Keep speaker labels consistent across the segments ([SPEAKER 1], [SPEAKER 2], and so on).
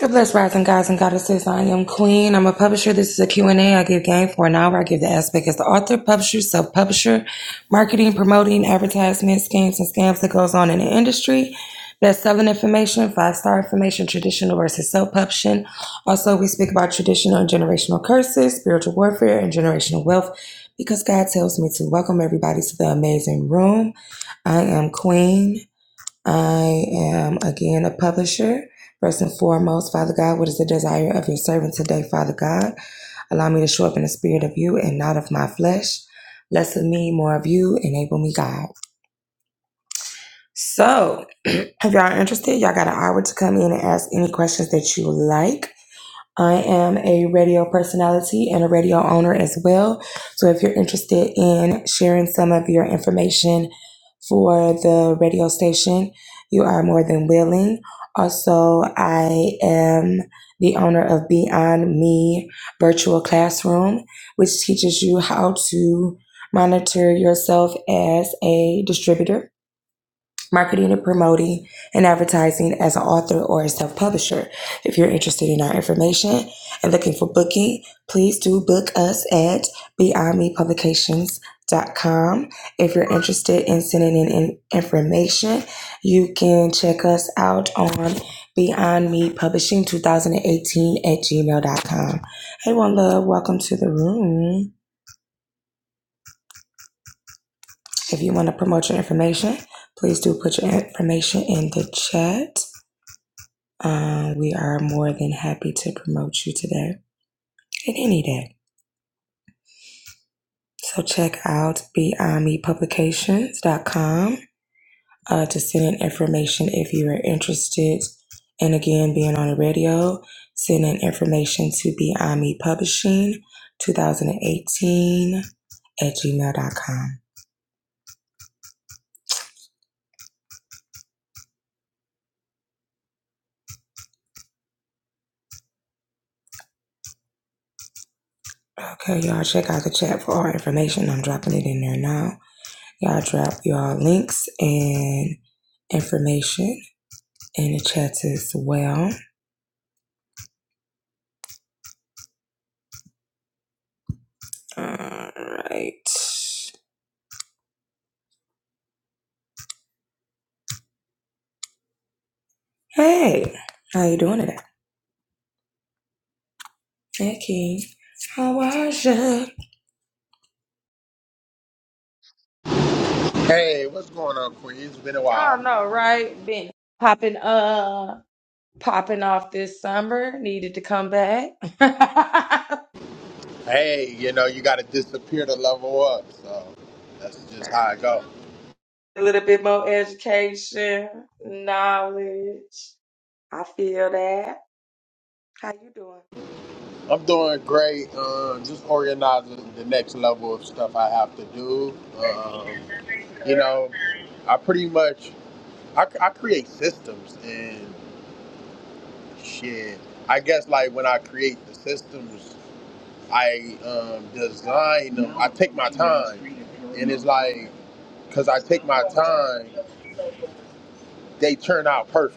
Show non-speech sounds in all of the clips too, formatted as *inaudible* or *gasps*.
[SPEAKER 1] God bless rising guys and goddesses. I am Queen. I'm a publisher. This is a Q and A. I give game for an hour. I give the aspect as the author, publisher, self-publisher, marketing, promoting, advertisement, schemes, and scams that goes on in the industry. Best-selling information, five-star information, traditional versus self-publishing. Also, we speak about traditional and generational curses, spiritual warfare, and generational wealth because God tells me to welcome everybody to the amazing room. I am Queen. I am again a publisher. First and foremost, Father God, what is the desire of your servant today, Father God? Allow me to show up in the spirit of you and not of my flesh. Less of me more of you. Enable me, God. So, if y'all are interested, y'all got an hour to come in and ask any questions that you like. I am a radio personality and a radio owner as well. So if you're interested in sharing some of your information for the radio station, you are more than willing. Also, I am the owner of Beyond Me Virtual Classroom, which teaches you how to monitor yourself as a distributor marketing and promoting and advertising as an author or a self publisher. If you're interested in our information and looking for booking, please do book us at beyond me publications dot com. If you're interested in sending in, information, you can check us out on Beyond Me Publishing 2018 at gmail dot com. Hey, One Love, welcome to the room. If you want to promote your information, please do put your information in the chat. Um, we are more than happy to promote you today and any day. So check out beyond me publications dot com uh, to send in information if you are interested. And again, being on the radio, send in information to Beyond Me Publishing 2018 at gmail dot com. Okay, y'all check out the chat for all information. I'm dropping it in there now. Y'all drop y'all links and information in the chat as well. All right. Hey, how you doing today? Hey, King. How was ya? I
[SPEAKER 2] Hey, what's going on, Queen? It's been a while.
[SPEAKER 1] don't know, right? Been popping uh popping off this summer, needed to come back. *laughs* That's
[SPEAKER 2] Hey, you know, you got to disappear to level up. So that's just how
[SPEAKER 1] the
[SPEAKER 2] I
[SPEAKER 1] truth.
[SPEAKER 2] go.
[SPEAKER 1] A little bit more education, knowledge. I feel that. How you doing?
[SPEAKER 2] I'm doing great. Um, just organizing the next level of stuff I have to do. Um, you know, I pretty much I, I create systems and shit. I guess like when I create the systems, I um, design them. I take my time, and it's like because I take my time, they turn out perfect.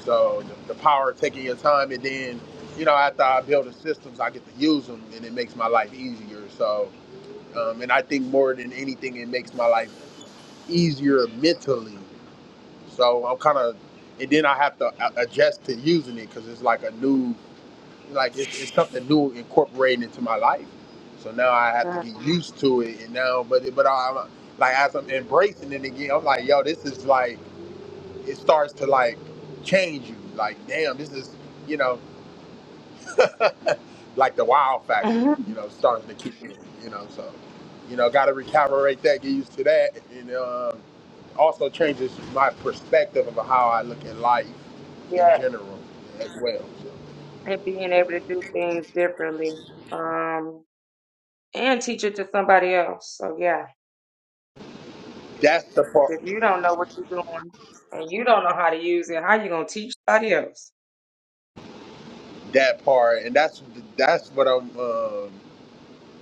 [SPEAKER 2] So the, the power of taking your time, and then you know after I build the systems, I get to use them, and it makes my life easier. So, um, and I think more than anything, it makes my life easier mentally. So I'm kind of, and then I have to a- adjust to using it because it's like a new, like it's, it's something new incorporated into my life. So now I have to
[SPEAKER 1] Uh,
[SPEAKER 2] get used to it, and now, but it- but I'm like as I'm embracing it again, I'm like, yo, this is like it starts to like change you. Like, damn, this is you know. *laughs* like the wow
[SPEAKER 1] *laughs*
[SPEAKER 2] factor,
[SPEAKER 1] mhm.
[SPEAKER 2] you know, starting to kick in, you know, so, you know, got to recalibrate that, get used to that, and um, also changes my perspective of how I look at life in general as well. So
[SPEAKER 1] Hey, buddy. Um, and yeah, so yeah,
[SPEAKER 2] that's the part,
[SPEAKER 1] thanks.
[SPEAKER 2] that part, and that's that's what I'm um,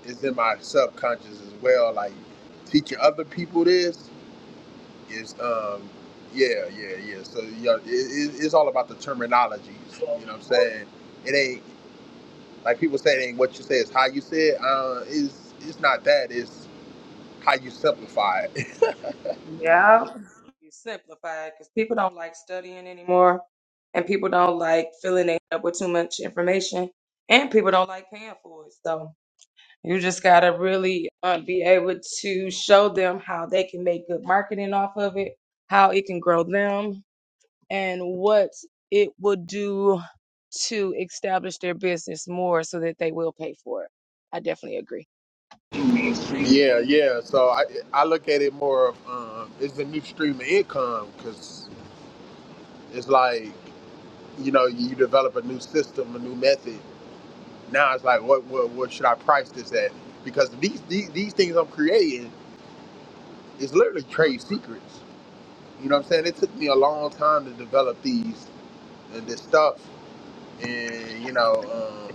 [SPEAKER 2] is in my subconscious as well. Like teaching other people this is, um, yeah, yeah, yeah. So you know, it, it, it's all about the terminology. You know what I'm saying? it ain't. Like people saying what you say is how you say it. Uh, is it's not that. It's how you simplify it.
[SPEAKER 1] Yeah. be simplified because people don't like studying anymore and people don't like filling it up with too much information and people don't like paying for it so you just got to really uh, be able to show them how they can make good marketing off of it how it can grow them and what it will do to establish their business more so that they will pay for it i definitely agree
[SPEAKER 2] *laughs* yeah, yeah. So I I look at it more of um, it's a new stream of income because it's like you know you develop a new system, a new method. Now it's like what what, what should I price this at? Because these, these these things I'm creating is literally trade secrets. You know what I'm saying? It took me a long time to develop these and this stuff, and you know. Um,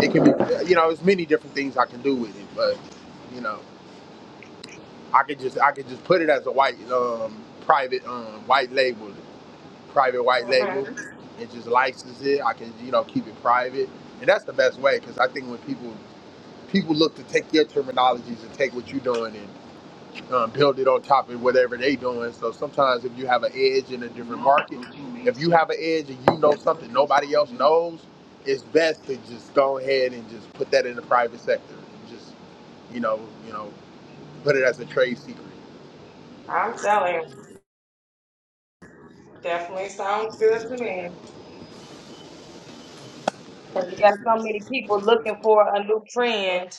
[SPEAKER 2] It can be, you know, there's many different things I can do with it, but you know, I could just I could just put it as a white um private um white label, private white label, and just license it. I can you know keep it private, and that's the best way because I think when people people look to take your terminologies and take what you're doing and um, build it on top of whatever they doing. So sometimes if you have an edge in a different market, if you have an edge and you know something nobody else knows, it's best to just go ahead and just put that in the private sector. Just you know, you know, put it as a trade secret.
[SPEAKER 1] i'm telling you definitely sounds good to me So you got so many people looking for a new trend.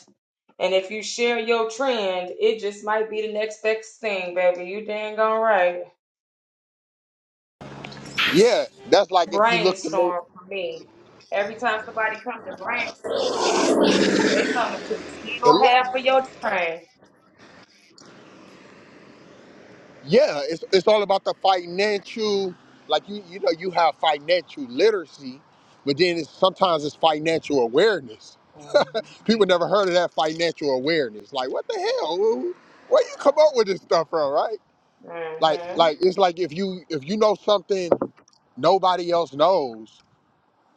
[SPEAKER 1] And if you share your trend, it just might be the next best thing, baby. You dang gone right.
[SPEAKER 2] Yeah, that's like if you look to make,
[SPEAKER 1] Brainstorm for me. Every time somebody come to brainstorm, they coming to
[SPEAKER 2] but
[SPEAKER 1] steal half
[SPEAKER 2] look,
[SPEAKER 1] of your train.
[SPEAKER 2] yeah, it's it's all about the financial. Like you, you know, you have financial literacy, but then it's, sometimes it's financial awareness.
[SPEAKER 1] Mm-hmm.
[SPEAKER 2] People never heard of that financial awareness. Like, what the hell? Where where you come up with this stuff from, right? Like,
[SPEAKER 1] Mm-hmm.
[SPEAKER 2] like it's like if you if you know something nobody else knows,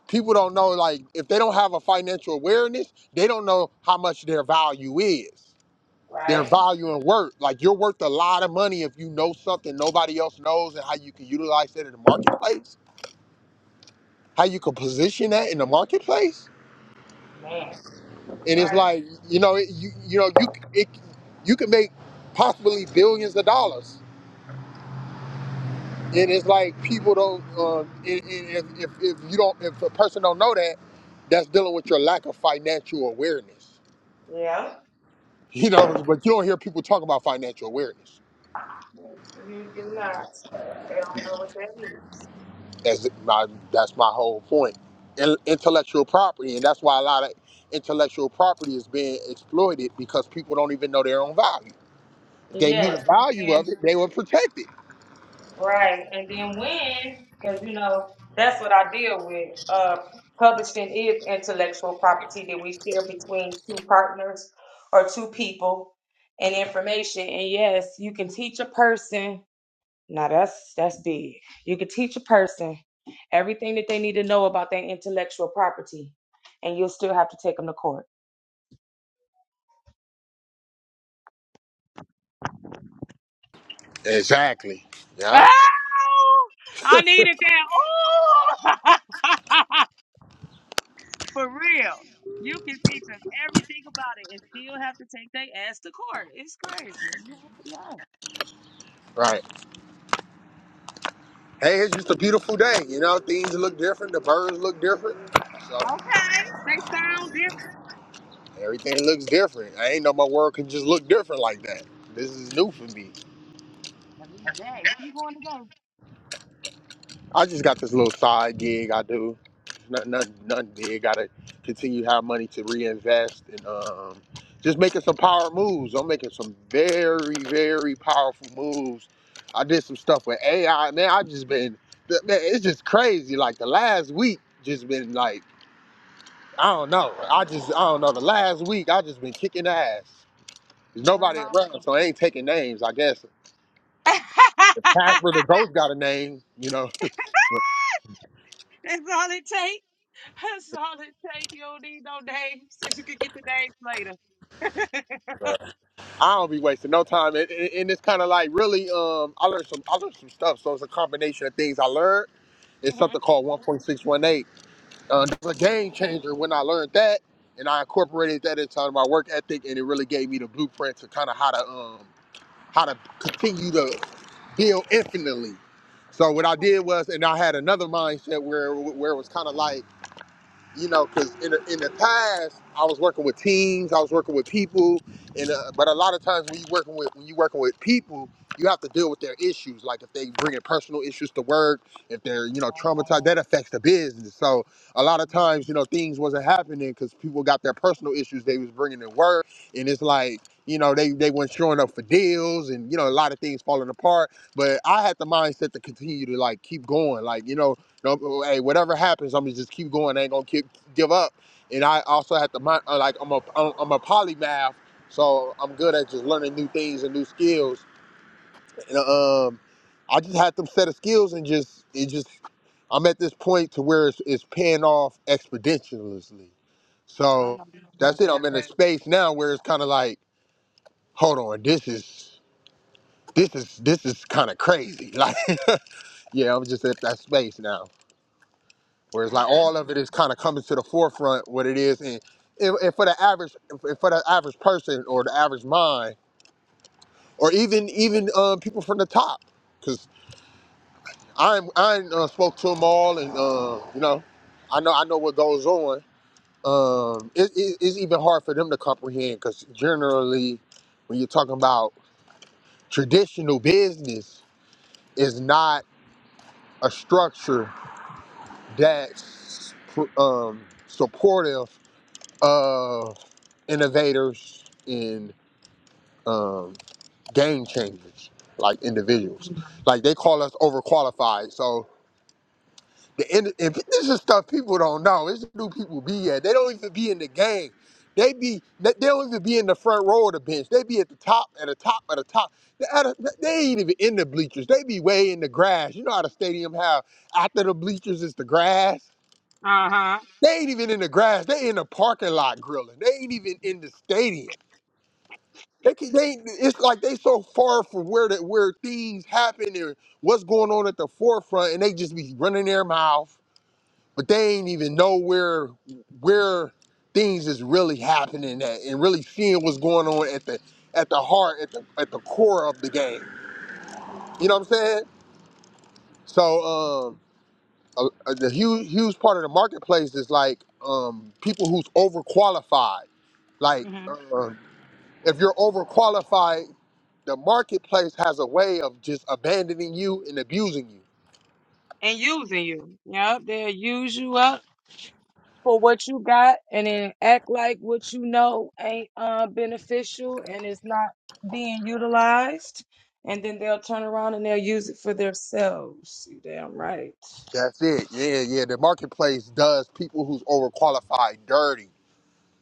[SPEAKER 2] people don't know. Like, if they don't have a financial awareness, they don't know how much their value is. Their
[SPEAKER 1] Right?
[SPEAKER 2] value and worth. Like, you're worth a lot of money if you know something nobody else knows and how you can utilize that in the marketplace. How you can position that in the marketplace
[SPEAKER 1] Man. You
[SPEAKER 2] and it's
[SPEAKER 1] Right.
[SPEAKER 2] like you know it, you you know you it, you can make possibly billions of dollars and it's like people don't um, and, and if, if, if you don't if a person don't know that that's dealing with your lack of financial awareness
[SPEAKER 1] Yeah.
[SPEAKER 2] *laughs* you know but you don't hear people talk about financial awareness
[SPEAKER 1] You do not. They don't know what that is.
[SPEAKER 2] that's my that's my whole point In- intellectual property and that's why a lot of intellectual property is being exploited because people don't even know their own value If they knew
[SPEAKER 1] Yes.
[SPEAKER 2] the
[SPEAKER 1] And
[SPEAKER 2] value
[SPEAKER 1] Then.
[SPEAKER 2] of it they would protect it
[SPEAKER 1] Right. And then when, because you know, that's what I deal with. Uh, publishing is intellectual property that we share between two partners or two people and information. And yes, you can teach a person. Now that's that's big. You can teach a person everything that they need to know about their intellectual property, and you'll still have to take them to court.
[SPEAKER 2] exactly yeah
[SPEAKER 1] Ah! I needed that.
[SPEAKER 2] Right. Hey, it's just a beautiful day. You know, things look different. The birds look different. So everything looks different. I ain't know my world could just look different like that. This is new for me. I just got this little side gig I do. Nothing, nothing, nothing big. Gotta continue to have money to reinvest and um, just making some power moves. I'm making some very, very powerful moves. I did some stuff with AI. Man, I just been, man, it's just crazy. Like the last week, just been like I don't know. I just, I don't know. The last week, I just been kicking ass. There's nobody around, so I ain't taking names. I guess the
[SPEAKER 1] Ooh! *laughs*
[SPEAKER 2] pastor, the ghost, got a name, you know. *laughs*
[SPEAKER 1] That's all it takes. That's all it takes. You don't need no names. *laughs* You could get the names later. *laughs*
[SPEAKER 2] But, uh, I don't be wasting no time, and, and and it's kind of like really, um, I learned some, I learned some stuff. So it's a combination of things I learned. It's something
[SPEAKER 1] Mhm.
[SPEAKER 2] called 1.618. Uh, it was a game changer when I learned that, and I incorporated that into my work ethic, and it really gave me the blueprint to kind of how to, um, how to continue to heal infinitely. So what I
[SPEAKER 1] Okay.
[SPEAKER 2] did was, and I had another mindset where where it was kind of like you know, because in the, in the past I was working with teams, I was working with people, and uh, but a lot of times when you working with when you working with people, you have to deal with their issues. Like if they bringing personal issues to work, if they're you know
[SPEAKER 1] Uh,
[SPEAKER 2] traumatized, that affects the business. So a lot of times you know things wasn't happening because people got their personal issues they was bringing to work, and it's like you know they they weren't showing up for deals, and you know a lot of things falling apart. But I had the mindset to continue to like keep going, like you know no, hey, whatever happens, I'm gonna just keep going. I ain't gonna keep, give up. And I also have to mind, uh, like I'm a am I'm a polymath, so I'm good at just learning new things and new skills. And um, I just had them set of skills and just it just I'm at this point to where it's, it's paying off exponentially.
[SPEAKER 1] I
[SPEAKER 2] So
[SPEAKER 1] know that's my
[SPEAKER 2] that's it. I'm
[SPEAKER 1] baby.
[SPEAKER 2] in a space now where it's kind of like, hold on, this is this is this is kind of crazy. *laughs* Like, yeah, I'm just at that space now. Whereas
[SPEAKER 1] That's
[SPEAKER 2] like
[SPEAKER 1] what's
[SPEAKER 2] all of it is kind of coming to the forefront what it is, and and and for the average, and for the average person or the average mind, or even even um, people from the top, because I I uh, spoke to them all, and uh, you know, I know I know what goes on. Um, it, it, it's even hard for them to comprehend because generally, when you're talking about traditional business, is not a structure that's um, supportive of innovators and um, game changers, like individuals. Like they call us overqualified. So the end, and this is stuff people don't know. This is new people be at. They don't even be in the game. They be they they don't even be in the front row of the bench. They be at the top, at the top, at the top. They, at the- they ain't even in the bleachers. They be way in the grass. You know how the stadium have after the bleachers is the grass.
[SPEAKER 1] uh huh.
[SPEAKER 2] They ain't even in the grass. They in the parking lot grilling. They ain't even in the stadium They can, they it's like they so far from where that where things happen and what's going on at the forefront, and they just be running their mouth, but they ain't even know where where things is really happening at and really seeing what's going on at the at the heart at the at the core of the game. You know what I'm saying? So um, a, a- the huge huge part of the marketplace is like um people who's overqualified, like
[SPEAKER 1] hmm
[SPEAKER 2] uh, If you're overqualified, the marketplace has a way of just abandoning you and abusing you.
[SPEAKER 1] And using you. Yep, they'll use you up for what you got, and then act like what you know ain't uh, beneficial and it's not being utilized, and then they'll turn around and they'll use it for themselves. You damn right.
[SPEAKER 2] That's it. Yeah, yeah. The marketplace does people who's overqualified dirty.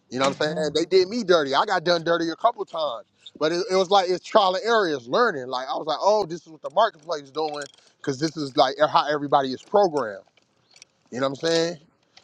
[SPEAKER 2] You know what I'm saying? They did me dirty. I got done dirty a couple times. But it, it was like it's trial and error, it's learning. Like I was like, oh, this is what the marketplace is doing, because this is like how everybody is programmed. You know what I'm saying?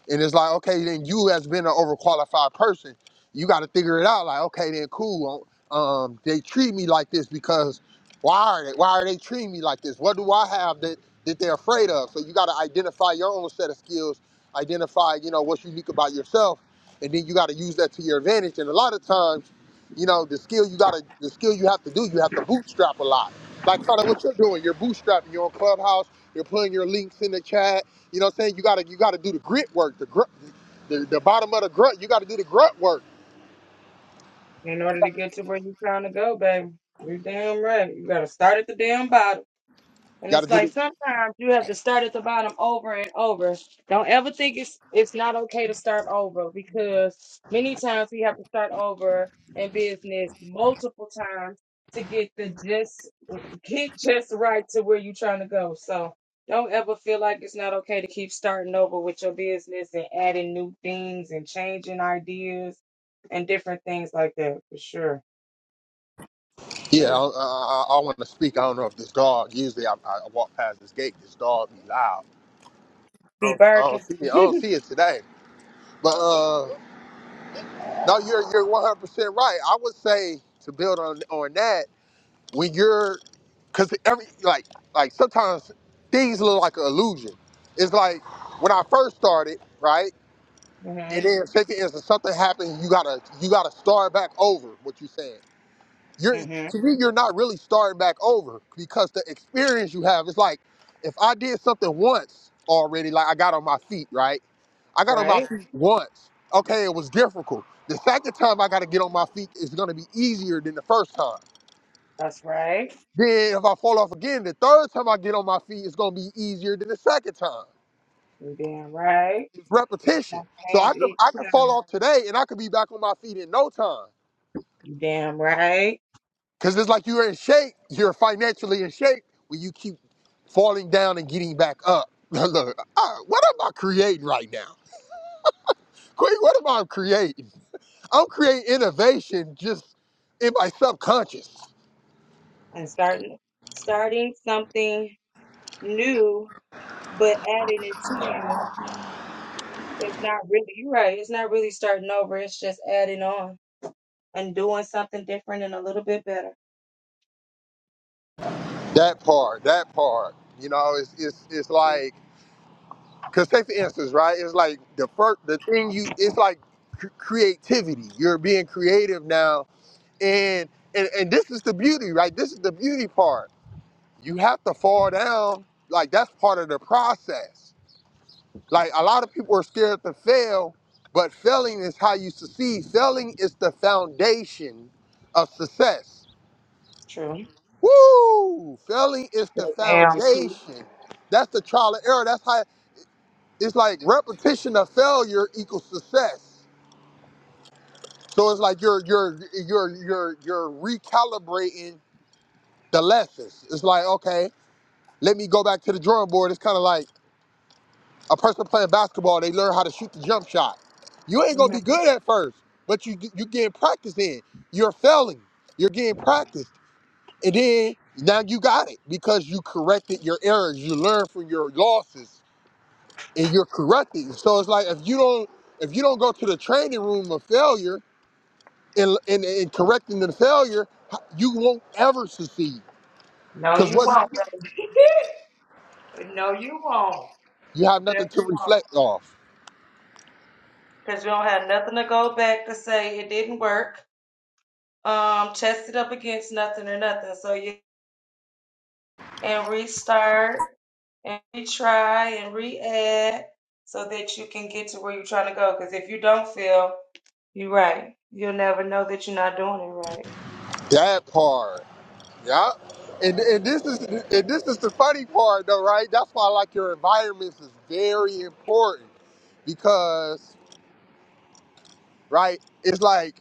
[SPEAKER 2] And it's like, okay, then you as being an overqualified person, you got to figure it out. Like, okay, then cool. Um, um, they treat me like this because why are they? Why are they treating me like this? What do I have that that they're afraid of? So you got to identify your own set of skills, identify you know what's unique about yourself, and then you got to use that to your advantage. And a lot of times, you know, the skill you got to the skill you have to do, you have to bootstrap a lot. Like kind of what you're doing, you're bootstrapping. You're on Clubhouse. You're putting your links in the chat you know what I'm saying? You gotta you gotta do the grit work, the gr- the, the bottom of the grunt. You gotta do the grunt work.
[SPEAKER 1] In order to get to where you trying to go, baby. You damn right. You gotta start at the damn bottom.
[SPEAKER 2] You
[SPEAKER 1] And
[SPEAKER 2] gotta
[SPEAKER 1] it's
[SPEAKER 2] do
[SPEAKER 1] like
[SPEAKER 2] the
[SPEAKER 1] sometimes you have to start at the bottom over and over. Don't ever think it's it's not okay to start over because many times we have to start over in business multiple times to get the just get just right to where you're trying to go. So don't ever feel like it's not okay to keep starting over with your business and adding new things and changing ideas and different things like that. For sure. For
[SPEAKER 2] yeah. I,
[SPEAKER 1] sure.
[SPEAKER 2] I, I want to speak. I don't know if this dog. Usually I, I walk past this gate. This dog be loud. I
[SPEAKER 1] Be
[SPEAKER 2] don't, I don't
[SPEAKER 1] barking.
[SPEAKER 2] see it. I don't see it today. But uh, no, you're you're 100 percent right. I would say to build on on that when you're because every like like sometimes things look like an illusion. It's like when I first started, right? It
[SPEAKER 1] Mm-hmm.
[SPEAKER 2] is fifty instances. Something happened. You gotta you gotta start back over. What you saying? You're
[SPEAKER 1] Mm-hmm.
[SPEAKER 2] to me. You're not really starting back over because the experience you have is like if I did something once already. Like I got on my feet, right? I got on my
[SPEAKER 1] Right?
[SPEAKER 2] feet once. Okay, it was difficult. The second time I gotta get on my feet is gonna be easier than the first time.
[SPEAKER 1] That's right.
[SPEAKER 2] Then if I fall off again, the third time I get on my feet, it's gonna be easier than the second time.
[SPEAKER 1] You damn right.
[SPEAKER 2] It's
[SPEAKER 1] Because It's a
[SPEAKER 2] repetition.
[SPEAKER 1] small
[SPEAKER 2] So I
[SPEAKER 1] change
[SPEAKER 2] could
[SPEAKER 1] each
[SPEAKER 2] I could fall
[SPEAKER 1] time.
[SPEAKER 2] off today and I could be back on my feet in no time.
[SPEAKER 1] You damn right.
[SPEAKER 2] Because it's like you're in shape. You're financially in shape when you keep falling down and getting back up. *laughs* Look, uh, what am I creating right now? Queen, what am I creating? I'm creating innovation just in my subconscious.
[SPEAKER 1] And starting starting something new, but adding it to you. It's not really you're right. It's not really starting over. It's just adding on and doing something different and a little bit better.
[SPEAKER 2] That part, that part. You know, it's it's it's like because take the instance, right? It's like the first the thing you. It's like cr- creativity. You're being creative now, and and and this is the beauty, right? This is the beauty part you have to fall down. Like that's part of the process. Like a lot of people are scared to fail, but failing is how you succeed. Failing is the foundation of success.
[SPEAKER 1] True.
[SPEAKER 2] Woo! Failing is the
[SPEAKER 1] The damn truth.
[SPEAKER 2] foundation. That's the trial and error. That's how it's like repetition of failure equals success. So it's like you're you're you're you're you're recalibrating the lessons. It's like okay, let me go back to the drawing board. It's kind of like a person playing basketball, they learn how to shoot the jump shot. You ain't gonna
[SPEAKER 1] Mhm.
[SPEAKER 2] be good at first, but you you getting practice in. You're failing. You're getting practice, and then now you got it because you corrected your errors. You learn from your losses, and you're correcting. So it's like if you don't if you don't go to the training room of failure and and, and correcting the failure, you won't ever succeed
[SPEAKER 1] No,
[SPEAKER 2] because
[SPEAKER 1] you
[SPEAKER 2] what
[SPEAKER 1] won't, baby. *laughs* no, you won't.
[SPEAKER 2] you
[SPEAKER 1] You
[SPEAKER 2] have nothing to
[SPEAKER 1] definitely won't.
[SPEAKER 2] reflect off.
[SPEAKER 1] Because you don't have nothing to go back to say it didn't work. Um, test it up against nothing or nothing. So you and restart and retry and re-add so that you can get to where you're trying to go. Because if you don't feel you're right, you'll never know that you're not doing it right.
[SPEAKER 2] That part. Yeah. And, and this is and this is the funny part though, right? That's why like your environments is very important because right, it's like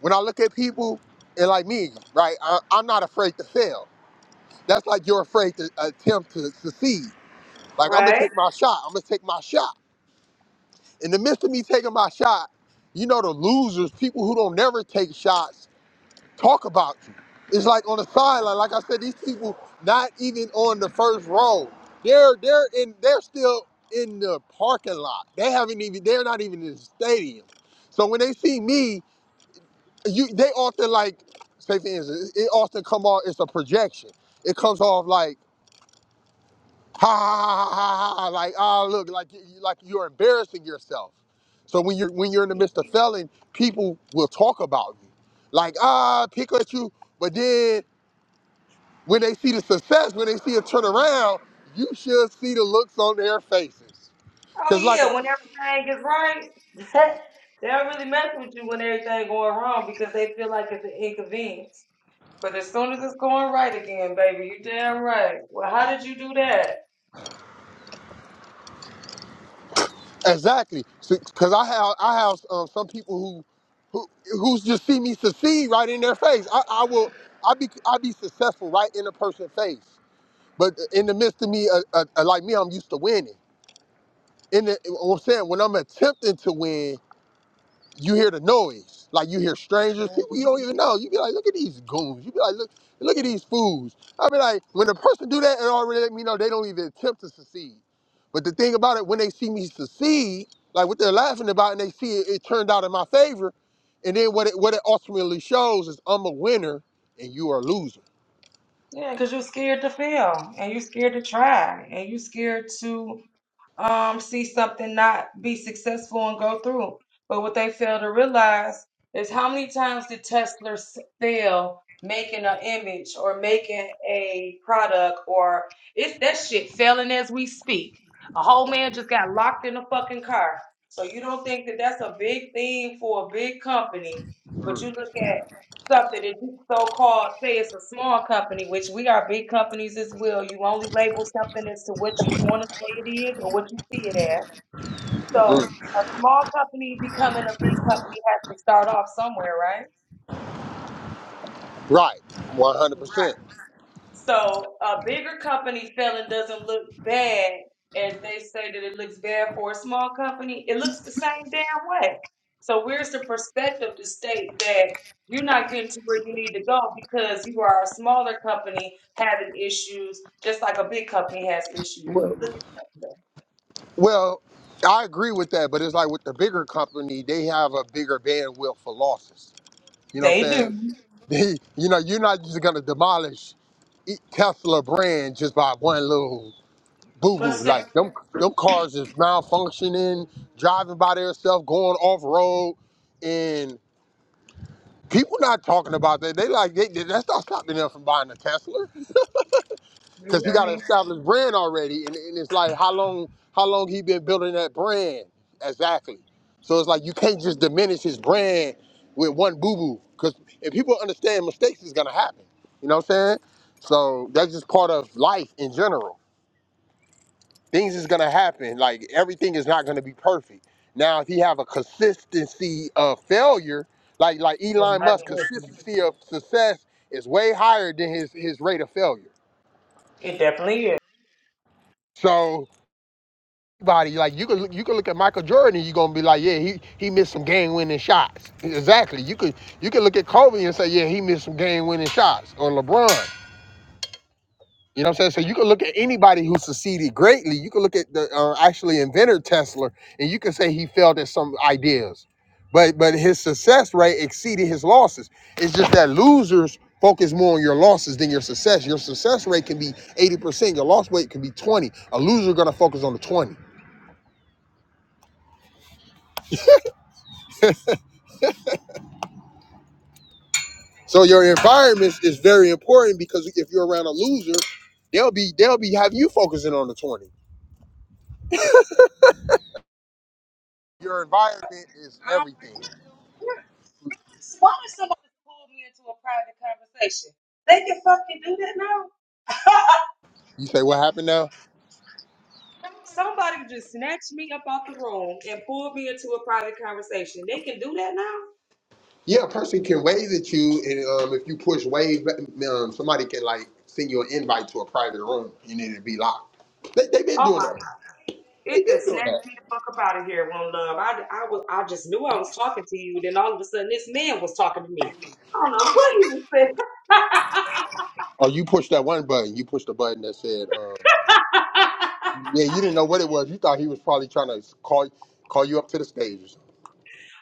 [SPEAKER 2] when I look at people and like me, right, I, I'm not afraid to fail. That's like you're afraid to attempt to succeed. Like I'm gonna
[SPEAKER 1] Right?
[SPEAKER 2] take my shot. I'm gonna take my shot. In the midst of me taking my shot, you know the losers, people who don't never take shots talk about you. It's like on the sideline, like I said, these people not even on the first row. They're they're in they're still in the parking lot. They haven't even they're not even in the stadium. So when they see me, you they often like say for instance, it often come off it's a projection. It comes off like ha ha ha ha ha, ha like ah look like you like you're embarrassing yourself. So when you're when you're in the midst of felling, people will talk about you. Like ah pick at you, but then When they see the success, when they see a turnaround, you should see the looks on their faces.
[SPEAKER 1] Oh
[SPEAKER 2] Cause like
[SPEAKER 1] yeah, when everything is right, *laughs* they'll really mess with you when everything going wrong because they feel like it's an inconvenience. But as soon as it's going right again, baby, you damn right. Well, how did you do that?
[SPEAKER 2] exactly, So- cause I have I have um, some people who who who's just see me succeed right in their face. I, I will I be I be successful right in a person's face. But in the midst of me, uh, uh, like me, I'm used to winning. In the, I'm saying when I'm attempting to win, you hear the noise. Like you hear strangers, people you don't even know. You be like, look at these goons. You be like, look, look at these fools. I be like, when a person do that, it already let me know they don't even attempt to succeed. But the thing about it, when they see me succeed, like what they're laughing about, and they see it, it turned out in my favor, and then what it what it ultimately shows is I'm a winner and you are a loser.
[SPEAKER 1] Yeah, because you're scared to fail and you're scared to try and you're scared to um, see something not be successful and go through. But what they fail to realize is how many times did Tesla s- fail making an image or making a product or it's that shit failing as we speak. A whole man just got locked in a fucking car. So you don't think that that's a big thing for a big company, but you look at something that you so-called say it's a small company, which we are big companies as well. You only label something as to what you want to say it is or what you see it as. So
[SPEAKER 2] Mm.
[SPEAKER 1] a small company becoming a big company has to start off somewhere, right?
[SPEAKER 2] Right, 100. percent
[SPEAKER 1] So a bigger company failing doesn't look bad as they say that it looks bad for a small company. It looks the same damn way. So where's the perspective to state that you're not getting to where you need to go because you are a smaller company having issues, just like a big company has issues.
[SPEAKER 2] well,
[SPEAKER 1] Look at that.
[SPEAKER 2] well, I agree with that, but it's like with the bigger company, they have a bigger bandwidth for losses. You know what
[SPEAKER 1] They do.
[SPEAKER 2] I'm saying? *laughs* you know, you're not just gonna demolish e- Tesla brand just by one little boo boo.
[SPEAKER 1] Mistake.
[SPEAKER 2] Like them, them cars is malfunctioning, driving by themselves, going off road, and people not talking about that. They like they, that's not stopping them from buying a Tesla
[SPEAKER 1] You
[SPEAKER 2] because he
[SPEAKER 1] hear
[SPEAKER 2] got an
[SPEAKER 1] me?
[SPEAKER 2] established brand already, and, and it's like how long how long he been building that brand exactly. So it's like you can't just diminish his brand with one boo boo because if people understand mistakes is gonna happen, you know what I'm saying? So that's just part of life in general. Things is gonna happen. Like everything is not gonna be perfect. Now if he have a consistency of failure, like like
[SPEAKER 1] They're
[SPEAKER 2] Elon
[SPEAKER 1] not
[SPEAKER 2] Musk
[SPEAKER 1] different.
[SPEAKER 2] consistency of success is way higher than his his rate of failure.
[SPEAKER 1] It definitely is.
[SPEAKER 2] So Body like you could you could look at Michael Jordan and you're gonna be like, yeah, he, he missed some game winning shots. Exactly. You could you could look at Kobe and say, yeah, he missed some game winning shots, or LeBron. You know what I'm saying? So you could look at anybody who succeeded greatly. You could look at the uh, actually inventor Tesla, and you could say he failed at some ideas, but but his success rate exceeded his losses. It's just that losers focus more on your losses than your success. Your success rate can be 80%, your loss rate can be 20. A loser gonna focus on the 20. So your environment is very important because if you're around a loser, they'll be they'll be have you focusing on the twenty. Your environment is
[SPEAKER 1] I don't like
[SPEAKER 2] everything.
[SPEAKER 1] this new. So why would somebody pull me into a private conversation? They can fucking do that now. *laughs*
[SPEAKER 2] You say what happened now?
[SPEAKER 1] Somebody just snatched me up out the room and pulled me into a private conversation. They can do that now.
[SPEAKER 2] Yeah, a person can wave at you, and um, if you push wave, um, somebody can like send you an invite to a private room, and it'll be locked. They they've been
[SPEAKER 1] Oh
[SPEAKER 2] doing
[SPEAKER 1] my!
[SPEAKER 2] that.
[SPEAKER 1] It
[SPEAKER 2] They've been
[SPEAKER 1] just
[SPEAKER 2] doing
[SPEAKER 1] snatched
[SPEAKER 2] that.
[SPEAKER 1] me the fuck up out of here, one love. I, I was, I just knew I was talking to you. Then all of a sudden, this man was talking to me. I don't know what he was saying. *laughs*
[SPEAKER 2] Oh, you pushed that one button. You pushed the button that said, um,
[SPEAKER 1] I
[SPEAKER 2] "Yeah." You didn't know what it was. You thought he was probably trying to call call you up to the stage. or something.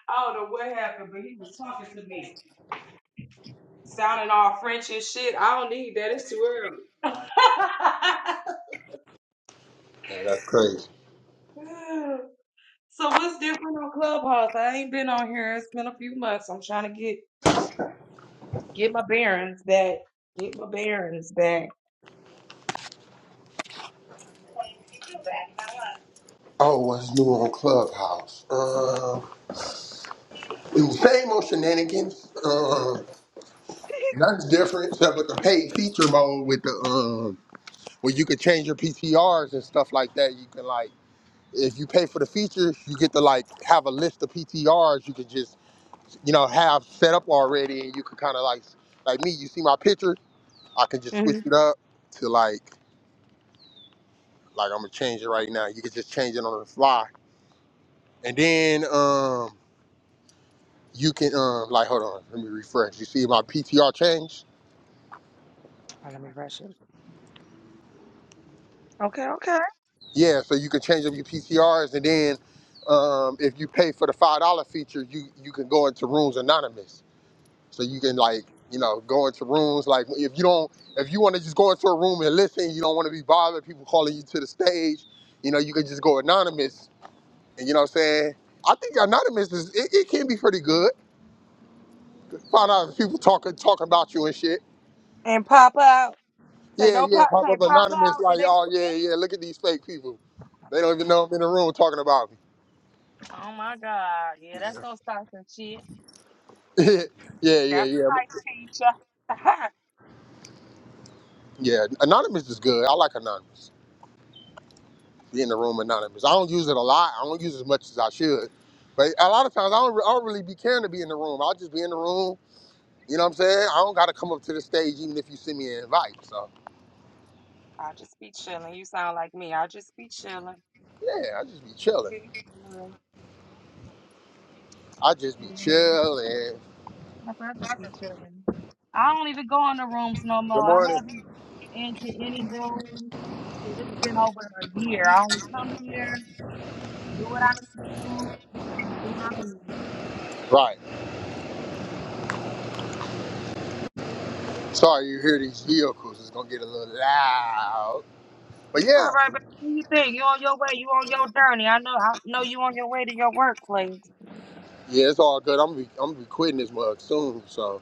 [SPEAKER 1] don't know what happened, but he was talking to me, sounding all French and shit. I don't need that. It's too early. *laughs*
[SPEAKER 2] Yeah, that's crazy.
[SPEAKER 1] *sighs* So what's different on Clubhouse? I ain't been on here. It's been a few months. I'm trying to get get my bearings back. Get my bearings back.
[SPEAKER 2] Oh, what's new on Clubhouse? Uh, same old shenanigans. Uh, nothing's different except with the paid feature mode with the um, where you could change your PTRs and stuff like that. You can like, if you pay for the features, you get to like have a list of PTRs you can just you know have set up already, and you can kind of like like me. You see my picture, I can just switch
[SPEAKER 1] hmm
[SPEAKER 2] it up to like like I'm gonna change it right now. You can just change it on the fly, and then um. you can um like hold on, let me refresh. You see my PTR change?
[SPEAKER 1] Oh, let me rush it. Okay, okay.
[SPEAKER 2] Yeah, so you can change up your PTRs and then um if you pay for the five dollar feature, you you can go into rooms anonymous. So you can like, you know, go into rooms like if you don't if you want to just go into a room and listen, you don't want to be bothered, people calling you to the stage, you know, you can just go anonymous and you know what I'm saying? I think anonymous is it, it can be pretty good. Find out if people talking talking about you and shit.
[SPEAKER 1] And pop out. Say
[SPEAKER 2] Yeah,
[SPEAKER 1] don't
[SPEAKER 2] yeah,
[SPEAKER 1] pop.
[SPEAKER 2] pop
[SPEAKER 1] Say
[SPEAKER 2] up
[SPEAKER 1] pop
[SPEAKER 2] anonymous,
[SPEAKER 1] out. And
[SPEAKER 2] like,
[SPEAKER 1] they.
[SPEAKER 2] oh yeah, yeah, look at these fake people. They don't even know I'm in the room talking about
[SPEAKER 1] Oh my God. Yeah,
[SPEAKER 2] me.
[SPEAKER 1] that's gonna start some shit.
[SPEAKER 2] yeah, *laughs* yeah, yeah,
[SPEAKER 1] That's a
[SPEAKER 2] yeah.
[SPEAKER 1] teacher. *laughs*
[SPEAKER 2] Yeah, Anonymous is good. I like anonymous. Be in the room anonymous. I don't use it a lot. I don't use it as much as I should. But a lot of times I don't, I don't really be caring to be in the room. I'll just be in the room. You know what I'm saying? I don't gotta come up to the stage even if you send me an invite. So
[SPEAKER 1] I'll just be chilling. You sound like me. I'll just be chilling.
[SPEAKER 2] yeah, I just be
[SPEAKER 1] *laughs*
[SPEAKER 2] chilling.
[SPEAKER 1] Just Be chilling.
[SPEAKER 2] I just be chilling.
[SPEAKER 1] My brother be chilling. I don't even go in the rooms no more.
[SPEAKER 2] Good
[SPEAKER 1] I
[SPEAKER 2] morning.
[SPEAKER 1] haven't been into any rooms. Shit, It's been over a year. I only come here, do what I need to do, and then I leave.
[SPEAKER 2] Right. Sorry you hear these vehicles. It's gonna get a little loud. But
[SPEAKER 1] It's all
[SPEAKER 2] yeah,
[SPEAKER 1] right, but what do you think? You on your way? You on your journey? I know. I know you on your way to your workplace.
[SPEAKER 2] yeah, it's all good. I'm be, I'm be quitting this mug soon, so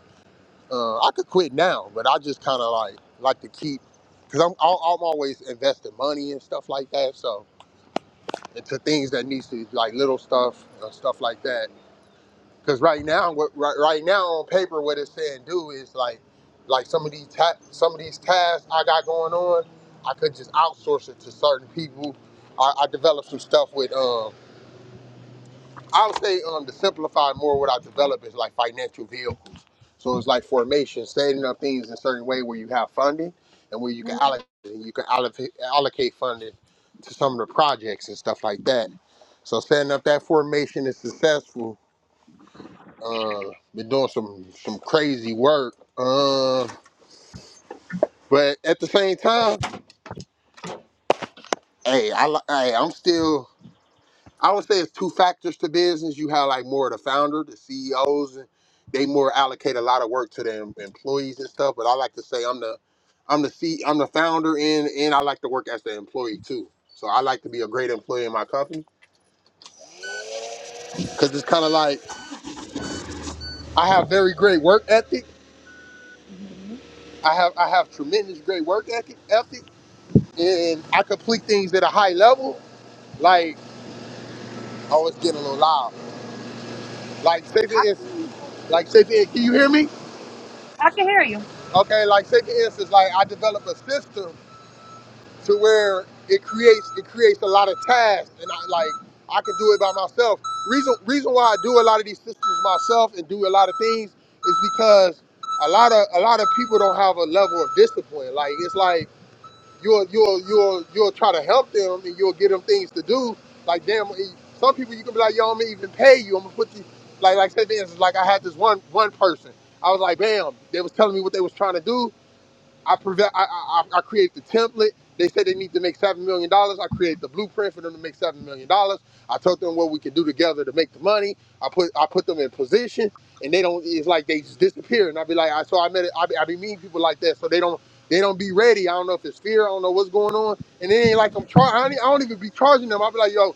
[SPEAKER 2] uh, I could quit now, but I just kind of like like to keep because I'm I'll, I'm always investing money and stuff like that. So into things that needs to like little stuff uh, stuff like that. Because right now, what right, right now on paper, what it's saying do is like like some of these ta- some of these tasks I got going on, I could just outsource it to certain people. I, I developed some stuff with um I'll say um to simplify more what I develop is like financial vehicles. So it's like formation, setting up things in a certain way where you have funding and where you can allocate you can allocate, allocate funding to some of the projects and stuff like that. So setting up that formation is successful. Uh, been doing some some crazy work. Uh, but at the same time, hey, I li- hey, I'm still I would say it's two factors to business. You have like more of the founder, the CEOs, and they more allocate a lot of work to their em- employees and stuff. But I like to say I'm the I'm the C I'm the founder and and I like to work as the employee too. So I like to be a great employee in my company because it's kind of like I have very great work ethic.
[SPEAKER 1] hmm
[SPEAKER 2] I have I have tremendous great work ethic ethic, and I complete things at a high level. Like oh, it's getting a little loud. Like say for
[SPEAKER 1] I
[SPEAKER 2] instance,
[SPEAKER 1] can.
[SPEAKER 2] like say for, can you hear me?
[SPEAKER 1] I can hear you.
[SPEAKER 2] Okay, like say for instance, like I develop a system to where it creates it creates a lot of tasks, and I like I can do it by myself. Reason reason why I do a lot of these systems myself and do a lot of things is because a lot of a lot of people don't have a level of discipline. Like it's like you'll you'll you'll you'll try to help them and you'll get them things to do. Like damn, eh, some people you can be like, yo, I'm gonna even pay you. I'm gonna put you like like say for instance, like I had this one one person. I was like, bam, they was telling me what they was trying to do. I prevent. I, I I I create the template. They said they need to make seven million dollars. I create the blueprint for them to make seven million dollars. I told them what we could do together to make the money. I put I put them in position, and they don't. It's like they just disappear. And I be like, I so I met. I be, I be meeting people like that, so they don't they don't be ready. I don't know if it's fear. I don't know what's going on. And it ain't like I'm charging. I, don't- e- I don't even be charging them. I be like, yo,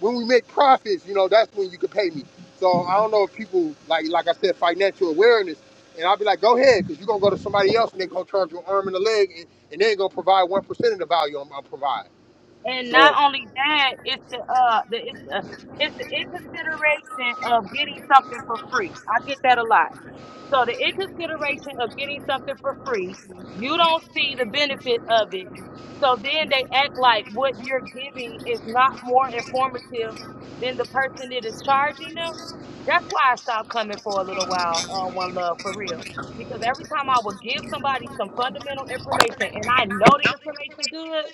[SPEAKER 2] when we make profits, you know, that's when you can pay me. So I don't know if people like like I said, financial awareness. And I'll be like, go ahead, because you're going to go to somebody else and they're going to charge your arm and a leg and, and they ain't going to provide 1% of the value I'm going to provide.
[SPEAKER 1] And not
[SPEAKER 2] So
[SPEAKER 1] only that, it's the uh the it's the it's the inconsideration of getting something for free. I get that a lot. So the in consideration of getting something for free, you don't see the benefit of it. So then they act like what you're giving is not more informative than the person that is charging them. That's why I stopped coming for a little while on One Love for real. Because every time I would give somebody some fundamental information and I know the information good,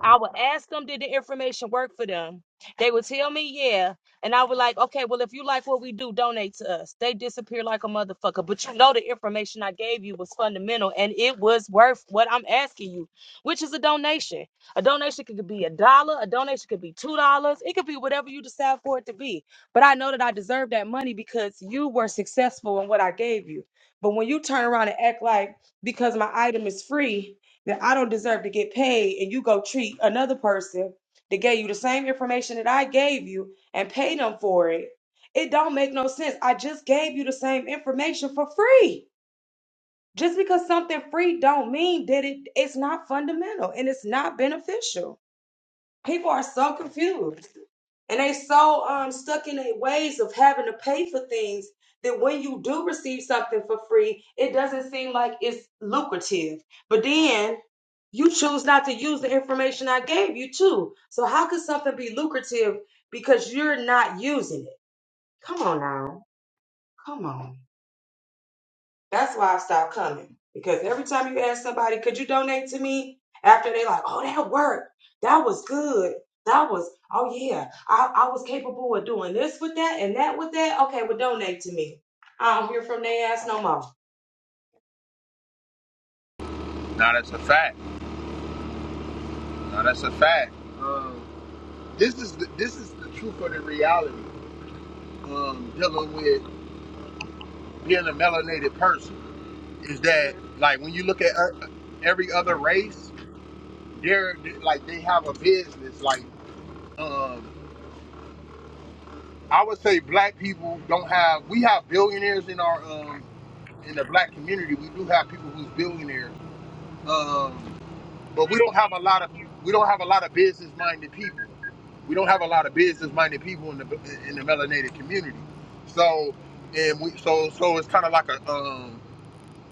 [SPEAKER 1] I would ask them, did the information work for them? They would tell me, yeah. And I was like, okay, well, if you like what we do, donate to us. They disappear like a motherfucker. But you know, the information I gave you was fundamental and it was worth what I'm asking you, which is a donation. A donation could be a dollar, a donation could be two dollars, it could be whatever you decide for it to be. But I know that I deserve that money because you were successful in what I gave you. But when you turn around and act like because my item is free, that I don't deserve to get paid, and you go treat another person that gave you the same information that I gave you and pay them for it. It don't make no sense. I just gave you the same information for free. Just because something free don't mean that it it's not fundamental and it's not beneficial. People are so confused and they so um stuck in their ways of having to pay for things that when you do receive something for free, it doesn't seem like it's lucrative. But then you choose not to use the information I gave you too. So how could something be lucrative because you're not using it? Come on now. Come on. That's it. Because honey, could you donate to me after they like, oh, that worked. That was good. That was, oh yeah. I, I was capable of doing this with that and that with that. Okay, well donate me. I don't hear from their ass no more.
[SPEAKER 2] Now that's a fact. Now that's a fact. Um, this is the, this is the truth of the reality. Um, dealing with being a melanated person is that like when you look at uh, every other race, they're they- like they have a business. Like um, I would say, black people don't have. We have billionaires in our um, in the black community. We do have people who's billionaires. Um, but we don't have a lot of we don't have a lot of business minded people. We don't have a lot of business minded people in the in the melanated community. So and we so so it's kind of like a um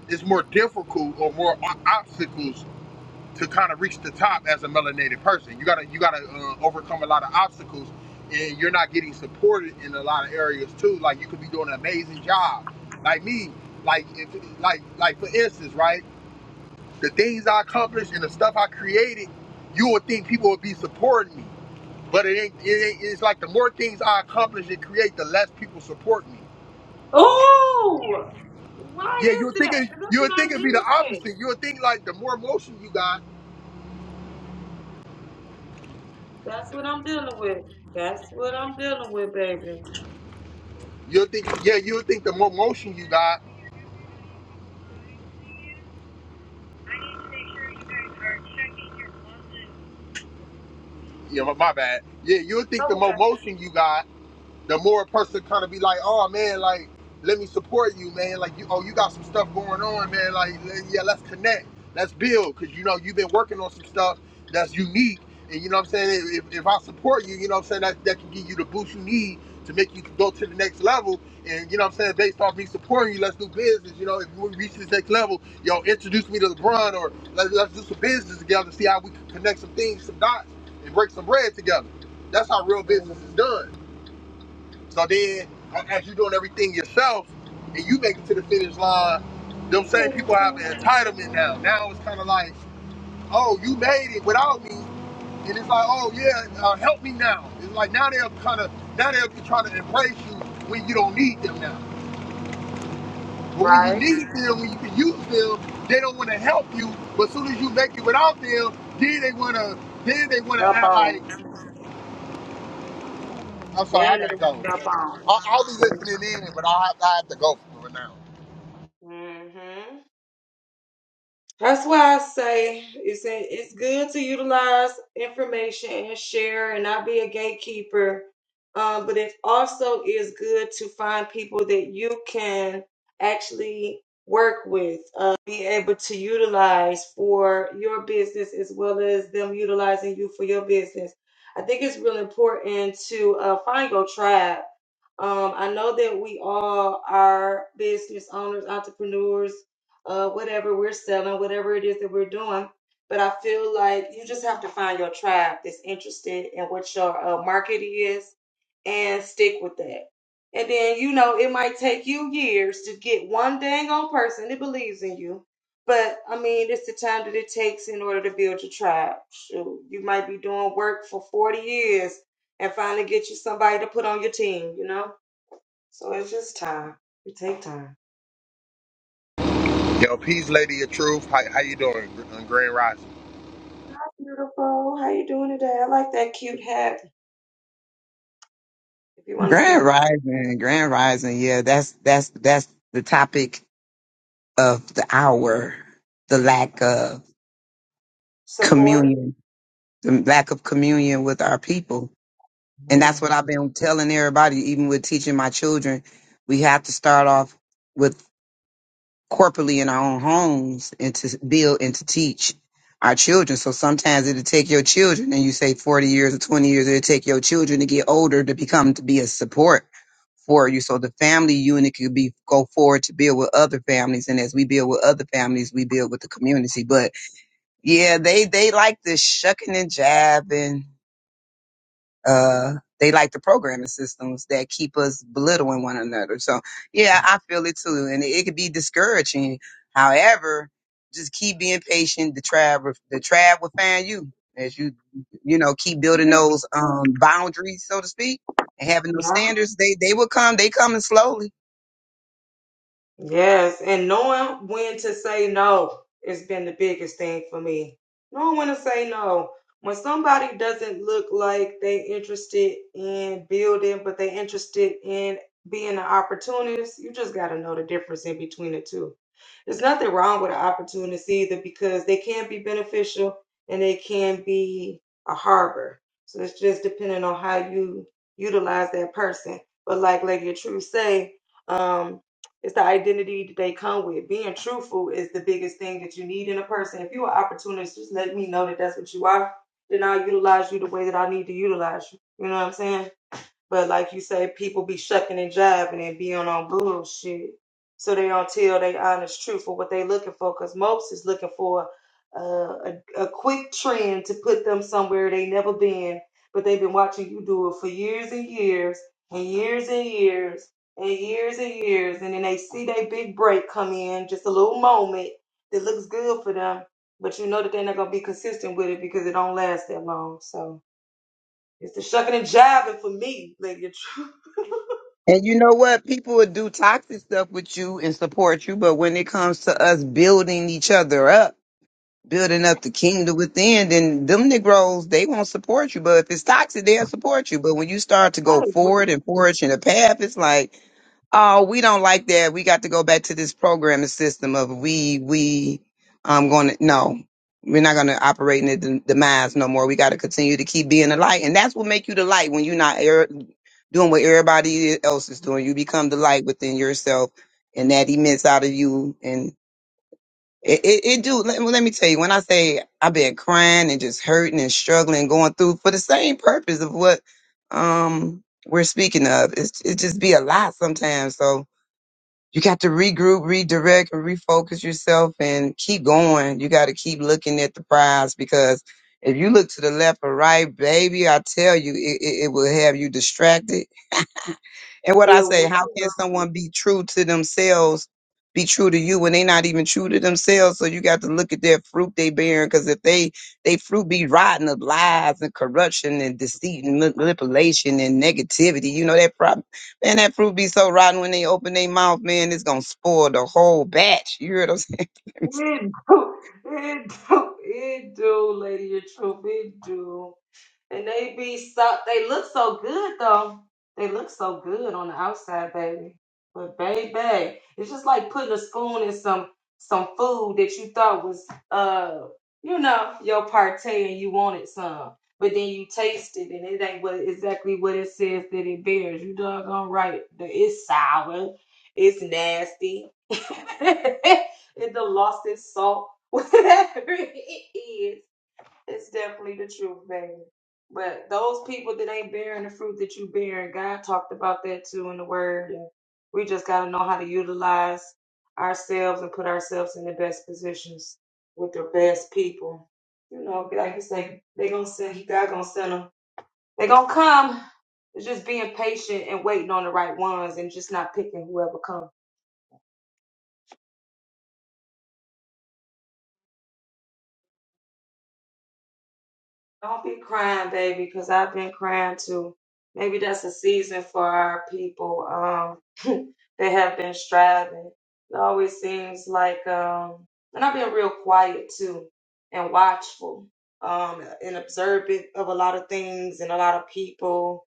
[SPEAKER 2] it's more difficult or more o- obstacles to kind of reach the top as a melanated person. You gotta you gotta uh, overcome a lot of obstacles, and you're not getting supported in a lot of areas too. Like you could be doing an amazing job, like me. Like if like like for instance, right? the things I accomplished and the stuff I created, you would think people would be supporting me. But it ain't, it ain't it's like the more things I accomplish and create, the less people support me.
[SPEAKER 1] Oh,
[SPEAKER 2] Yeah,
[SPEAKER 1] Why
[SPEAKER 2] you would
[SPEAKER 1] is
[SPEAKER 2] think
[SPEAKER 1] that?
[SPEAKER 2] it,
[SPEAKER 1] 'Cause that's
[SPEAKER 2] you
[SPEAKER 1] what
[SPEAKER 2] would think
[SPEAKER 1] I'm
[SPEAKER 2] it'd be the
[SPEAKER 1] dealing with.
[SPEAKER 2] opposite. You would think like the more motion you got,
[SPEAKER 1] That's what I'm dealing with. That's what I'm dealing with, baby.
[SPEAKER 2] you would think yeah, you would think the more motion you got, yeah, my my bad. Yeah, you would think
[SPEAKER 1] Oh,
[SPEAKER 2] the
[SPEAKER 1] we
[SPEAKER 2] more
[SPEAKER 1] got
[SPEAKER 2] motion you got, the more a person kind of be like, oh man, like let me support you, man. Like you, oh you got some stuff going on, man. Like yeah, let's connect, let's build, cause you know you've been working on some stuff that's unique, and you know what I'm saying. If, if I support you, you know what I'm saying that that can give you the boost you need to make you go to the next level. And you know what I'm saying based off me supporting you, let's do business. You know if we reach this next level, yo introduce me to LeBron or let's let's do some business together, see how we can connect some things, some dots, and break some bread together. That's how real business is done. So then, as you're doing everything yourself, and you make it to the finish line, them same
[SPEAKER 1] two ladies
[SPEAKER 2] people have the
[SPEAKER 1] now.
[SPEAKER 2] entitlement now. Now it's kind of like, oh, you made it without me, and it's like, oh yeah, uh, help me now. It's like now they're kind of now they're trying to embrace you when you don't need them now. But when you
[SPEAKER 1] Right.
[SPEAKER 2] need them, when you can use them, they don't want to help you. But as soon as you make it without them, then they wanna then they wanna
[SPEAKER 1] Jump
[SPEAKER 2] act like,
[SPEAKER 1] on.
[SPEAKER 2] I'm sorry, I
[SPEAKER 1] Then they
[SPEAKER 2] gotta
[SPEAKER 1] want
[SPEAKER 2] go.
[SPEAKER 1] to jump on.
[SPEAKER 2] I'll, I'll be listening in, but I have I have to go for it now.
[SPEAKER 1] mm hmm That's why I say it's it's good to utilize information and share and other um, people that actually work with uh, be able to utilize for your business as well as them utilizing you for your business. I think it's really important to uh, find your tribe Um, I know that we all are business owners, entrepreneurs, uh, whatever we're selling, whatever it is that we're doing. But I feel like you just have to find your tribe that's interested in what your uh, market is and stick with that. And then, you know, it might take you years to get one dang on person that believes in you. But I mean, it's the time that it takes in order to build your tribe. Shoot, you might be doing work for 40 years and finally get you somebody to put on your team, you know? So it's just time. You take time.
[SPEAKER 2] Yo, peace, lady of truth. How, how you doing on Grand Rising?
[SPEAKER 1] If you want to come,
[SPEAKER 3] Grand
[SPEAKER 1] up.
[SPEAKER 3] Rising, Grand Rising, yeah, that's that's that's the topic of the hour, the lack of
[SPEAKER 1] so
[SPEAKER 3] communion, the lack of communion with our people. And that's what I've been telling everybody, even with teaching my children. We have to start off with corporately in our own homes and to build and to teach our children. So sometimes it'll take your children, and you say 40 years or 20 years, it'll take your children to get older to become to be a support for you. So the family unit could be go forward to build with other families. And as we build with other families, we build with the community. But yeah, they they like this shucking and jabbing uh, they like the programming systems that keep us belittling one another. So yeah, I feel it too. And it, it could be discouraging. However, just keep being patient. The tribe, will- the tribe will find you as you, you know, keep building
[SPEAKER 1] yeah,
[SPEAKER 3] those, um, boundaries, so to speak, and having those standards. They, they will come. They coming slowly.
[SPEAKER 1] yes, and knowing when to say no has been the biggest thing for me. Knowing when to say no, I did not, you know, but for uh, again, but there's haters and
[SPEAKER 3] And you know what? People would do toxic stuff with you and support you. But when it comes to us building each other up, building up the kingdom within, then them Negroes, they won't support you. But if it's toxic, they'll support you. But when you start to go forward and forge in a path, it's like, oh, we don't like that. We got to go back to this programming system of we, we, I'm going to, no, we're not going to operate in the dem- demise no more. We got to continue to keep being the light. And that's what make you the light when you're not er- doing what everybody else is doing. You become the light within yourself and that emits out of you. It, it, it do. Let, well, let me tell you, when I say I've been crying and just hurting and struggling and going through for the same purpose of what um we're speaking of, it's it just be a lot sometimes. So you got to regroup, redirect, and refocus yourself, and keep going. You got to keep looking at the prize because if you look to the left or right, baby, I tell you, it, it, it will have you distracted and what
[SPEAKER 1] it
[SPEAKER 3] I say, how can someone be true to themselves, be true to you when they not even true to themselves? So you got to look at their fruit they bearing, because if they they fruit be rotten of lies and corruption and deceit and manipulation and negativity, you know that problem. Man, that fruit be so rotten when they open their mouth, man, it's gonna spoil the whole batch. You hear what I'm saying?
[SPEAKER 1] will, and they know your partay and you wanted some, but then you taste it and it ain't what exactly what it says that it bears. You doggone right. that It's sour. It's nasty. *laughs* it done lost its salt. *laughs* Whatever it is. It's definitely the truth, baby. But those people that ain't bearing the fruit that you bearing, God talked about that too in the Word. And we just got to know how to utilize ourselves and put ourselves in the best positions with the best people. You know, like you say, they gonna send God gonna send them. They gonna come. It's just being patient and waiting on the right ones, and just not picking whoever comes. Don't be crying, baby, because I've been crying too. Maybe that's a season for our people. Um, *laughs* they have been striving. It always seems like, um, and I've been real quiet too, and watchful, um, and observant of a lot of things and a lot of people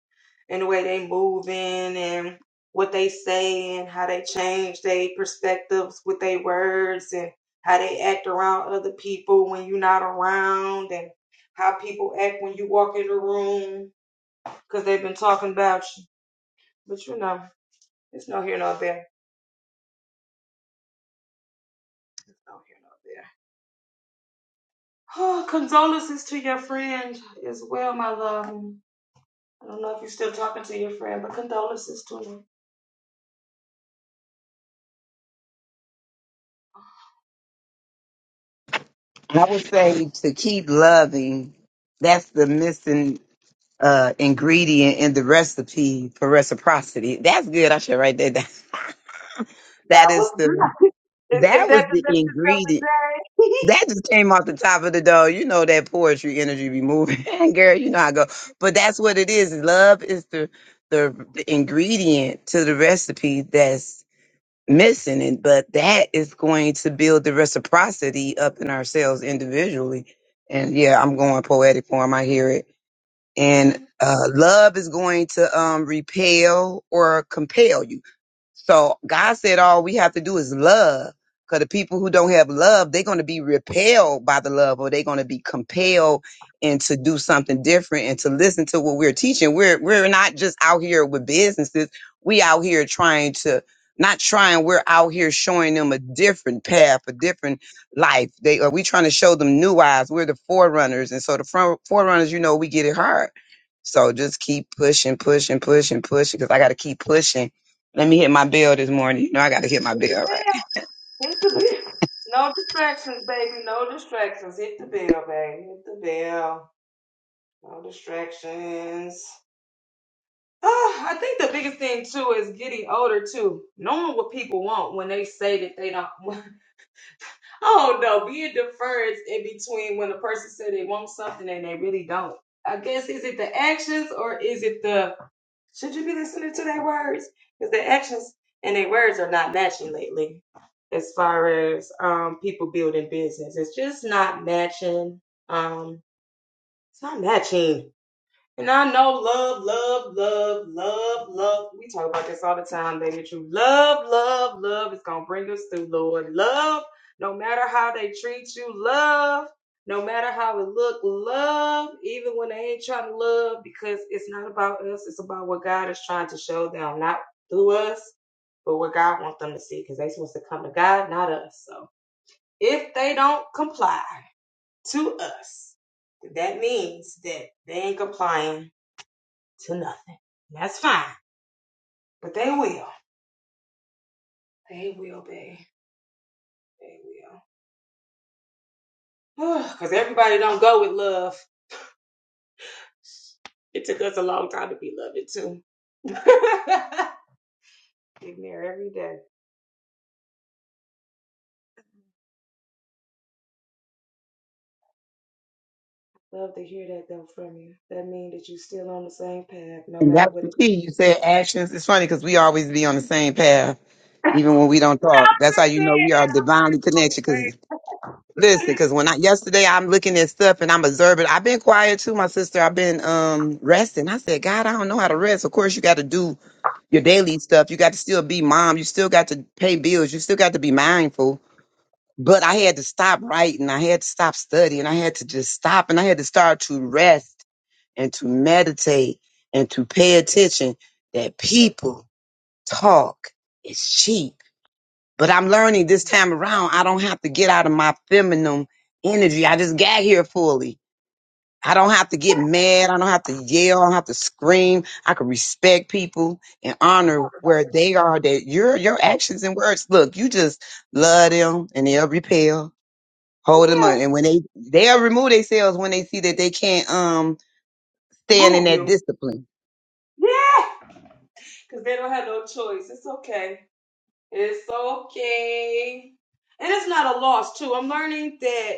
[SPEAKER 1] and the way they moving and what they say and how they change their perspectives with their words and how they act around other people when you're not around and how people act when you walk in the room because they've been talking about you. But you know, it's no here, no there. It's no here, no there. Oh, condolences to your friend as well, my love. I don't know if you're still talking to your friend, but condolences to him.
[SPEAKER 3] *laughs* I would say to keep loving. That's the missing uh ingredient in the recipe for reciprocity. That's good. I should write that down. That is the that was the ingredient. That just came off the top of the dome. You know that poetry energy be moving, *laughs* girl. You know I go. But that's what it is. Love is the the, the ingredient to the recipe that's missing, and but that is going to build the reciprocity up in ourselves individually. And yeah, I'm going poetic form. I hear it. And uh, love is going to um, repel or compel you so God said all we have to do is love. Because the people who don't have love, they're going to be repelled by the love or they're going to be compelled and to do something different and to listen to what we're teaching. We're we're not just out here with businesses. We out here trying to not trying, we're out here showing them a different path, a different life. They are we trying to show them new eyes. We're the forerunners. And so the front forerunners, you know, we get it hard. So just keep pushing, pushing, pushing, pushing, because I gotta keep pushing let me hit my bill this morning. You know, I got to hit my bill, right?
[SPEAKER 1] Hit the bell. No distractions, baby. No distractions. Hit the bell, baby. Hit the bell. No distractions. Ah, I think the biggest thing too is getting older too. Knowing what people want when they say that they don't. *laughs* Oh no, being deferred in between when a person said they want something and they really don't. I guess is it the actions or is it the should you be listening to their words? Because their actions and their words are not matching lately as far as um people building business. It's just not matching. Um it's not matching. And I know love, love, love, love, love. We talk about this all the time, baby. True love, love, love is gonna bring us through, Lord. Love, no matter how they treat you, love, no matter how it look, love, even when they ain't trying to love, because it's not about us, it's about what God is trying to show them, not through us, but what God wants them to see, because they supposed to come to God, not us. So if they don't comply to us, that means that they ain't complying to nothing. And that's fine. But they will. They will, babe. They will. *sighs* Because everybody don't go with love. It took us a long time to be loved too. *laughs* Getting there every day. Love to hear that though.
[SPEAKER 3] And that's the key. You said actions. It's funny because we always be on the same path,
[SPEAKER 1] *laughs* I'm just
[SPEAKER 3] even when we don't talk. That's how you
[SPEAKER 1] saying
[SPEAKER 3] know we are
[SPEAKER 1] that.
[SPEAKER 3] divinely connected. Because listen, because when I yesterday I'm looking at stuff and I'm observing. I've been quiet too, my sister. I've been um resting. I said, God, I don't know how to rest. Of course, you got to do your daily stuff. You got to still be mom. You still got to pay bills. You still got to be mindful. But I had to stop writing. I had to stop studying. I had to just stop and I had to start to rest and to meditate and to pay attention that people talk is cheap. But I'm learning this time around, I don't have to get out of my feminine energy. I just got here fully. I don't have to get mad. I don't have to yell. I don't have to scream. I can respect people and honor where they are that your your actions and words. Look, you just love them and they'll repel Hold them on.
[SPEAKER 1] Yeah.
[SPEAKER 3] And when they they'll remove themselves when they see that they can't um stand in
[SPEAKER 1] Move
[SPEAKER 3] that
[SPEAKER 1] you.
[SPEAKER 3] discipline.
[SPEAKER 1] Yeah. *laughs* Because they don't have no choice. It's okay. It's okay. And it's not a loss, too. I'm learning that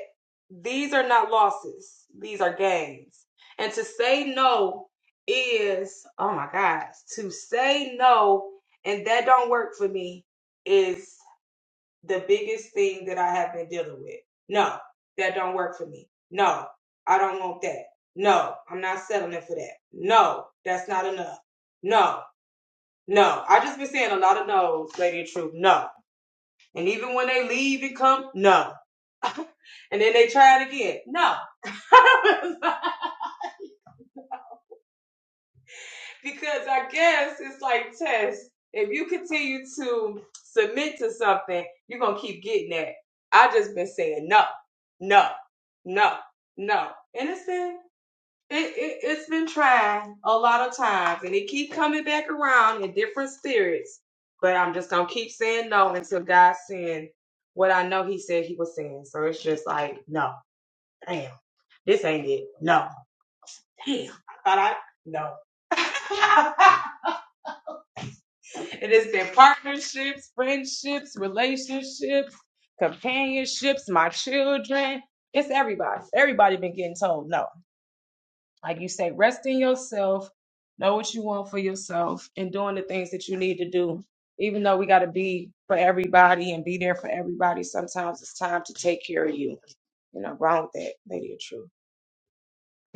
[SPEAKER 1] these are not losses, these are gains. And to say no is, oh my gosh, to say no and that don't work for me is the biggest thing that I have been dealing with. No, that don't work for me. No, I don't want that. No, I'm not settling for that. No, that's not enough. No, no. I just been saying a lot of no's, Lady of Truth. No. And even when they leave and come, no. *laughs* and then they try it again. No. *laughs* because I guess it's like tests. If you continue to submit to something, you're gonna keep getting that. I just been saying no, no, no, no. Innocent? It, it it's been tried a lot of times, and it keep coming back around in different spirits. But I'm just gonna keep saying no until God send what I know He said He was saying. So it's just like, no, damn, this ain't it. No, damn, I thought I no. *laughs* and it's been partnerships, friendships, relationships, companionships, my children. It's everybody. Everybody been getting told no. like you say, rest in yourself, know what you want for yourself, and doing the things that you need to do. Even though we got to be for everybody and be there for everybody, sometimes it's time to take care of you. You know, wrong with that, Lady of Truth.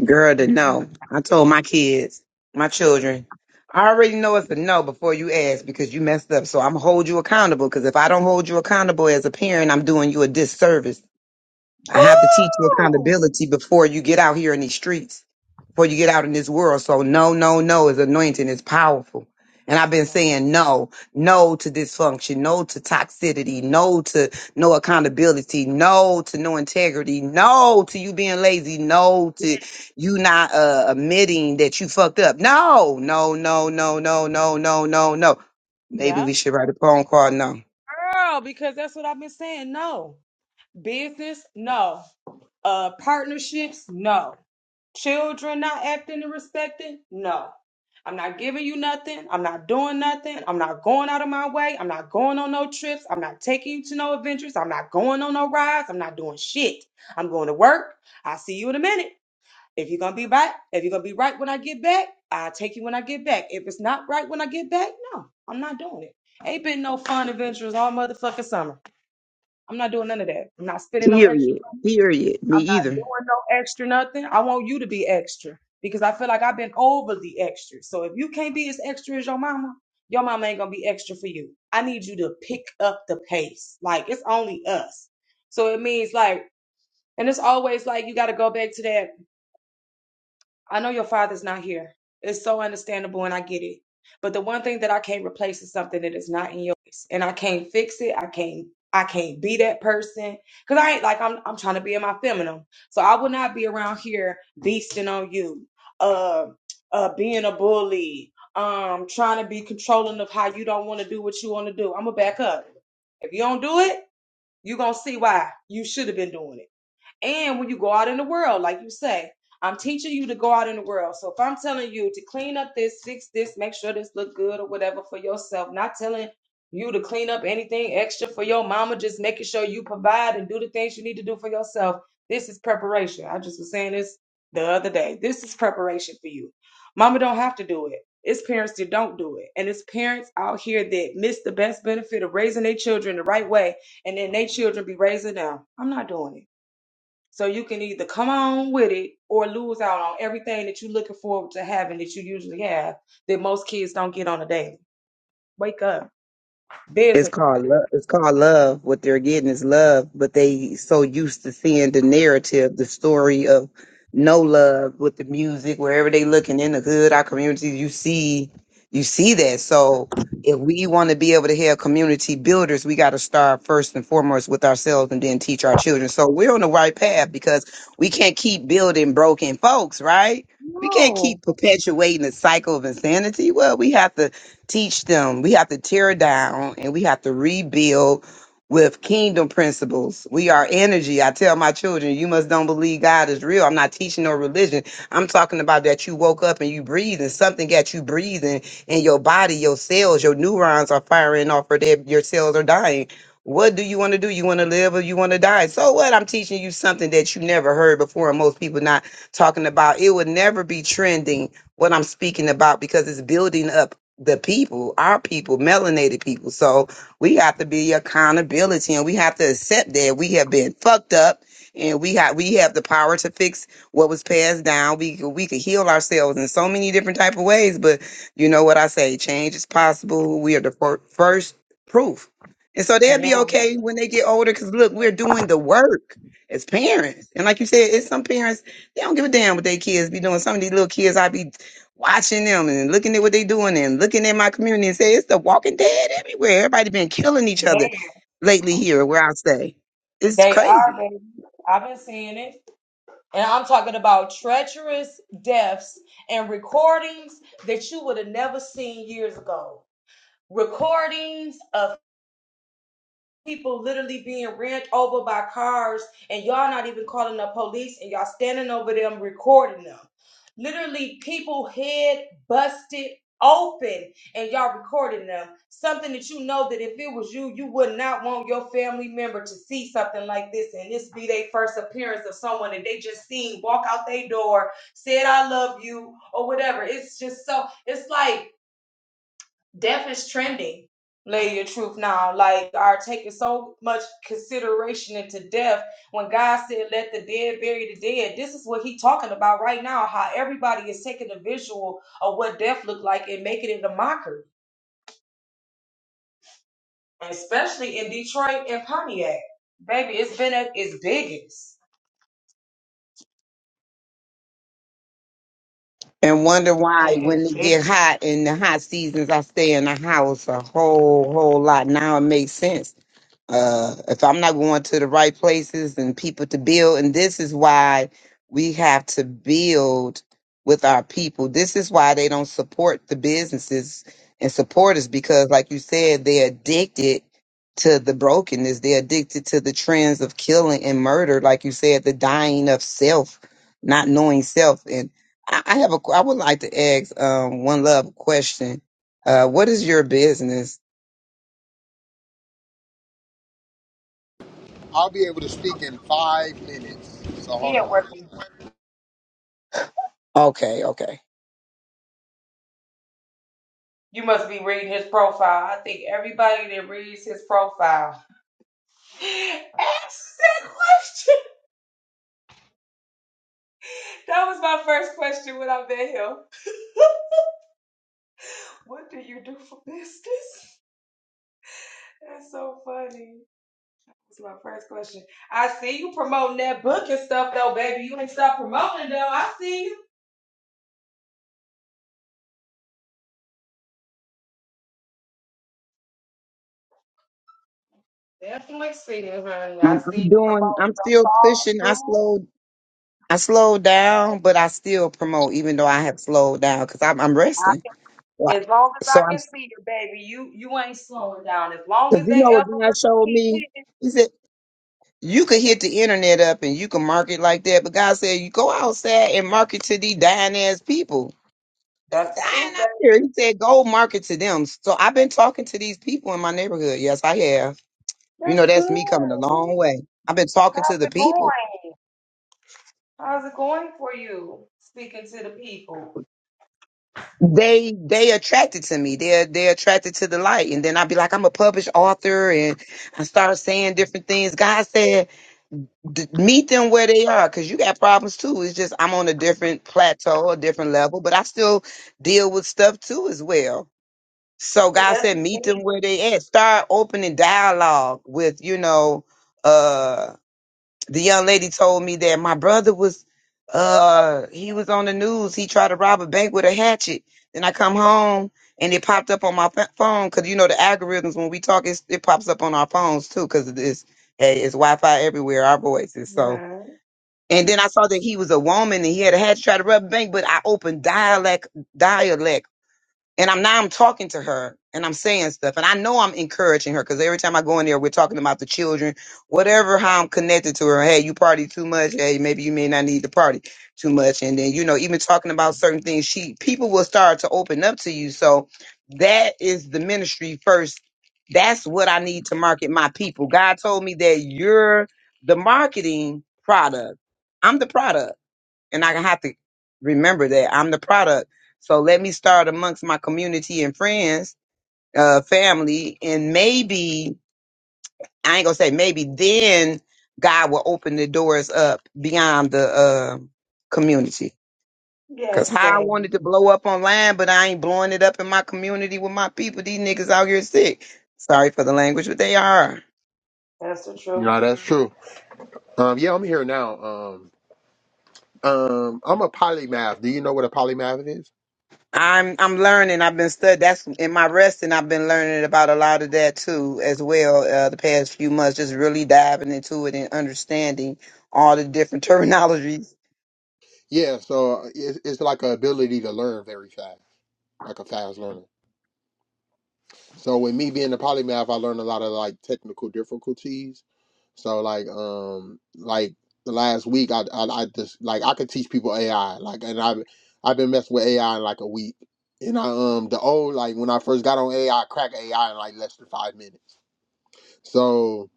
[SPEAKER 3] Girl to no. I told my kids, my children, I already know it's a no before you ask because you messed up. So I'm hold you accountable because if I don't hold you accountable as a parent, I'm doing you a disservice I have to teach you accountability before you get out here in these streets, before you get out in this world. So no, no, no is anointing. It's powerful. And I've been saying no, no to dysfunction, no to toxicity, no to no accountability, no to no integrity, no to you being lazy, no to you not uh, admitting that you fucked up. No, no, no, no, no, no, no, no, no. Maybe we should write a phone call. No.
[SPEAKER 1] Girl, because that's what I've been saying. No. Business, no. Uh, partnerships, no. Children not acting and respecting, no. I'm not giving you nothing. I'm not doing nothing. I'm not going out of my way. I'm not going on no trips. I'm not taking you to no adventures. I'm not going on no rides. I'm not doing shit. I'm going to work. I'll see you in a minute. If you're gonna be right, if you're gonna be right when I get back, I'll take you when I get back. If it's not right when I get back, no, I'm not doing it. Ain't been no fun adventures all motherfucking summer. I'm not doing none of that. I'm not spending no extra.
[SPEAKER 3] Period. Period. Me
[SPEAKER 1] I'm not
[SPEAKER 3] either.
[SPEAKER 1] doing no extra nothing. I want you to be extra because I feel like I've been overly extra. So if you can't be as extra as your mama, your mama ain't gonna be extra for you. I need you to pick up the pace. Like it's only us. So it means like, and it's always like you gotta go back to that I know your father's not here. It's so understandable and I get it. But the one thing that I can't replace is something that is not in your place. And I can't fix it. I can't I can't be that person. Cause I ain't like I'm I'm trying to be in my feminine. So I will not be around here beasting on you, uh uh being a bully, um trying to be controlling of how you don't want to do what you want to do. I'm gonna back up. If you don't do it, you're gonna see why you should have been doing it. And when you go out in the world, like you say, I'm teaching you to go out in the world. So if I'm telling you to clean up this, fix this, make sure this look good or whatever for yourself, not telling you to clean up anything extra for your mama, just making sure you provide and do the things you need to do for yourself. This is preparation. I just was saying this the other day. This is preparation for you. Mama don't have to do it. It's parents that don't do it. And it's parents out here that miss the best benefit of raising their children the right way and then their children be raising them. I'm not doing it. So you can either come on with it or lose out on everything that you're looking forward to having that you usually have that most kids don't get on a daily. Wake up.
[SPEAKER 3] It's
[SPEAKER 1] Business
[SPEAKER 3] called
[SPEAKER 1] partner.
[SPEAKER 3] love. It's called love. What they're getting is love, but they so used to seeing the narrative, the story of no love with the music. Wherever they looking in the hood, our communities, you see, you see that. So if we want to be able to have community builders, we got to start first and foremost with ourselves, and then teach our children. So we're on the right path because we can't keep building broken folks, right? We can't
[SPEAKER 1] No.
[SPEAKER 3] keep perpetuating the cycle of insanity. Well, we have to teach them. We have to tear down and we have to rebuild with kingdom principles. We are energy. I tell my children, you must don't believe God is real. I'm not teaching no religion. I'm talking about that you woke up and you breathe and something got you breathing in your body, your cells, your neurons are firing off or they, your cells are dying. What do you want to do? You want to live or you want to die? So what? I'm teaching you something that you never heard before and most people not talking about. It would never be trending what I'm speaking about because it's building up the people, our people, melanated people. So we have to be accountability and we have to accept that we have been fucked up and we have we have the power to fix what was passed down. We could- we could heal ourselves in so many different type of ways, but you know what I say, change is possible. We are the fir- first proof. And so they'll
[SPEAKER 1] Yeah.
[SPEAKER 3] be okay when they get older cuz look, we're doing the work as parents. And like you said, it's some parents they don't give a damn what their kids be doing. Some of these little kids I be watching them and looking at what they doing and looking at my community and say it's the walking dead everywhere. Everybody been killing each other lately here where I stay. It's
[SPEAKER 1] They are,
[SPEAKER 3] crazy.
[SPEAKER 1] baby. I've been seeing it. And I'm talking about treacherous deaths and recordings that you would have never seen years ago. Recordings of people literally being ran over by cars and y'all not even calling the police and y'all standing over them recording them. Literally people head busted open and y'all recording them. Something that you know that if it was you, you would not want your family member to see something like this and this be their first appearance of someone that they just seen walk out their door, said I love you or whatever. It's just so it's like death is trending lady of truth now like are taking so much consideration into death when god said let the dead bury the dead this is what he talking about right now how everybody is taking a visual of what death looked like and making it a mockery especially in detroit and pontiac baby it's been at its biggest
[SPEAKER 3] and wonder why
[SPEAKER 1] and
[SPEAKER 3] when
[SPEAKER 1] it's
[SPEAKER 3] it
[SPEAKER 1] big
[SPEAKER 3] get hot in the hot seasons I stay in the house a whole whole lot. Now it makes sense. Uh if I'm not going to the right places and people to build and this is why we have to build with our people. This is why they don't support the businesses and support us because like you said they're addicted to the brokenness. They're addicted to the trends of killing and murder like you said the dying of self, not knowing self and I I have a. qu- I would like to ask um, one love a question. Uh, what is your business?
[SPEAKER 2] I'll be able to speak in five minutes. So
[SPEAKER 1] he
[SPEAKER 2] hold
[SPEAKER 1] at
[SPEAKER 2] on
[SPEAKER 1] work
[SPEAKER 2] one second.
[SPEAKER 3] Okay, okay.
[SPEAKER 1] you must be reading his profile i think everybody that reads his profile *laughs* asks that question That was my first question when I met him. *laughs* what do you do for business? That's so funny. That's my first question. I see you promoting that book and stuff though, baby. You ain't stop promoting though. I see you.
[SPEAKER 3] I'm, I'm
[SPEAKER 1] Promote.
[SPEAKER 3] doing. I'm still pushing. I slowed. I slowed down, but I still promote, even though I have slowed down because I'm, I'm resting.
[SPEAKER 1] I-
[SPEAKER 3] So I-
[SPEAKER 1] As long as
[SPEAKER 3] so
[SPEAKER 1] I
[SPEAKER 3] I'm
[SPEAKER 1] can see you, baby, you you ain't slowing down. As long
[SPEAKER 3] because
[SPEAKER 1] as
[SPEAKER 3] you
[SPEAKER 1] that
[SPEAKER 3] know what God
[SPEAKER 1] algorithm
[SPEAKER 3] showed
[SPEAKER 1] keep
[SPEAKER 3] me.
[SPEAKER 1] hitting,
[SPEAKER 3] He said you could hit the internet up and you can market like that, but God said you go outside and market to these dying ass people.
[SPEAKER 1] that's the
[SPEAKER 3] dying
[SPEAKER 1] truth,
[SPEAKER 3] out
[SPEAKER 1] baby.
[SPEAKER 3] here. He said go market to them. So I've been talking to these people in my neighborhood. Yes, I have. You
[SPEAKER 1] That's
[SPEAKER 3] know, that's
[SPEAKER 1] good.
[SPEAKER 3] me coming a long way. I've been talking to
[SPEAKER 1] How's
[SPEAKER 3] the
[SPEAKER 1] it
[SPEAKER 3] people.
[SPEAKER 1] going? How's it going for you? Speaking to the people.
[SPEAKER 3] They they attracted to me. They're they're attracted to the light. And then I'd be like, I'm a published author, and I start saying different things. God said, D- meet them where they are, because you got problems too. It's just I'm on a different plateau, a different level, but I still deal with stuff too as well. So
[SPEAKER 1] But
[SPEAKER 3] God
[SPEAKER 1] that's
[SPEAKER 3] said, meet them where they at. Start opening dialogue with, you know, uh the young lady told me that my brother was uh he was on the news. He tried to rob a bank with a hatchet. Then I come home and it popped up on my ph- phone because you know the algorithms when we talk it's, it pops up on our phones too because it is hey it's Wi-Fi everywhere our voices so
[SPEAKER 1] Mhm.
[SPEAKER 3] and then I saw that he was a woman and he had a hatchet tried to rob a bank but I opened dialect dialect and I'm now I'm talking to her and I'm saying stuff. And I know I'm encouraging her because every time I go in there, we're talking about the children, whatever, how I'm connected to her. Hey, you party too much. Hey, maybe you may not need to party too much. And then, you know, even talking about certain things, she people will start to open up to you. So that is the ministry first. That's what I need to market my people. God told me that you're the marketing product. I'm the product and I have to remember that I'm the product. So let me start amongst my community and friends, uh, family, and maybe I ain't gonna say maybe then God will open the doors up beyond the uh, community. Cause
[SPEAKER 1] yes,
[SPEAKER 3] how I wanted
[SPEAKER 1] baby.
[SPEAKER 3] to blow up online, but I ain't blowing it up in my community with my people. These niggas out here sick. Sorry for the language, but they are.
[SPEAKER 1] That's the truth.
[SPEAKER 2] No, that's true. Um, yeah, I'm here now. Um, um, I'm a polymath. Do you know what a polymath is?
[SPEAKER 3] I'm I'm learning. I've been studying. That's in my resting. I've been learning about a lot of that too, as well. Uh, the past few months, just really diving into it and understanding all the different *laughs* terminologies.
[SPEAKER 2] Yeah, so it's, it's like a ability to learn very fast, like a fast learner. So with me being a polymath, I learned a lot of like technical difficulties. So like um like the last week I I, I just like I could teach people AI like and I I've I've been messing with AI in like a week. And I um the old like when I first got on AI, I I cracked AI in like less than five minutes. So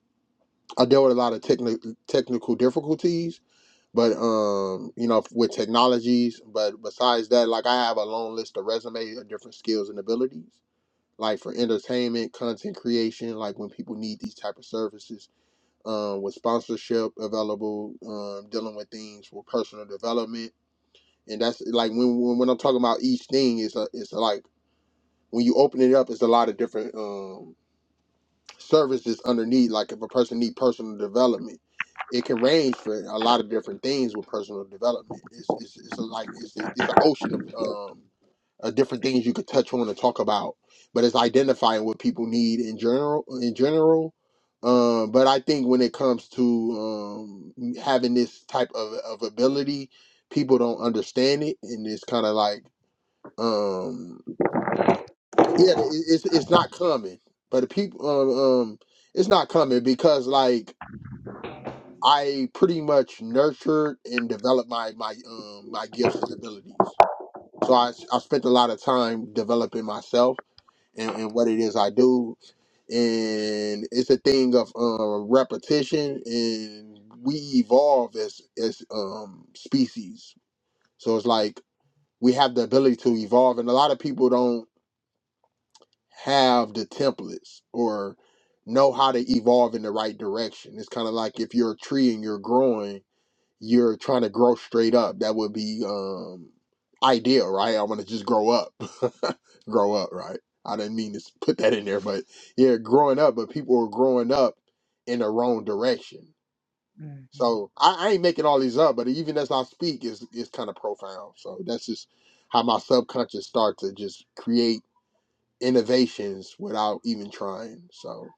[SPEAKER 2] I dealt with a lot of technical technical difficulties, but um you know with technologies. But besides that, like I have a long list of resume of different skills and abilities like for entertainment, content creation, like when people need these type of services, um, with sponsorship available, um, dealing with things with personal development, and that's like when when, when I'm talking about each thing is a, it's like when you open it up, it's a lot of different um, services underneath. Like if a person need personal development, it can range for a lot of different things with personal development. It's it's, it's a, like it's a, it's an ocean of um, uh, different things you could touch on and talk about. But it's identifying what people need in general. In general, um, but I think when it comes to um, having this type of, of ability, people don't understand it, and it's kind of like, um, yeah, it, it's it's not coming. But the people, um, um, it's not coming because like I pretty much nurtured and developed my my um my gifts and abilities. So I I spent a lot of time developing myself and, and what it is I do. And it's a thing of uh, repetition, and we evolve as as um, species. So it's like we have the ability to evolve, and a lot of people don't have the templates or know how to evolve in the right direction. It's kind of like if you're a tree and you're growing you're trying to grow straight up, that would be um ideal, right? I want to just grow up. *laughs* grow up, right? I didn't mean to put that in there, but yeah, growing up, but people are growing up in the wrong direction. So
[SPEAKER 1] hmm
[SPEAKER 2] I, I ain't making all these up, but even as I speak is is kind of profound. So that's just how my subconscious starts to just create innovations without even trying. So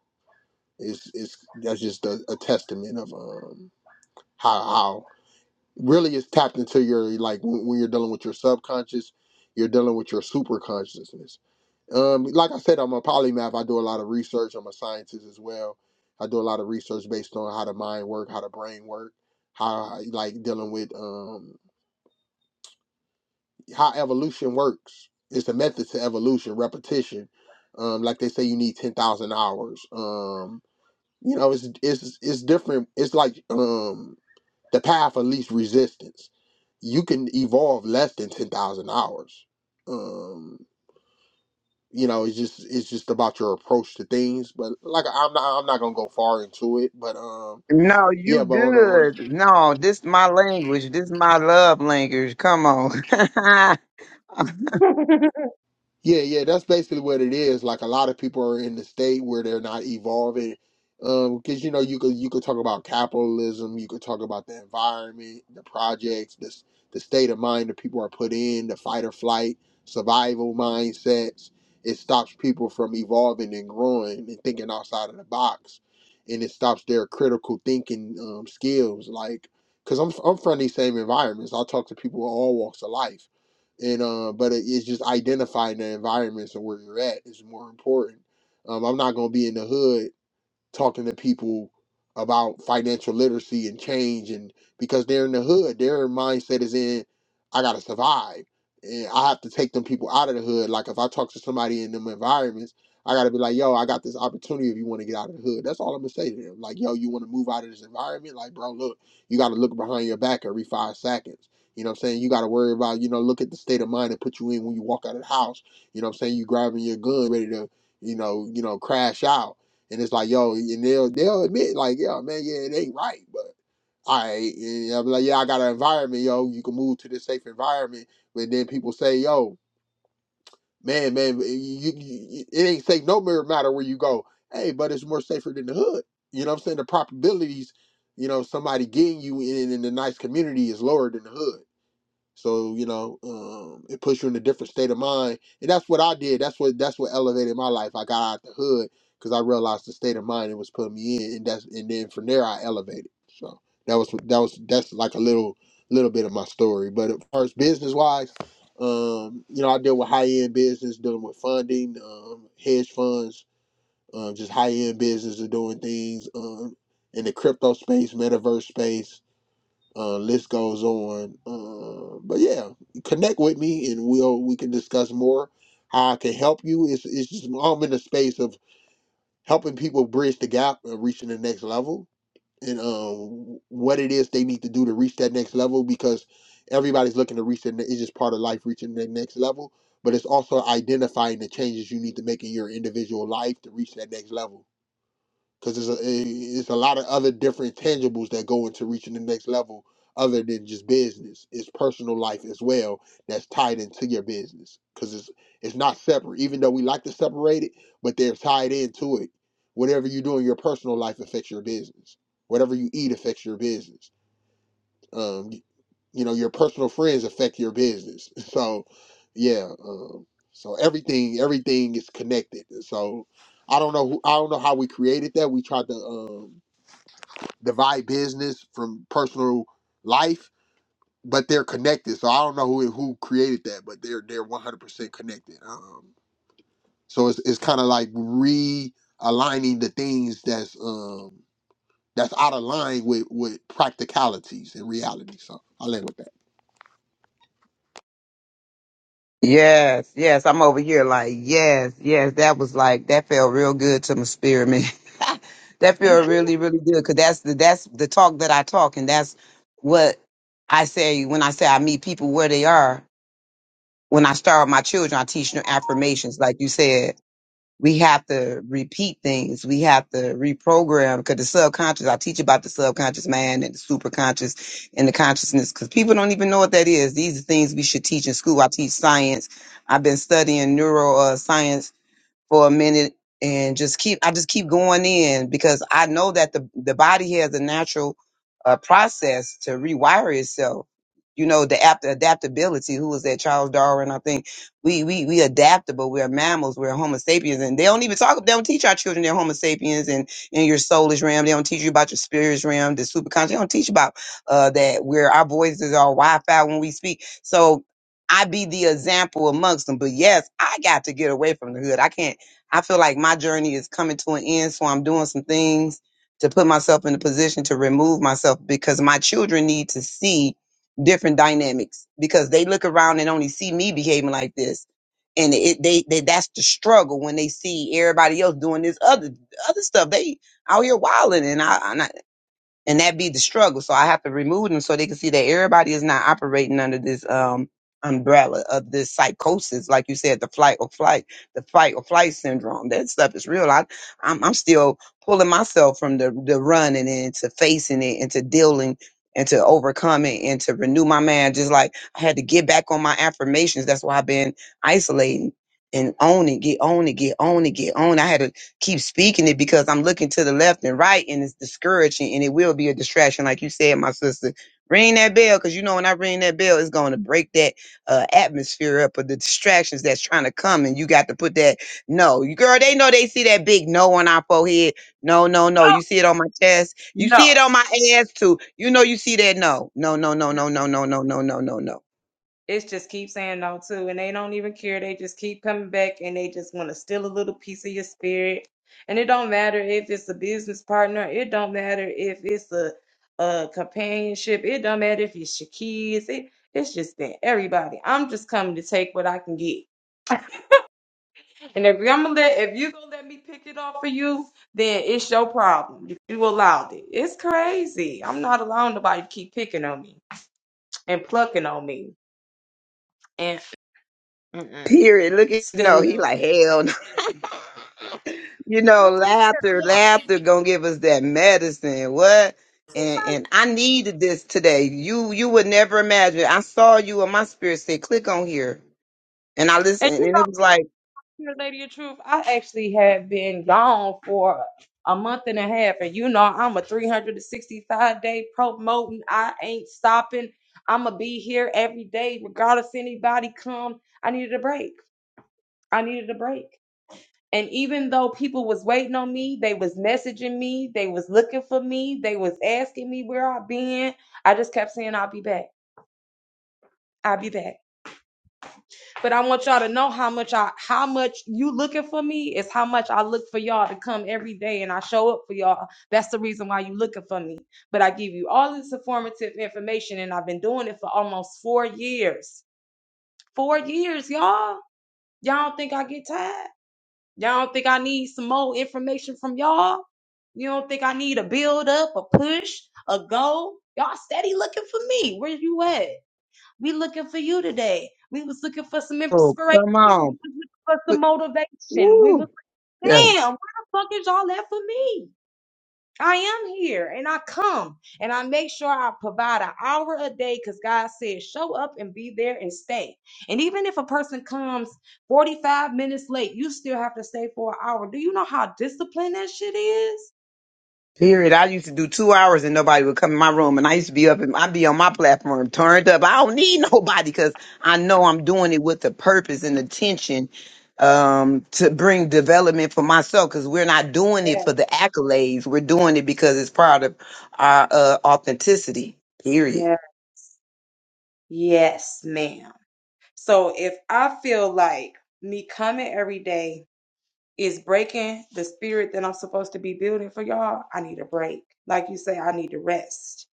[SPEAKER 2] it's it's that's just a, a testament of um how how really it's tapped into your like when, when you're dealing with your subconscious you're dealing with your super consciousness um like i said i'm a polymath i do a lot of research i'm a scientist as well i do a lot of research based on how the mind work how the brain work how like dealing with um how evolution works it's a method to evolution repetition um like they say you need 10,000 hours um you know it's it's it's different it's like um the path of least resistance. You can evolve less than ten thousand hours. Um, you know, it's just it's just about your approach to things. But like, I'm not I'm not gonna go far into it. But um,
[SPEAKER 3] No, you
[SPEAKER 2] yeah. But on the on the
[SPEAKER 3] good. No, this my language. This my love language. Come on. *laughs*
[SPEAKER 2] Yeah, yeah, that's basically what it is. Like a lot of people are in the state where they're not evolving. Um, because you know, you could you could talk about capitalism, you could talk about the environment, the projects, the s- the state of mind that people are put in, the fight or flight, survival mindsets. It stops people from evolving and growing and thinking outside of the box, and it stops their critical thinking um, skills. Like, because I'm I'm from these same environments, I talk to people of all walks of life and uh, but it, it's just identifying the environments and where you're at is more important. Um, I'm not gonna be in the hood talking to people about financial literacy and change and because they're in the hood their mindset is in i gotta survive and i have to take them people out of the hood like if i talk to somebody in them environments i gotta be like yo i got this opportunity if you want to get out of the hood that's all i'm gonna say to them like yo you want to move out of this environment like bro look you gotta look behind your back every five seconds you know what i'm saying you gotta worry about you know look at the state of mind it put you in when you walk out of the house you know what i'm saying you grabbing your gun ready to you know you know crash out and it's like, yo, and they'll they'll admit, like, yeah, man, yeah, it ain't right, but I and I'm like, yeah, I got an environment, yo. You can move to this safe environment, but then people say, yo, man, man, you, you, it ain't safe no matter where you go. Hey, but it's more safer than the hood. You know what I'm saying? The probabilities, you know, somebody getting you in in a nice community is lower than the hood. So you know, um, it puts you in a different state of mind, and that's what I did. That's what that's what elevated my life. I got out the hood because I realized the state of mind it was putting me in, and that's and then from there I elevated. So that was that was that's like a little little bit of my story. But as far as business wise, um, you know, I deal with high end business, dealing with funding, um, hedge funds, um, just high end business of doing things um, in the crypto space, metaverse space uh, list goes on. Uh, but yeah, connect with me, and we'll we can discuss more how I can help you. It's it's just I'm in the space of helping people bridge the gap of reaching the next level, and um, what it is they need to do to reach that next level because everybody's looking to reach it. It's just part of life reaching the next level, but it's also identifying the changes you need to make in your individual life to reach that next level because there's a eh, it's a lot of other different tangibles that go into reaching the next level other than just business. It's personal life as well that's tied into your business because it's it's not separate. Even though we like to separate it, but they're tied into it. Whatever you do in your personal life affects your business. Whatever you eat affects your business. Um you know your personal friends affect your business *laughs* so yeah um, so everything everything is connected so i don't know who, i don't know how we created that we tried to um, divide business from personal life but they're connected so i don't know who who created that but they're they're 100% connected um, so it's, it's kind of like realigning the things that's um that's out of line with with practicalities and reality so i'll end with
[SPEAKER 3] Yes, yes, I'm over here like, yes, yes, that was like that felt real good to my spirit, man. *laughs* that felt really, really good because that's the that's the talk that I talk, and that's what I say when I say I meet people where they are. When I start with my children, I teach them affirmations, like you said we have to repeat things. We have to reprogram because the subconscious, I teach about the subconscious mind and the superconscious and the consciousness because people don't even know what that is. These are things we should teach in school. I teach science. I've been studying neuroscience for a minute and just keep I just keep going in because I know that the the body has a natural uh, process to rewire itself. You know, the apt adaptability. Who was that? Charles Darwin, I think. We we we adaptable. We're mammals. We're Homo sapiens, and they don't even talk. They don't teach our children they're Homo sapiens and in your soulish realm. They don't teach you about your spirits realm, the superconscious. They don't teach about uh, that where our voices are Wi-Fi when we speak. So I be the example amongst them. But yes, I got to get away from the hood. I can't. I feel like my journey is coming to an end, so I'm doing some things to put myself in a position to remove myself because my children need to see different dynamics because they look around and only see me behaving like this. And it they, they that's the struggle when they see everybody else doing this other other stuff. They out here wilding and I, and I and that be the struggle. So I have to remove them so they can see that everybody is not operating under this um umbrella of this psychosis, like you said, the flight or flight, the fight or flight syndrome. That stuff is real. I, I'm I'm still pulling myself from the the running and to facing it and to dealing and to overcoming and to renew my mind. Just like I had to get back on my affirmations. That's why I've been isolating and own it, get on it, get on it, get on. I had to keep speaking it because I'm looking to the left and right and it's discouraging and it will be a distraction. Like you said, my sister, ring that bell because you know, when I ring that bell, it's going to break that uh, atmosphere up of the distractions that's trying to come. And you got to put that no, you girl, they know they see that big no on our forehead. No, no, no. You see it on my chest. You
[SPEAKER 1] No.
[SPEAKER 3] see it on my ass too. You know, you see that no, no, no, no, no, no, no, no, no, no, no, no.
[SPEAKER 1] It's just keep saying no too, and they don't even care. They just keep coming back, and they just want to steal a little piece of your spirit. And it don't matter if it's a business partner. It don't matter if it's a, a companionship. It don't matter if it's your kids. It it's just that everybody. I'm just coming to take what I can get. And if I'm gonna let, if you gonna let me pick it off for you, then it's your problem. If you allowed it, it's crazy. I'm not allowing nobody to keep picking on me and plucking on me and mm-mm,
[SPEAKER 3] Period. Look at no.
[SPEAKER 1] stealing
[SPEAKER 3] He
[SPEAKER 1] little.
[SPEAKER 3] like hell no. you know, laughter, laughter gonna give us that medicine. What? And and I needed this today. You you would never imagine. I saw you and my spirit said, click on here. And I
[SPEAKER 1] And
[SPEAKER 3] listened and it was like,
[SPEAKER 1] you know, lady of truth, I actually had been gone for a month and a half, and you know I'm a 365 day promoting. I ain't stopping. I'ma be here every day, regardless anybody come. I needed a break. I needed a break. And even though people was waiting on me, they was messaging me, they was looking for me, they was asking me where I been. I just kept saying, I'll be back. I'll be back. But I want y'all to know how much I how much you looking for me is how much I look for y'all to come every day and I show up for y'all. That's the reason why you looking for me. But I give you all this informative information and I've been doing it for almost four years. Four years, y'all. Y'all don't think I get tired? Y'all don't think I need some more information from y'all? You don't think I need a build up, a push, a go? Y'all steady looking for me. Where you at? We looking for you today. We was looking for some
[SPEAKER 3] oh,
[SPEAKER 1] inspiration.
[SPEAKER 3] come
[SPEAKER 1] We
[SPEAKER 3] on.
[SPEAKER 1] was looking for some motivation. We
[SPEAKER 3] Woo.
[SPEAKER 1] was damn,
[SPEAKER 3] Yes.
[SPEAKER 1] where the fuck is all that for me? I am here and I come and I make sure I provide an hour a day because God said, show up and be there and stay. And even if a person comes 45 minutes late, you still have to stay for an hour. Do you know how disciplined that shit is?
[SPEAKER 3] Period. I used to do two hours and nobody would come in my room, and I used to be up and I'd be on my platform turned up. I don't need *laughs* nobody because I know I'm doing it with the purpose and attention um, to bring development for myself. Because we're not doing it
[SPEAKER 1] Yes,
[SPEAKER 3] for the accolades, we're doing it because it's part of our uh, authenticity. Period.
[SPEAKER 1] yes. Yes, ma'am. So if I feel like me coming every day is breaking the spirit that I'm supposed to be building for y'all, I need a break. Like you say, I need to rest.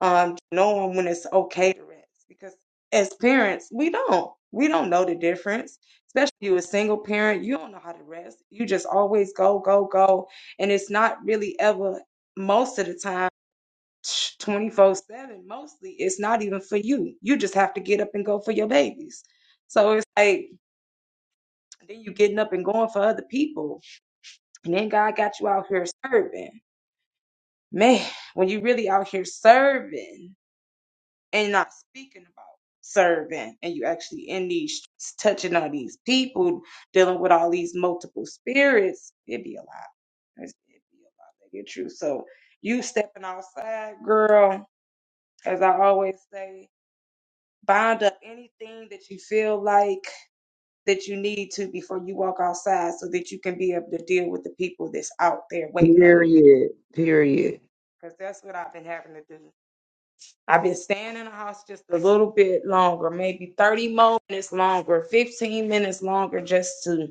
[SPEAKER 1] Um, knowing when it's okay to rest because as parents, we don't. We don't know the difference. Especially you a single parent, you don't know how to rest. You just always go, go, go. And it's not really ever most of the time 24 7 mostly it's not even for you you just have to get up and go for your babies so it's like then you getting up and going for other people and then god got you out here serving man when you really out here serving and not speaking about serving and you actually in these streets touching on these people dealing with all these multiple spirits it'd be a lot It's- it'd be a lot to get you so you stepping outside girl as i always say bind up anything that you feel like that you need to before you walk outside so that you can be able to deal with the people that's out there waiting on you
[SPEAKER 3] Period. Period.
[SPEAKER 1] because that's what i've been having to do i've been staying in the house just a little bit longer maybe 30 more minutes longer 15 minutes longer just to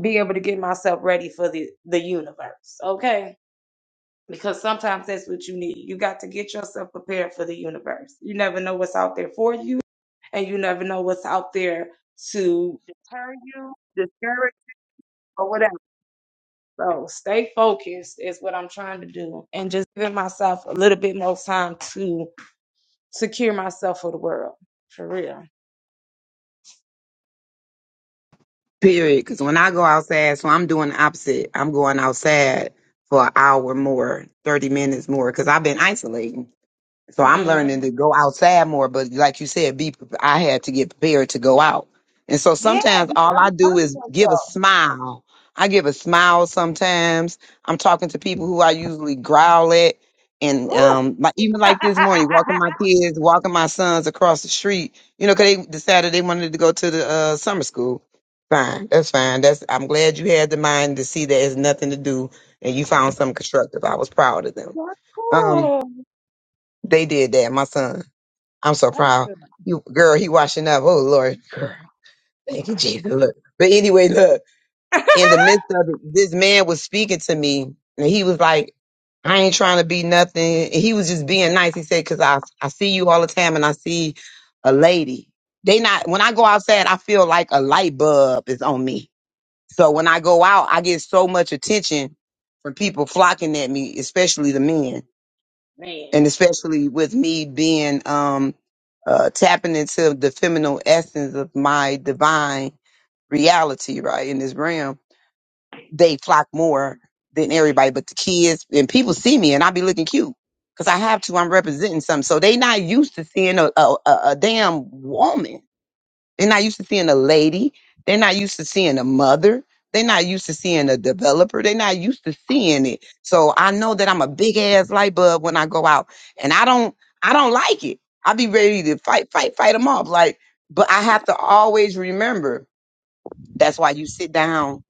[SPEAKER 1] be able to get myself ready for the the universe okay because sometimes that's what you need you got to get yourself prepared for the universe you never know what's out there for you and you never know what's out there to or whatever. So stay focused is what I'm trying to do, and just giving myself a little bit more time to secure myself for the world.
[SPEAKER 3] Period. Because when I go outside, so I'm doing the opposite. I'm going outside for an hour more, thirty minutes more, because I've been isolating. So I'm
[SPEAKER 1] hmm
[SPEAKER 3] learning to go outside more, but like you said, be pre- I had to get prepared to go out. And so sometimes all I do is give a smile. I give a smile sometimes. I'm talking to people who I usually growl at. And um, like even like this morning, walking my kids, walking my sons across the street, you know, 'cause they decided they wanted to go to the uh, summer school. Fine, that's fine. That's I'm glad you had the mind to see that it's nothing to do, and you found something constructive. I was proud of them. Um, they did that, my son. I'm so proud. You girl, he washing up. Oh Lord, girl. Thank you, Jesus. Look. But anyway, look,
[SPEAKER 1] *laughs*
[SPEAKER 3] in the midst of it, this man was speaking to me and he was like, I ain't trying to be nothing. And he was just being nice. He said, Cause I I see you all the time and I see a lady. They not when I go outside, I feel like a light bulb is on me. So when I go out, I get so much attention from people flocking at me, especially the men
[SPEAKER 1] man,
[SPEAKER 3] and especially with me being um uh tapping into the feminine essence of my divine reality right in this realm they flock more than everybody but the kids and people see me and i be looking cute because i have to i'm representing something so they not used to seeing a, a, a a damn woman they're not used to seeing a lady. They're not used to seeing a mother. They're not used to seeing a developer. They're not used to seeing it. So I know that I'm a big ass light bulb when I go out, and I don't, I don't like it. I be ready to fight, fight, fight them off. Like, but I have to always remember that's why you sit down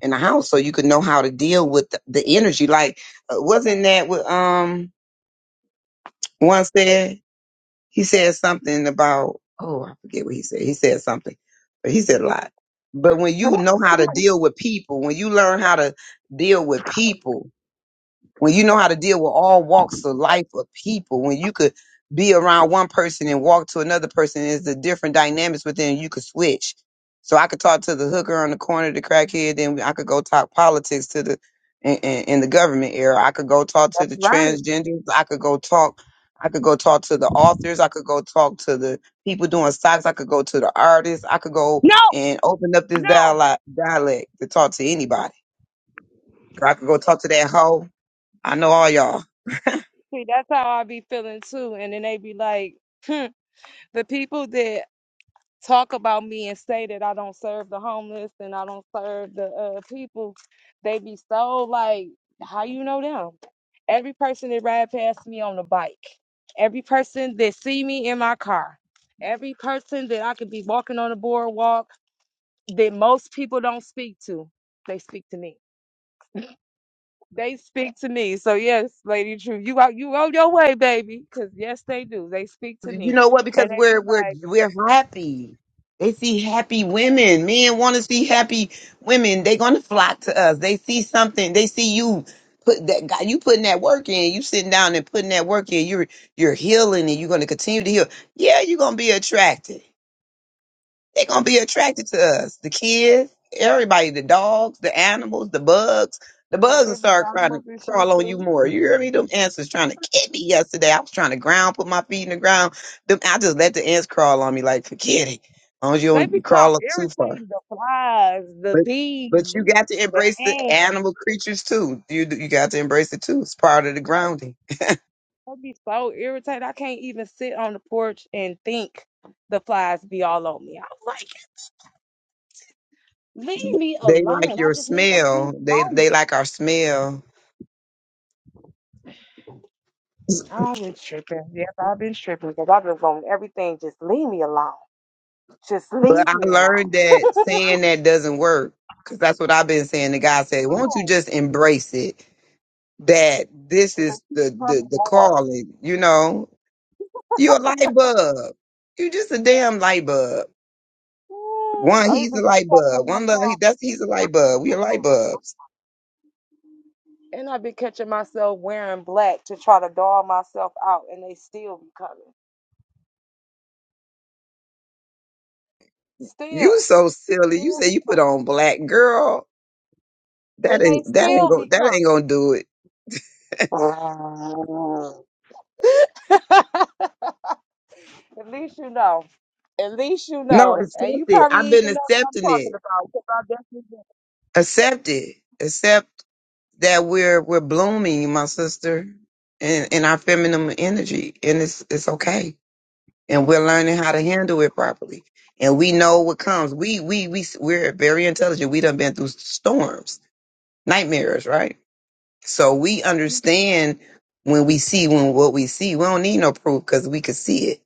[SPEAKER 3] in the house so you can know how to deal with the, the energy. Like, uh, wasn't that what um one said? he said something about oh i forget what he said he said something but he said a lot but when you know how to deal with people when you learn how to deal with people when you know how to deal with all walks of life of people, when you could be around one person and walk to another person, is the different dynamics within you could switch. So I could talk to the hooker on the corner, the crackhead, then I could go talk politics to the in, in, in the government era. I could go talk to
[SPEAKER 1] that's
[SPEAKER 3] the
[SPEAKER 1] right.
[SPEAKER 3] transgenders. I could go talk. I could go talk to the authors. I could go talk to the people doing stocks. I could go to the artists. I could go
[SPEAKER 1] No,
[SPEAKER 3] and open up this
[SPEAKER 1] no.
[SPEAKER 3] dialect dialect to talk to anybody. Or I could go talk to that hoe. I know all y'all.
[SPEAKER 1] See, that's how I be feeling too, and then they be like, hmm, the people that talk about me and say that I don't serve the homeless and I don't serve the uh, people, they be so like. How you know them? every person that ride past me on the bike, every person that see me in my car, every person that I could be walking on the boardwalk that most people don't speak to, they speak to me. They
[SPEAKER 3] you know what? Because we're we're we're happy. They see happy women. Men want to see happy women. They're gonna flock to us. They see something. They see you put that guy. You putting that work in. You sitting down and putting that work in. You're you're healing and you're gonna continue to heal. Yeah, you're gonna be attracted. They're gonna be attracted to us. The kids, everybody, the dogs, the animals, the bugs. The bugs will start crying crawl on you more. You hear me? Them ants was trying to get me yesterday. I was trying to ground, put my feet in the ground. Them, I just let the ants crawl on me like forget it. As long as you don't crawl up too far. But
[SPEAKER 1] speak
[SPEAKER 3] but you got to
[SPEAKER 1] the
[SPEAKER 3] embrace the
[SPEAKER 1] ants.
[SPEAKER 3] animal creatures too. You you got to embrace it too. It's part of the grounding.
[SPEAKER 1] I be so irritated. I can't even sit on the porch and think the flies be all on me. I'm like, leave me
[SPEAKER 3] They like
[SPEAKER 1] alone. I
[SPEAKER 3] your
[SPEAKER 1] just need a
[SPEAKER 3] smell.
[SPEAKER 1] peace
[SPEAKER 3] They
[SPEAKER 1] moment.
[SPEAKER 3] they like our smell
[SPEAKER 1] I've been tripping. Yes, I've been tripping because I've been on everything. Just leave me alone. Just
[SPEAKER 3] But
[SPEAKER 1] leave
[SPEAKER 3] I
[SPEAKER 1] me
[SPEAKER 3] learned
[SPEAKER 1] alone.
[SPEAKER 3] that saying that doesn't work because that's what I've been saying. The guy said, "Won't you just embrace it? That this is the the the calling. You know, you're a light bulb. You just a damn light bulb.
[SPEAKER 1] Ooh,
[SPEAKER 3] One,
[SPEAKER 1] I
[SPEAKER 3] he's
[SPEAKER 1] even
[SPEAKER 3] a
[SPEAKER 1] be
[SPEAKER 3] light
[SPEAKER 1] catching
[SPEAKER 3] bulb. One, love, he,
[SPEAKER 1] myself,
[SPEAKER 3] that's he's a light bulb. We are light bulbs.
[SPEAKER 1] and I be catching myself wearing black to try to doll myself out, and they still be coming. Still,
[SPEAKER 3] You so silly. You
[SPEAKER 1] still
[SPEAKER 3] say
[SPEAKER 1] be
[SPEAKER 3] you
[SPEAKER 1] coming.
[SPEAKER 3] put on black, girl. That
[SPEAKER 1] And they
[SPEAKER 3] ain't that ain't
[SPEAKER 1] still
[SPEAKER 3] go
[SPEAKER 1] be
[SPEAKER 3] that
[SPEAKER 1] coming.
[SPEAKER 3] ain't gonna do it.
[SPEAKER 1] *laughs* At least you know. At least you
[SPEAKER 3] No,
[SPEAKER 1] know. And you
[SPEAKER 3] accept it.
[SPEAKER 1] probably
[SPEAKER 3] I've been
[SPEAKER 1] even know what I'm
[SPEAKER 3] accepting it.
[SPEAKER 1] talking about, 'cause I definitely do.
[SPEAKER 3] Accept it. Accept." that we're we're blooming, my sister, in, in our feminine energy, and it's it's okay. And we're learning how to handle it properly, and we know what comes. We we we we're very intelligent. We done been through storms, nightmares, right? So we understand when we see when what we see. We don't need no proof because we could see it.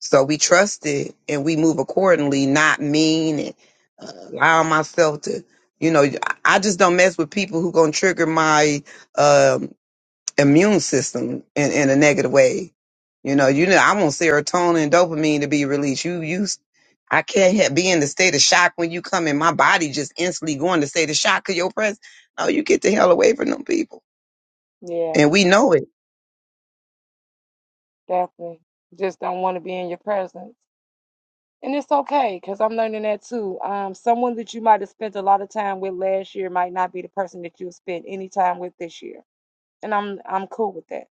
[SPEAKER 3] So we trust it and we move accordingly, not mean and uh, allow myself to. You know, I I just don't mess with people who gonna trigger my um immune system in, in a negative way. You know, you know, I want serotonin and dopamine to be released. You, you, I can't ha- be in the state of shock when you come in. My body just instantly going to state of shock because your presence. No, you get the hell away from them people,
[SPEAKER 1] Yeah,
[SPEAKER 3] and we know it.
[SPEAKER 1] definitely. Just don't want to be in your presence. And it's okay, because I'm learning that too. Um, someone that you might have spent a lot of time with last year might not be the person that you spend any time with this year and I'm I'm cool with that.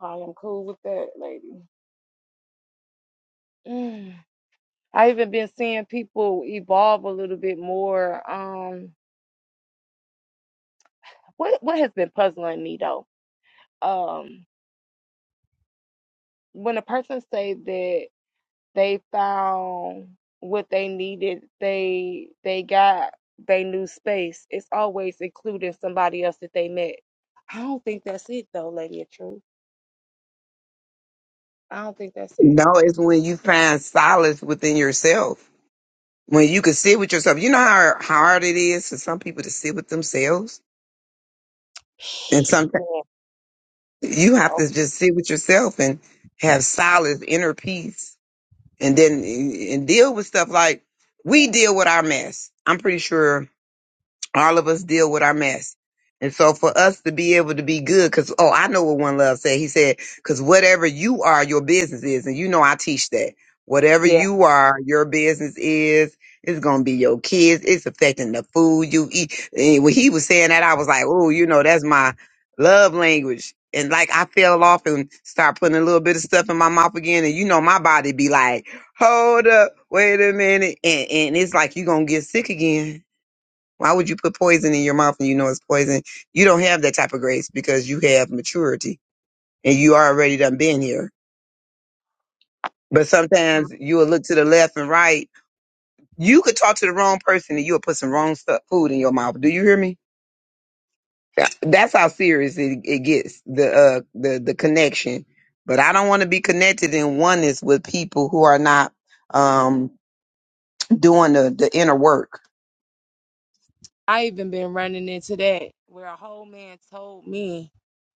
[SPEAKER 1] I am cool with that, lady. Mm. I even been seeing people evolve a little bit more. Um, what what has been puzzling me though, um, when a person say that they found what they needed, they they got they new space. It's always including somebody else that they met. I don't think that's it though, lady of truth. I don't think that's it.
[SPEAKER 3] No, it's when you find solace within yourself. When you can sit with yourself, you know how how hard it is for some people to sit with themselves, and sometimes you have to just sit with yourself and have solace, inner peace and then and deal with stuff like we deal with our mess. I'm pretty sure all of us deal with our mess. And so for us to be able to be good, cause, oh, I know what one love said. He said, cause whatever you are, your business is. And you know, I teach that whatever
[SPEAKER 1] Man,
[SPEAKER 3] you are, your business is, it's going to be your kids. It's affecting the food you eat. And when he was saying that, I was like, oh, you know, that's my love language. And like I fell off and start putting a little bit of stuff in my mouth again. And you know, my body be like, hold up, wait a minute. And, and it's like, you going to get sick again why would you put poison in your mouth and you know it's poison? You don't have that type of grace because you have maturity and you already done been here. But sometimes you will look to the left and right. You could talk to the wrong person and you'll put some wrong stuff, food in your mouth. Do you hear me? Yeah, That's how serious it, it gets, the, uh, the, the connection. But I don't want to be connected in oneness with people who are not, um, doing the, the inner work.
[SPEAKER 1] I even been running into that where a whole man told me,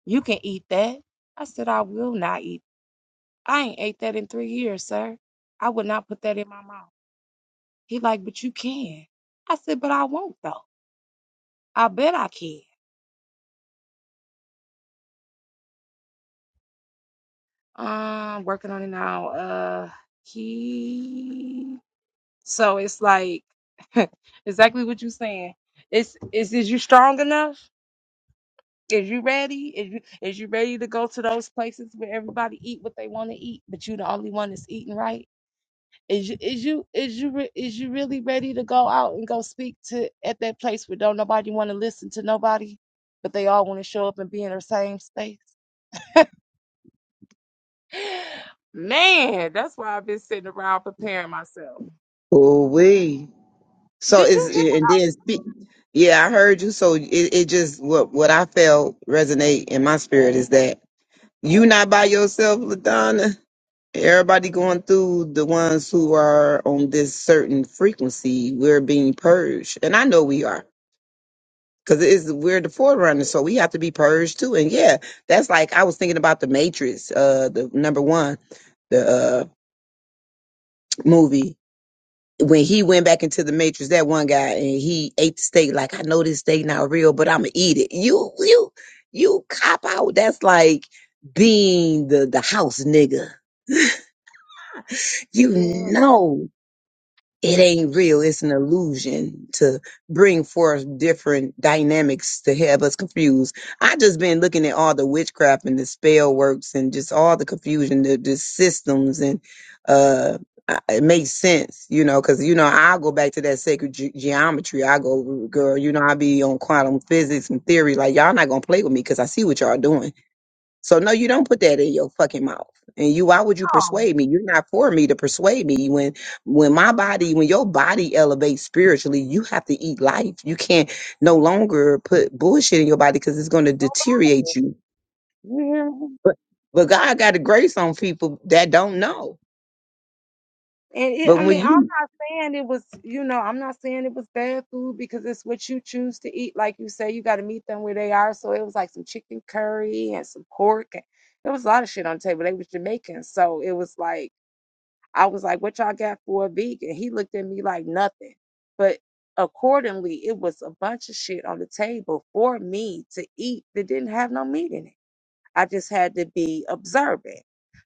[SPEAKER 1] "You can eat that." I said, "I will not eat. I ain't ate that in three years, sir. I would not put that in my mouth." He like, "But you can." I said, "But I won't though. I bet I can." Um, working on it now. Uh, he. So it's like *laughs* exactly what you saying. It's is is you strong enough? Is you ready? Is you is you ready to go to those places where everybody eat what they want to eat, but you the only one that's eating right? Is you is you is you re- is you really ready to go out and go speak to at that place where don't nobody want to listen to nobody, but they all want to show up and be in the same space? *gasps* *sighs* Man, that's why I've been sitting around preparing myself.
[SPEAKER 3] Oh, we. So
[SPEAKER 1] Did you
[SPEAKER 3] it's
[SPEAKER 1] hear?
[SPEAKER 3] and then speak. Yeah, I heard you. So it, it just what what I felt resonate in my spirit is that you not by yourself, Ladonna. Everybody going through the ones who are on this certain frequency. We're being purged, and I know we are because it's we're the forerunner, so we have to be purged too. And yeah, that's like I was thinking about the Matrix, uh, the number one, the uh movie when he went back into the matrix, that one guy and he ate the steak. Like I know this steak not real, but I'm gonna eat it. You, you, you cop out. That's like being the the house nigga. You know it ain't real. It's an illusion to bring forth different dynamics to have us confused. I just been looking at all the witchcraft and the spell works and just all the confusion, the, the systems, and uh, I- it makes sense, you know, because you know I go back to that sacred ge- geometry. I go, girl, you know, I be on quantum physics and theory. Like y'all not gonna play with me because I see what y'all doing so no, you don't put that in your fucking mouth. And you, why would you persuade me? You're not for me to persuade me. When when my body, when your body elevates spiritually, you have to eat life. You can't no longer put bullshit in your body because it's going to deteriorate you.
[SPEAKER 1] You hear me?
[SPEAKER 3] But but God got a grace on people that don't know.
[SPEAKER 1] And it,
[SPEAKER 3] But
[SPEAKER 1] I
[SPEAKER 3] when
[SPEAKER 1] mean, I'm
[SPEAKER 3] you
[SPEAKER 1] not saying it was, you know, I'm not saying it was bad food because it's what you choose to eat. Like you say, you got to meet them where they are. So it was like some chicken curry and some pork. And there was a lot of shit on the table. They was Jamaican. So it was like, I was like, what y'all got for a vegan? He looked at me like nothing. But accordingly, it was a bunch of shit on the table for me to eat that didn't have no meat in it. I just had to be observant.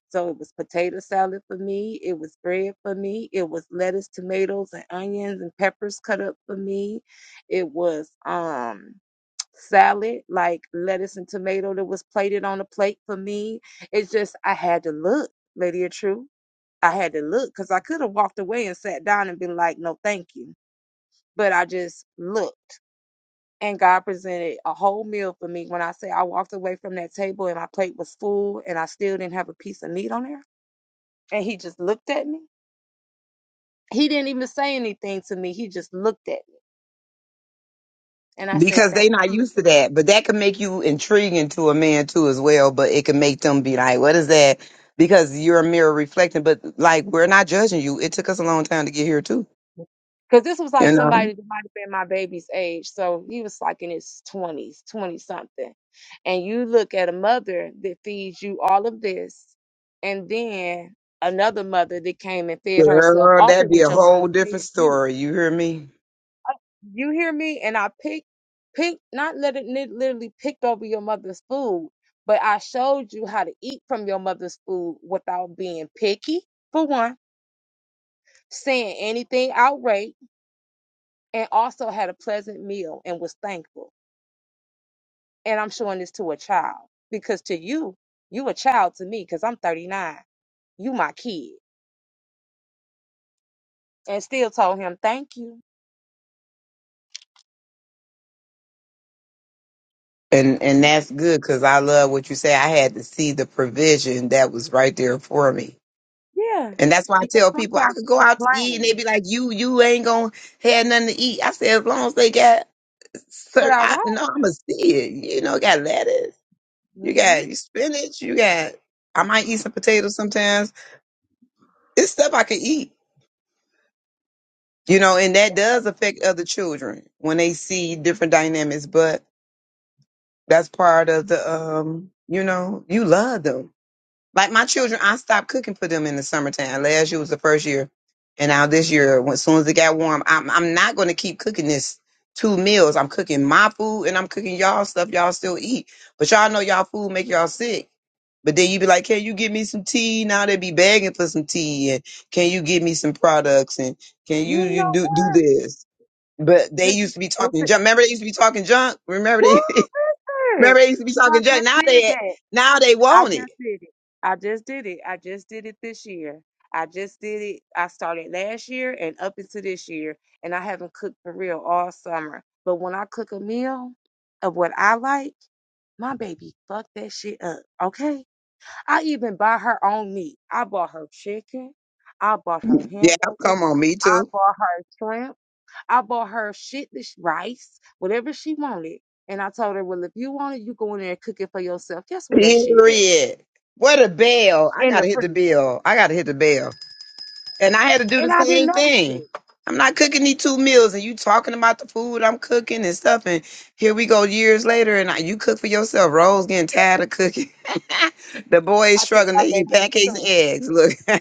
[SPEAKER 1] So it was potato salad for me. It was bread for me. It was lettuce, tomatoes, and onions and peppers cut up for me. It was um salad, like lettuce and tomato that was plated on a plate for me. It's just I had to look, Lady of Truth. I had to look because I could have walked away and sat down and been like, no, thank you. But I just looked and God presented a whole meal for me. When I say I walked away from that table and my plate was full and I still didn't have a piece of meat on there, and He just looked at me. He didn't even say anything to me. He just looked at me, and I said,
[SPEAKER 3] because
[SPEAKER 1] "Thank
[SPEAKER 3] they not
[SPEAKER 1] you."
[SPEAKER 3] used to that, but that can make you intriguing to a man too as well. But it can make them be like, what is that? Because you're a mirror reflecting. But like we're not judging you. It took us a long time to get here too
[SPEAKER 1] Because this was like
[SPEAKER 3] You know,
[SPEAKER 1] somebody that might have been my baby's age, so he was like in his twenties, twenty something, and you look at a mother that feeds you all of this, and then another mother that came and fed herself
[SPEAKER 3] girl,
[SPEAKER 1] off of
[SPEAKER 3] that'd be
[SPEAKER 1] what
[SPEAKER 3] a
[SPEAKER 1] your mama
[SPEAKER 3] whole different
[SPEAKER 1] fed you
[SPEAKER 3] story. You hear me?
[SPEAKER 1] You hear me? And I picked, picked, not let it lit- literally picked over your mother's food, but I showed you how to eat from your mother's food without being picky, for one, saying anything outright, and also had a pleasant meal and was thankful. And I'm showing this to a child because to you, you a child to me because I'm 39. You my kid. And still told him thank you.
[SPEAKER 3] And and that's good because I love what you say. I had to see the provision that was right there for me.
[SPEAKER 1] Yeah.
[SPEAKER 3] And that's why I
[SPEAKER 1] Because
[SPEAKER 3] tell people I
[SPEAKER 1] sometimes
[SPEAKER 3] could go
[SPEAKER 1] we
[SPEAKER 3] out to eat and they
[SPEAKER 1] complain.
[SPEAKER 3] be like, "You, you ain't gonna have nothing to eat." I said, as long as they got,
[SPEAKER 1] What
[SPEAKER 3] cer
[SPEAKER 1] I
[SPEAKER 3] I,
[SPEAKER 1] want.
[SPEAKER 3] no, I'ma see it. You know, got lettuce, you got
[SPEAKER 1] hmm
[SPEAKER 3] spinach, you got. I might eat some potatoes sometimes. It's stuff I can eat, you know, and that does affect other children when they see different dynamics. But That's part of the um, you know, you love them. Like my children, I stopped cooking for them in the summertime. Last year was the first year, and now this year, when as soon as it got warm, I'm I'm not going to keep cooking this two meals. I'm cooking my food and I'm cooking y'all stuff y'all still eat, but y'all know y'all food make y'all sick. But then you be like, can you get me some tea? Now they be begging for some tea, and can you get me some products? And can you
[SPEAKER 1] You
[SPEAKER 3] you
[SPEAKER 1] know.
[SPEAKER 3] do do this? But they
[SPEAKER 1] This is
[SPEAKER 3] used to be
[SPEAKER 1] this
[SPEAKER 3] talking
[SPEAKER 1] is
[SPEAKER 3] junk. Remember they used to be talking junk. Remember they *laughs* Remember,
[SPEAKER 1] good.
[SPEAKER 3] they used to be
[SPEAKER 1] Cause I
[SPEAKER 3] talking junk.
[SPEAKER 1] just
[SPEAKER 3] Now
[SPEAKER 1] did
[SPEAKER 3] they
[SPEAKER 1] that.
[SPEAKER 3] now they
[SPEAKER 1] I
[SPEAKER 3] want it.
[SPEAKER 1] just did it. I just did it. I just did it this year. I just did it. I started last year and up into this year, and I haven't cooked for real all summer. But when I cook a meal of what I like, my baby fuck that shit up. Okay. I even buy her own meat. I bought her chicken. I bought her
[SPEAKER 3] Yeah,
[SPEAKER 1] hamburger.
[SPEAKER 3] come on, me
[SPEAKER 1] I
[SPEAKER 3] too.
[SPEAKER 1] bought her shrimp. I bought her shit, this rice, whatever she wanted. And I told her, well, if you want it, you go in there and cook it for yourself. Guess where that shit at?
[SPEAKER 3] Period. What a bell. I
[SPEAKER 1] In the
[SPEAKER 3] gotta hit the
[SPEAKER 1] freezer.
[SPEAKER 3] bell. I gotta hit the bell. And I had to do the
[SPEAKER 1] And I didn't
[SPEAKER 3] same
[SPEAKER 1] notice
[SPEAKER 3] thing.
[SPEAKER 1] it.
[SPEAKER 3] I'm not cooking these two meals and you talking about the food I'm cooking and stuff. And here we go years later and I, you cook for yourself. Rose getting tired of cooking. *laughs* the boys
[SPEAKER 1] I think
[SPEAKER 3] struggling.
[SPEAKER 1] my
[SPEAKER 3] They
[SPEAKER 1] baby
[SPEAKER 3] eat
[SPEAKER 1] is
[SPEAKER 3] pancakes
[SPEAKER 1] too.
[SPEAKER 3] and eggs. Look, *laughs*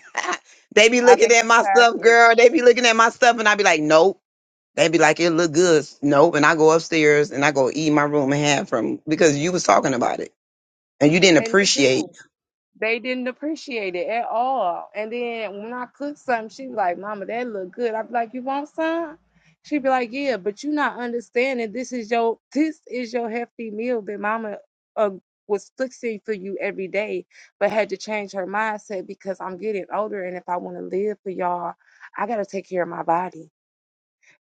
[SPEAKER 3] they be
[SPEAKER 1] I
[SPEAKER 3] looking
[SPEAKER 1] think
[SPEAKER 3] at my
[SPEAKER 1] she's tired
[SPEAKER 3] stuff,
[SPEAKER 1] too.
[SPEAKER 3] girl. They be looking at my stuff and I be like, nope. They be like, it look good. No, and I go upstairs and I go eat in my room and have from because you was talking about it and you didn't
[SPEAKER 1] And they do.
[SPEAKER 3] appreciate.
[SPEAKER 1] They didn't appreciate it at all. And then when I cooked something, she be like, Mama, that look good. I'd be like, You want some? She'd be like, Yeah, but you not understanding this is your this is your hefty meal that mama uh, was fixing for you every day, but had to change her mindset because I'm getting older and if I want to live for y'all, I gotta take care of my body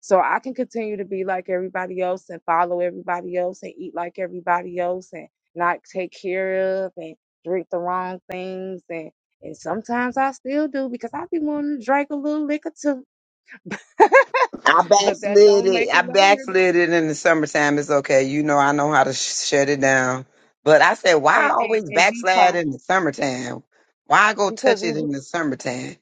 [SPEAKER 1] so I can continue to be like everybody else and follow everybody else and eat like everybody else and not take care of and drink the wrong things and and sometimes I still do because I be wanting to drink a little liquor too, *laughs*
[SPEAKER 3] I
[SPEAKER 1] but that
[SPEAKER 3] backslid
[SPEAKER 1] don't make
[SPEAKER 3] it. I
[SPEAKER 1] it no here no
[SPEAKER 3] backslid it in the summertime. It's okay. You know, I know how to sh- shut it down. But I said, why I
[SPEAKER 1] and, and,
[SPEAKER 3] always
[SPEAKER 1] and
[SPEAKER 3] backslide
[SPEAKER 1] detox
[SPEAKER 3] in the summertime? Why I go
[SPEAKER 1] because
[SPEAKER 3] touch
[SPEAKER 1] you
[SPEAKER 3] it
[SPEAKER 1] be
[SPEAKER 3] in the summertime?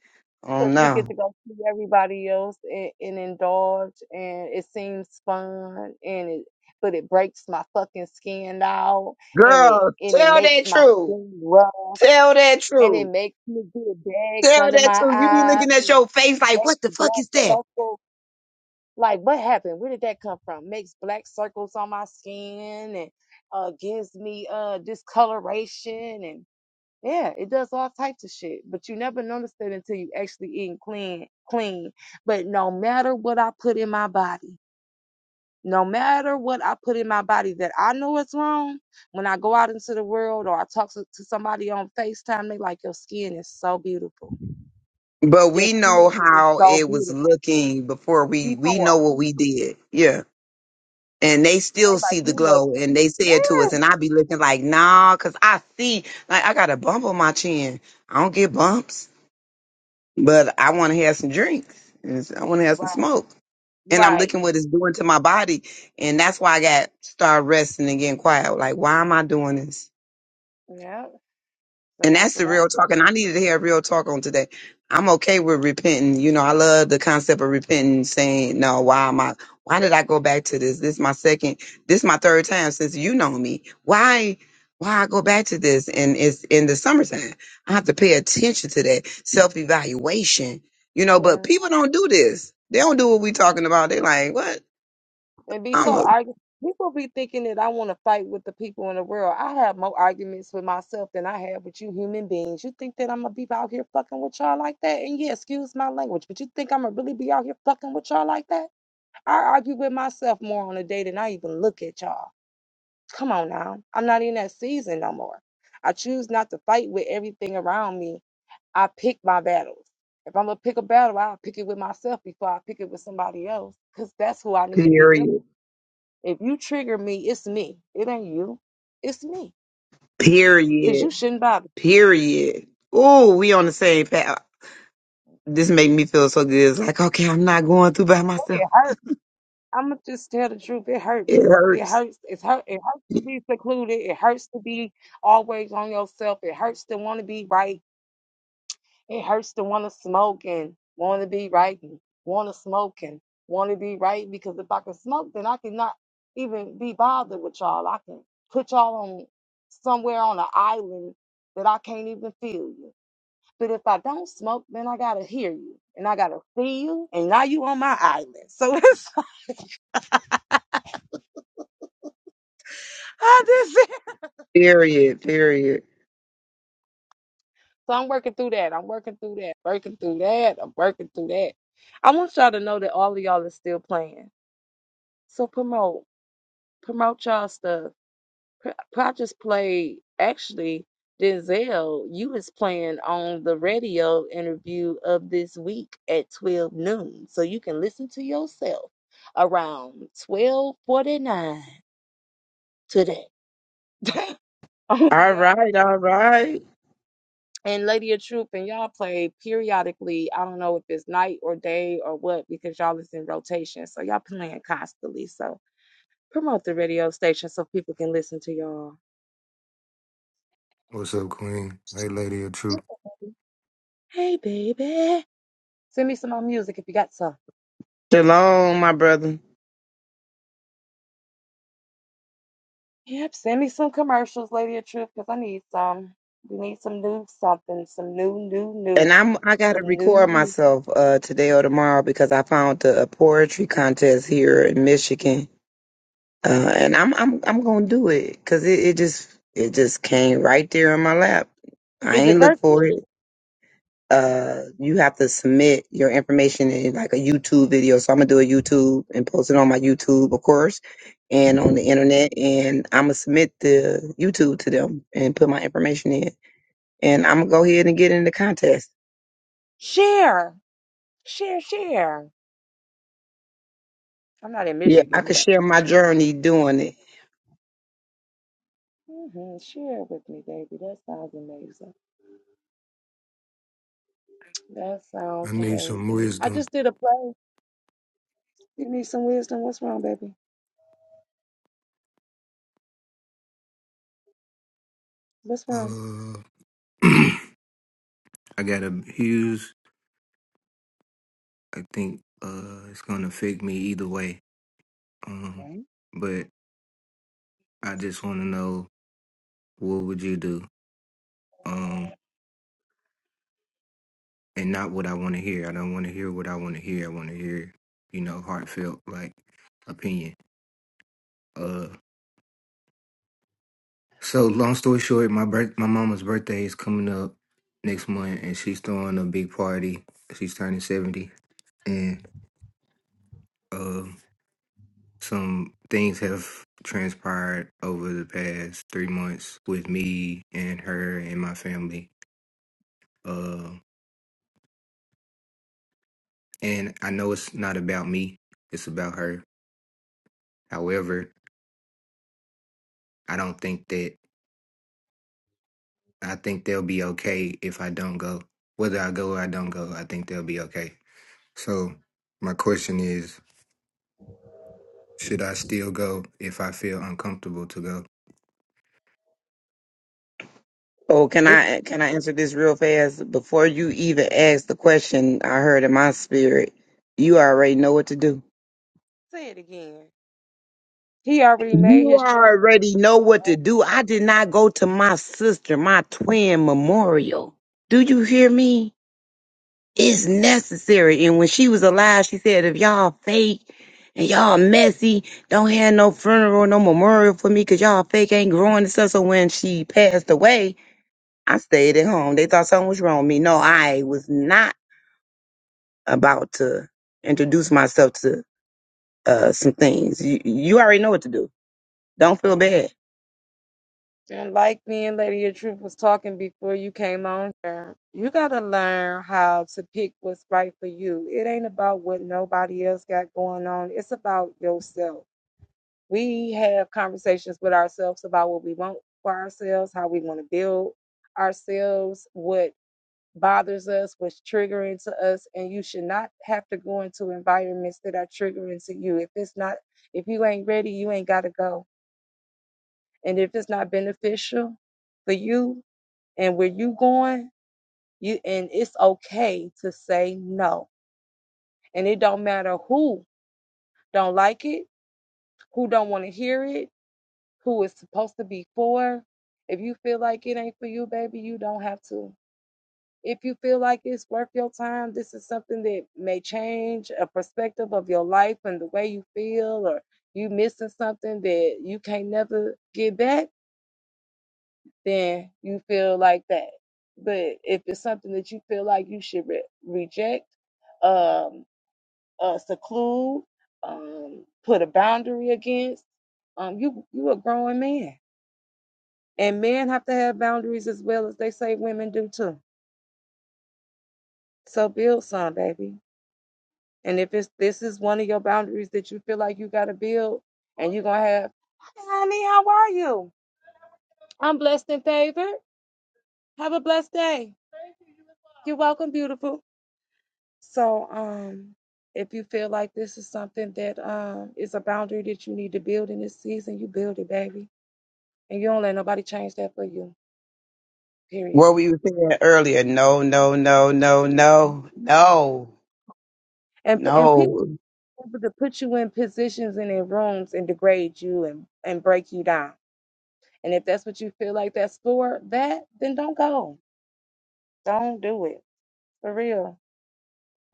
[SPEAKER 3] Oh
[SPEAKER 1] because we
[SPEAKER 3] no,
[SPEAKER 1] get to go see everybody else and, and indulge and it seems fun and it but it breaks my fucking skin out and it
[SPEAKER 3] girl,
[SPEAKER 1] and it
[SPEAKER 3] tell
[SPEAKER 1] makes
[SPEAKER 3] that
[SPEAKER 1] my
[SPEAKER 3] truth.
[SPEAKER 1] skin rough
[SPEAKER 3] Tell that
[SPEAKER 1] and it
[SPEAKER 3] truth.
[SPEAKER 1] makes me get bags
[SPEAKER 3] Tell
[SPEAKER 1] under
[SPEAKER 3] that
[SPEAKER 1] my
[SPEAKER 3] truth. You be
[SPEAKER 1] eyes
[SPEAKER 3] looking at
[SPEAKER 1] and
[SPEAKER 3] your
[SPEAKER 1] it
[SPEAKER 3] face like, what the
[SPEAKER 1] makes
[SPEAKER 3] fuck
[SPEAKER 1] black
[SPEAKER 3] is that?
[SPEAKER 1] circles like what happened where did that come from makes black circles on my skin and uh gives me uh discoloration and. Yeah, it does all types of shit, but you never notice it until you actually eating clean, clean. But no matter what I put in my body, no matter what I put in my body that I know it's wrong, when I go out into the world or I talk to, to somebody on FaceTime, they like, your skin is so beautiful.
[SPEAKER 3] But
[SPEAKER 1] Your
[SPEAKER 3] we
[SPEAKER 1] skin
[SPEAKER 3] know
[SPEAKER 1] is
[SPEAKER 3] how
[SPEAKER 1] so
[SPEAKER 3] it was
[SPEAKER 1] beautiful.
[SPEAKER 3] looking before we
[SPEAKER 1] Before,
[SPEAKER 3] we know what we did. Yeah. And they
[SPEAKER 1] and they
[SPEAKER 3] still
[SPEAKER 1] like,
[SPEAKER 3] see the
[SPEAKER 1] you look,
[SPEAKER 3] glow and they said to us
[SPEAKER 1] yes,
[SPEAKER 3] and I be looking like, "Nah, cuz I see like I got a bump on my chin. I don't get bumps, but I want to have some drinks. And it's- I want to have some
[SPEAKER 1] right,
[SPEAKER 3] smoke. And I'm
[SPEAKER 1] right.
[SPEAKER 3] looking what it's doing to my body, and that's why I got started resting and getting quiet. Like, why am I doing this?
[SPEAKER 1] Yeah, so
[SPEAKER 3] And
[SPEAKER 1] that's
[SPEAKER 3] that's
[SPEAKER 1] what
[SPEAKER 3] the
[SPEAKER 1] I'm
[SPEAKER 3] real talk. And I
[SPEAKER 1] saying.
[SPEAKER 3] needed to hear real talk on today. I'm okay with repenting. You know, I love the concept of repenting, saying, no, why am I, why did I go back to this? This is my second, this is my third time since you know me. Why, why I go back to this? And it's in the summertime. I have to pay attention to that self evaluation, you know,
[SPEAKER 1] Yeah.
[SPEAKER 3] but people don't do this. They don't do what we talking about. They like, what?
[SPEAKER 1] and be
[SPEAKER 3] I'm
[SPEAKER 1] so
[SPEAKER 3] a
[SPEAKER 1] argu People be thinking that I want to fight with the people in the world. I have more arguments with myself than I have with you human beings. You think that I'm gonna be out here fucking with y'all like that? And yeah, excuse my language, but you think I'm gonna really be out here fucking with y'all like that? I argue with myself more on a day than I even look at y'all. Come on now, I'm not in that season no more. I choose not to fight with everything around me. I pick my battles. If I'm gonna pick a battle, I'll pick it with myself before I pick it with somebody else, cause that's who I need to be dealing.
[SPEAKER 3] period,
[SPEAKER 1] If you trigger me, it's me. It ain't you. It's me. Cause
[SPEAKER 3] period,
[SPEAKER 1] you shouldn't bother.
[SPEAKER 3] period. Oh, we on the same path. This made me feel so good. It's like, okay, I'm not going through by
[SPEAKER 1] Oh,
[SPEAKER 3] myself.
[SPEAKER 1] It hurt. I'ma just tell the truth. It hurt
[SPEAKER 3] It
[SPEAKER 1] me. It
[SPEAKER 3] hurts.
[SPEAKER 1] hurts. It's hurt. It hurts to be secluded. It hurts to be always on yourself. It hurts to want to be right. It hurts to want to smoke and want to be right and want to smoke and want to be right. Because if I can smoke, then I cannot even be bothered with y'all. I can put y'all on somewhere on an island that I can't even feel you. But if I don't smoke, then I gotta hear you and I gotta see you, and now you on my island. So *laughs* it's I just
[SPEAKER 3] Period. Period.
[SPEAKER 1] so I'm working through that. I'm working through that. Working through that. I'm working through that. I want y'all to know that all of y'all is still playing. So promote, promote y'all stuff. Pr- I just played actually Denzel. You was playing on the radio interview of this week at twelve noon, so you can listen to yourself around twelve forty nine today. *laughs* i
[SPEAKER 3] All
[SPEAKER 1] beyond
[SPEAKER 3] right.
[SPEAKER 1] me. *laughs*
[SPEAKER 3] All right.
[SPEAKER 1] And Lady of Truth and y'all play periodically. I don't know if it's night or day or what because y'all is in rotation. So y'all playing constantly. So promote the radio station so people can listen to y'all.
[SPEAKER 4] What's up, Queen? Hey, Lady of Truth.
[SPEAKER 1] Hey baby. Send me some more music if you got some.
[SPEAKER 3] Shalom, my brother.
[SPEAKER 1] Yep, send me some commercials, Lady of Truth, because I need some. We need some new something, some new, new,
[SPEAKER 3] And
[SPEAKER 1] new,
[SPEAKER 3] I'm I gotta
[SPEAKER 1] some new,
[SPEAKER 3] record
[SPEAKER 1] new.
[SPEAKER 3] myself uh today or tomorrow because I found the a poetry contest here in Michigan. Uh, and I'm I'm I'm gonna do it because it, it just it just came right there in my lap. I
[SPEAKER 1] Is it
[SPEAKER 3] ain't look
[SPEAKER 1] virtual?
[SPEAKER 3] for it. uh you have to submit your information in like a YouTube video. So I'm gonna do a YouTube and post it on my YouTube, of course, and on the internet. And I'm gonna submit the YouTube to them and put my information in. And I'm gonna go ahead and get in the contest.
[SPEAKER 1] Share, share, share. I'm not in
[SPEAKER 3] Yeah, I
[SPEAKER 1] Michigan,
[SPEAKER 3] could
[SPEAKER 1] but
[SPEAKER 3] share my
[SPEAKER 1] share with me.
[SPEAKER 3] journey doing it.
[SPEAKER 1] hmm Share it with me, baby. That sounds amazing. That sounds
[SPEAKER 4] I need some
[SPEAKER 1] amazing. I
[SPEAKER 4] wisdom.
[SPEAKER 1] just did a play. You need some wisdom. What's wrong, baby? What's wrong?
[SPEAKER 4] Uh, *clears throat* I got a Hughes. I think uh, it's gonna affect me either way. Um,
[SPEAKER 1] Okay.
[SPEAKER 4] but I just want to know what would you do? Um, and not what I want to hear. I don't want to hear what I want to hear. I want to hear, you know, heartfelt like opinion. Uh, so long story short, my birth, my mama's birthday is coming up next month, and she's throwing a big party. She's turning seventy, and um. some things have transpired over the past three months with me and her and my family. Uh, and I know it's not about me, it's about her. However, I don't think that I think they'll be okay if I don't go. Whether I go or I don't go, I think they'll be okay. So, my question is should I still go if I feel uncomfortable to go?
[SPEAKER 3] Oh, can
[SPEAKER 1] Baby.
[SPEAKER 3] I can I answer this real fast before you even ask the question? I heard in my spirit, you already know what to do.
[SPEAKER 1] Say it again. He already made
[SPEAKER 3] You
[SPEAKER 1] his choice.
[SPEAKER 3] already know what to do. I did not go to my sister, my twin memorial. Do you hear me? It's necessary. And when she was alive, she said, if y'all fake and y'all messy, don't have no funeral, no memorial for me because y'all fake ain't growing and stuff. So when she passed away, I stayed at home. They thought something was wrong with me. No, I was not about to introduce myself to uh, some things. You, you already know what to do. Don't feel bad.
[SPEAKER 1] And like me and Lady of Truth was talking before you came on here, you gotta learn how to pick what's right for you. It ain't about what nobody else got going on. It's about yourself. we have conversations with ourselves about what we want for ourselves, how we want to build ourselves, what bothers us, what's triggering to us, and you should not have to go into environments that are triggering to you. If it's not, if you ain't ready, you ain't got to go. And if it's not beneficial for you and where you going, you and it's okay to say no. And it don't matter who don't like it, who don't want to hear it, who it's supposed to be for. If you feel like it ain't for you, baby, you don't have to. If you feel like it's worth your time, this is something that may change a perspective of your life and the way you feel, or you missing something that you can't never get back, then you feel like that. But if it's something that you feel like you should re- reject, um, uh, seclude, um, put a boundary against, um, you you a growing man And men have to have boundaries as well as they say women do too. So build some, baby. And if it's this is one of your boundaries that you feel like you gotta build and you're gonna have "Hi, honey, how are you? I'm blessed and favored. Have a blessed day. You're welcome, beautiful. So um if you feel like this is something that um is a boundary that you need to build in this season, you build it, baby. And you don't let nobody change that for you. Period.
[SPEAKER 3] What we were saying earlier, no, no, no, no, no, no,
[SPEAKER 1] And and people
[SPEAKER 3] no.
[SPEAKER 1] able to put you in positions and in rooms and degrade you and, and break you down. And if that's what you feel like that's for that, then don't go. Don't do it. For real.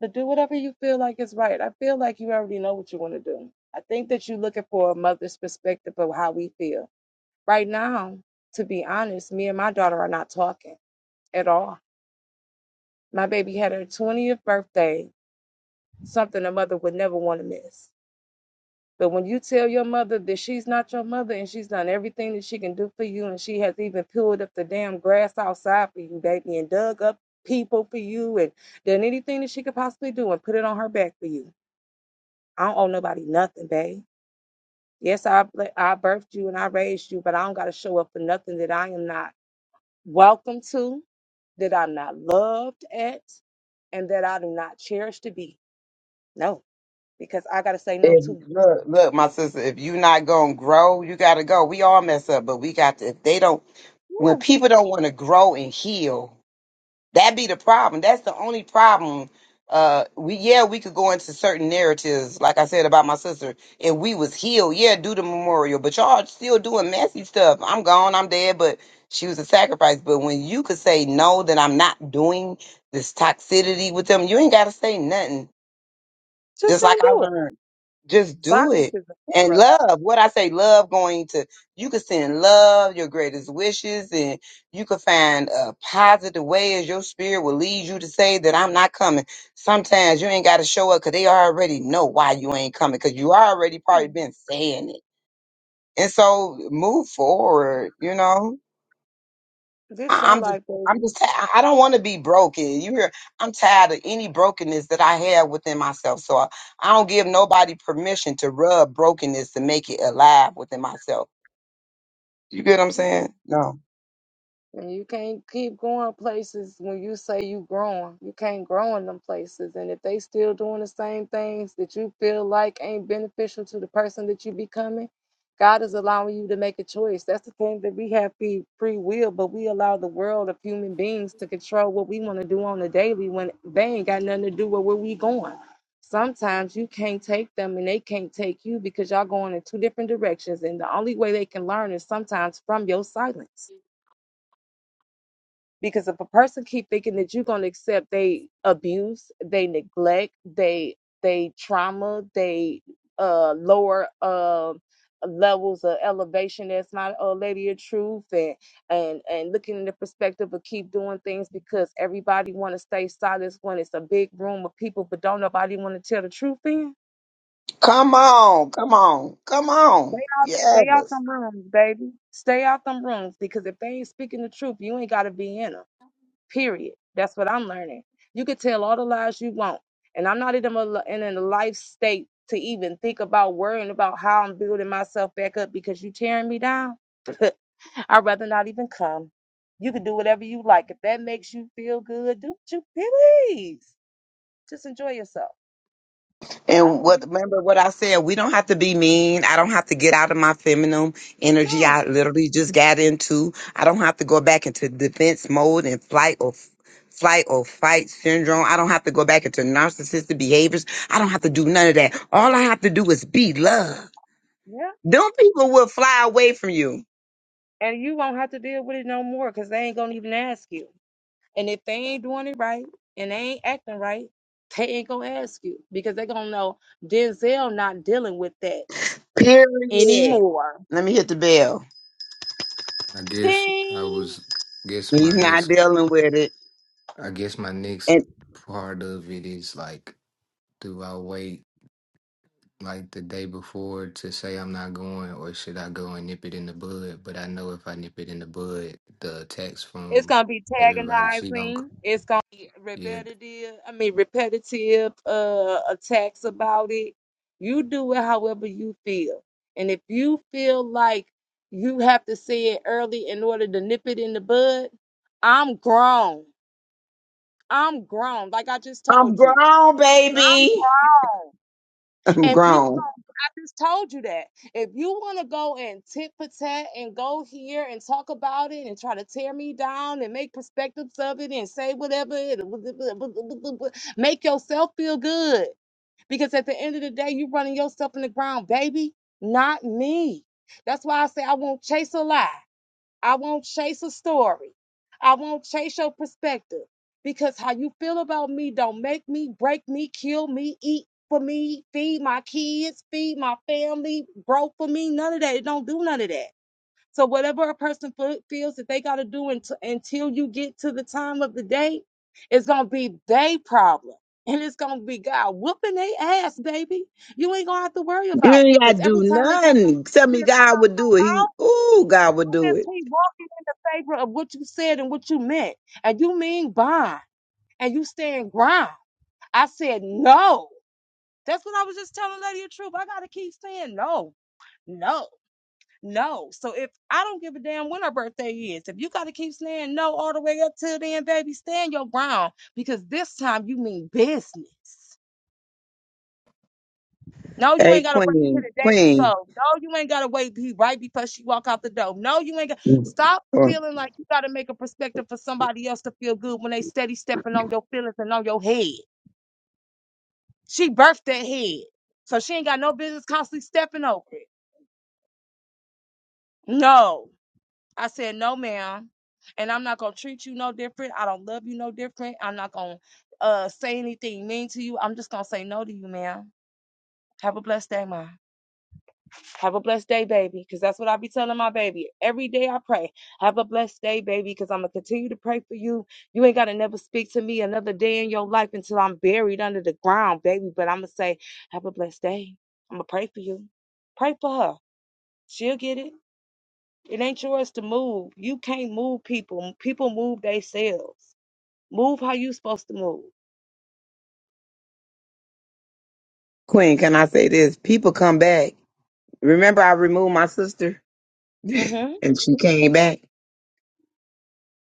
[SPEAKER 1] But do whatever you feel like is right. I feel like you already know what you want to do. I think that you're looking for a mother's perspective of how we feel. Right now, to be honest, me and my daughter are not talking at all. My baby had her 20th birthday, something a mother would never want to miss. But when you tell your mother that she's not your mother and she's done everything that she can do for you, and she has even peeled up the damn grass outside for you, baby, and dug up people for you, and done anything that she could possibly do and put it on her back for you, I don't owe nobody nothing, babe. Yes, I I birthed you and I raised you, but I don't got to show up for nothing that I am not welcome to, that I'm not loved at, and that I do not cherish to be. No, because I got to say no
[SPEAKER 3] If,
[SPEAKER 1] to.
[SPEAKER 3] look, look, my sister, if you not gonna grow, you gotta go. We all mess up, but we got to, if they don't,
[SPEAKER 1] Yeah,
[SPEAKER 3] when people don't want to grow and heal, That be the problem. That's the only problem. Uh, we yeah, we could go into certain narratives, like I said about my sister, and we was healed. Yeah, do the memorial, but y'all still doing messy stuff. I'm gone. I'm dead. But she was a sacrifice. But when you could say no, that I'm not doing this toxicity with them. You ain't got to say nothing.
[SPEAKER 1] just
[SPEAKER 3] Just like
[SPEAKER 1] don't
[SPEAKER 3] I
[SPEAKER 1] do it.
[SPEAKER 3] learned. Just do
[SPEAKER 1] Silence
[SPEAKER 3] it.
[SPEAKER 1] is a
[SPEAKER 3] And
[SPEAKER 1] killer.
[SPEAKER 3] love, what I say, love going to, you could send love, your greatest wishes, and you could find a positive way as your spirit will lead you to say that I'm not coming. Sometimes you ain't got to show up because they already know why you ain't coming because you already probably been saying it. And so move forward, you know?
[SPEAKER 1] This
[SPEAKER 3] I-
[SPEAKER 1] your
[SPEAKER 3] I'm just,
[SPEAKER 1] life,
[SPEAKER 3] I'm just, I I don't want to be broken. You hear? I'm tired of any brokenness that I have within myself. So I, I don't give nobody permission to rub brokenness to make it alive within myself. You get what I'm
[SPEAKER 1] baby.
[SPEAKER 3] saying? No.
[SPEAKER 1] And you can't keep going places when you say you growing. You can't grow in them places. And if they still doing the same things that you feel like ain't beneficial to the person that you becoming, God is allowing you to make a choice. That's the thing that we have free, free will, but we allow the world of human beings to control what we want to do on the daily when they ain't got nothing to do with where we going. Sometimes you can't take them and they can't take you because y'all going in two different directions. And the only way they can learn is sometimes from your silence because if a person keep thinking that you're going to accept they abuse they neglect they they trauma they uh lower um levels of elevation that's not a lady of truth and and and looking in the perspective of keep doing things because everybody want to stay silent when it's a big room of people but don't nobody want to tell the truth in.
[SPEAKER 3] Come on, come on, come
[SPEAKER 1] they
[SPEAKER 3] on.
[SPEAKER 1] out, they out
[SPEAKER 3] Yes.
[SPEAKER 1] them rooms baby stay out them rooms because if they ain't speaking the truth you ain't got to be in them. Period. That's what I'm learning. You can tell all the lies you want, and I'm not in a in a life state to even think about worrying about how I'm building myself back up because you tearing me down. *laughs* I'd rather not even come. You can do whatever you like. If that makes you feel good, do what you please. Just enjoy yourself. But I'm
[SPEAKER 3] And
[SPEAKER 1] gonna be
[SPEAKER 3] what
[SPEAKER 1] cool.
[SPEAKER 3] remember what I said, we don't have to be mean. I don't have to get out of my feminine energy.
[SPEAKER 1] no,
[SPEAKER 3] I literally just got into. I don't have to go back into defense mode and flight or flight or fight syndrome. I don't have to go back into narcissistic behaviors. I don't have to do none of that. All I have to do is be love.
[SPEAKER 1] yeah,
[SPEAKER 3] Them people will fly away from you.
[SPEAKER 1] and you won't have to deal with it no more because they ain't gonna even ask you. And if they ain't doing it right and they ain't acting right, they ain't gonna ask you because they're gonna know Denzel not dealing with that
[SPEAKER 3] Period.
[SPEAKER 1] anymore.
[SPEAKER 3] Let me hit the bell.
[SPEAKER 4] I guess I
[SPEAKER 1] Ding!
[SPEAKER 4] was, guess
[SPEAKER 3] He's
[SPEAKER 4] my
[SPEAKER 3] not
[SPEAKER 4] next,
[SPEAKER 3] dealing with it.
[SPEAKER 4] I guess my next
[SPEAKER 3] And
[SPEAKER 4] part of it is like Do I wait like the day before to say I'm not going, or should I go and nip it in the bud? But I know if I nip it in the bud, the text
[SPEAKER 1] It's
[SPEAKER 4] from
[SPEAKER 1] gonna be
[SPEAKER 4] everybody she gonna c-
[SPEAKER 1] antagonizing. It's gonna be
[SPEAKER 4] yeah
[SPEAKER 1] repetitive. I mean, repetitive uh, attacks about it. You do it however you feel, and if you feel like you have to say it early in order to nip it in the bud, I'm grown. I'm grown. Like I just
[SPEAKER 3] I'm
[SPEAKER 1] told you.
[SPEAKER 3] grown,
[SPEAKER 1] I'm
[SPEAKER 3] baby.
[SPEAKER 1] grown.
[SPEAKER 3] *laughs* I'm
[SPEAKER 1] And people,
[SPEAKER 3] grown.
[SPEAKER 1] I just told you that. If you want to go and tit for tat and go here and talk about it and try to tear me down and make perspectives of it and say whatever, it- *laughs* make yourself feel good. Because at the end of the day, you're running yourself in the ground, baby, not me. That's why I say I won't chase a lie. I won't chase a story. I won't chase your perspective because how you feel about me don't make me, break me, kill me, eat for me, feed my kids, feed my family, grow for me. None of that. It don't do none of that. So whatever a person fe- feels that they got to do unt- until you get to the time of the day, it's gonna be they problem. And it's gonna be God whooping their ass, baby. You ain't gonna have to worry
[SPEAKER 3] You
[SPEAKER 1] about
[SPEAKER 3] ain't gotta
[SPEAKER 1] because every
[SPEAKER 3] do
[SPEAKER 1] time they got
[SPEAKER 3] nothing.
[SPEAKER 1] something to
[SPEAKER 3] Tell me
[SPEAKER 1] clear,
[SPEAKER 3] God would do it. He ooh, God would do
[SPEAKER 1] says
[SPEAKER 3] it.
[SPEAKER 1] he walking in the favor of what you said and what you meant. And you mean bond. And you stand ground. I said no. That's what I was just telling Lady of Truth. I gotta keep saying no, no, no. So if I don't give a damn when her birthday is, if you gotta keep saying no all the way up till then, baby, stand your ground because this time you mean business. No, you
[SPEAKER 3] Hey
[SPEAKER 1] ain't gotta wait till
[SPEAKER 3] Queen,
[SPEAKER 1] the day
[SPEAKER 3] Queen.
[SPEAKER 1] before. No, you ain't gotta wait be right before she walk out the door. No, you ain't got stop
[SPEAKER 3] Or
[SPEAKER 1] feeling like you gotta make a perspective for somebody else to feel good when they steady stepping on your feelings and on your head. She birthed that head. So she ain't got no business constantly stepping over it. No. I said, no, ma'am. And I'm not gonna treat you no different. I don't love you no different. I'm not gonna uh say anything mean to you. I'm just gonna say no to you, ma'am. Have a blessed day, ma'am. Have a blessed day, baby, because that's what I be telling my baby. Every day I pray. Have a blessed day, baby, because I'm going to continue to pray for you. You ain't got to never speak to me another day in your life until I'm buried under the ground, baby. But I'm going to say, have a blessed day. I'm going to pray for you. Pray for her. She'll get it. It ain't yours to move. You can't move people. People move themselves. Move how you supposed to move.
[SPEAKER 3] Queen, can I say this? People come back. Remember I removed my sister *laughs*
[SPEAKER 1] Mm-hmm.
[SPEAKER 3] and she came back.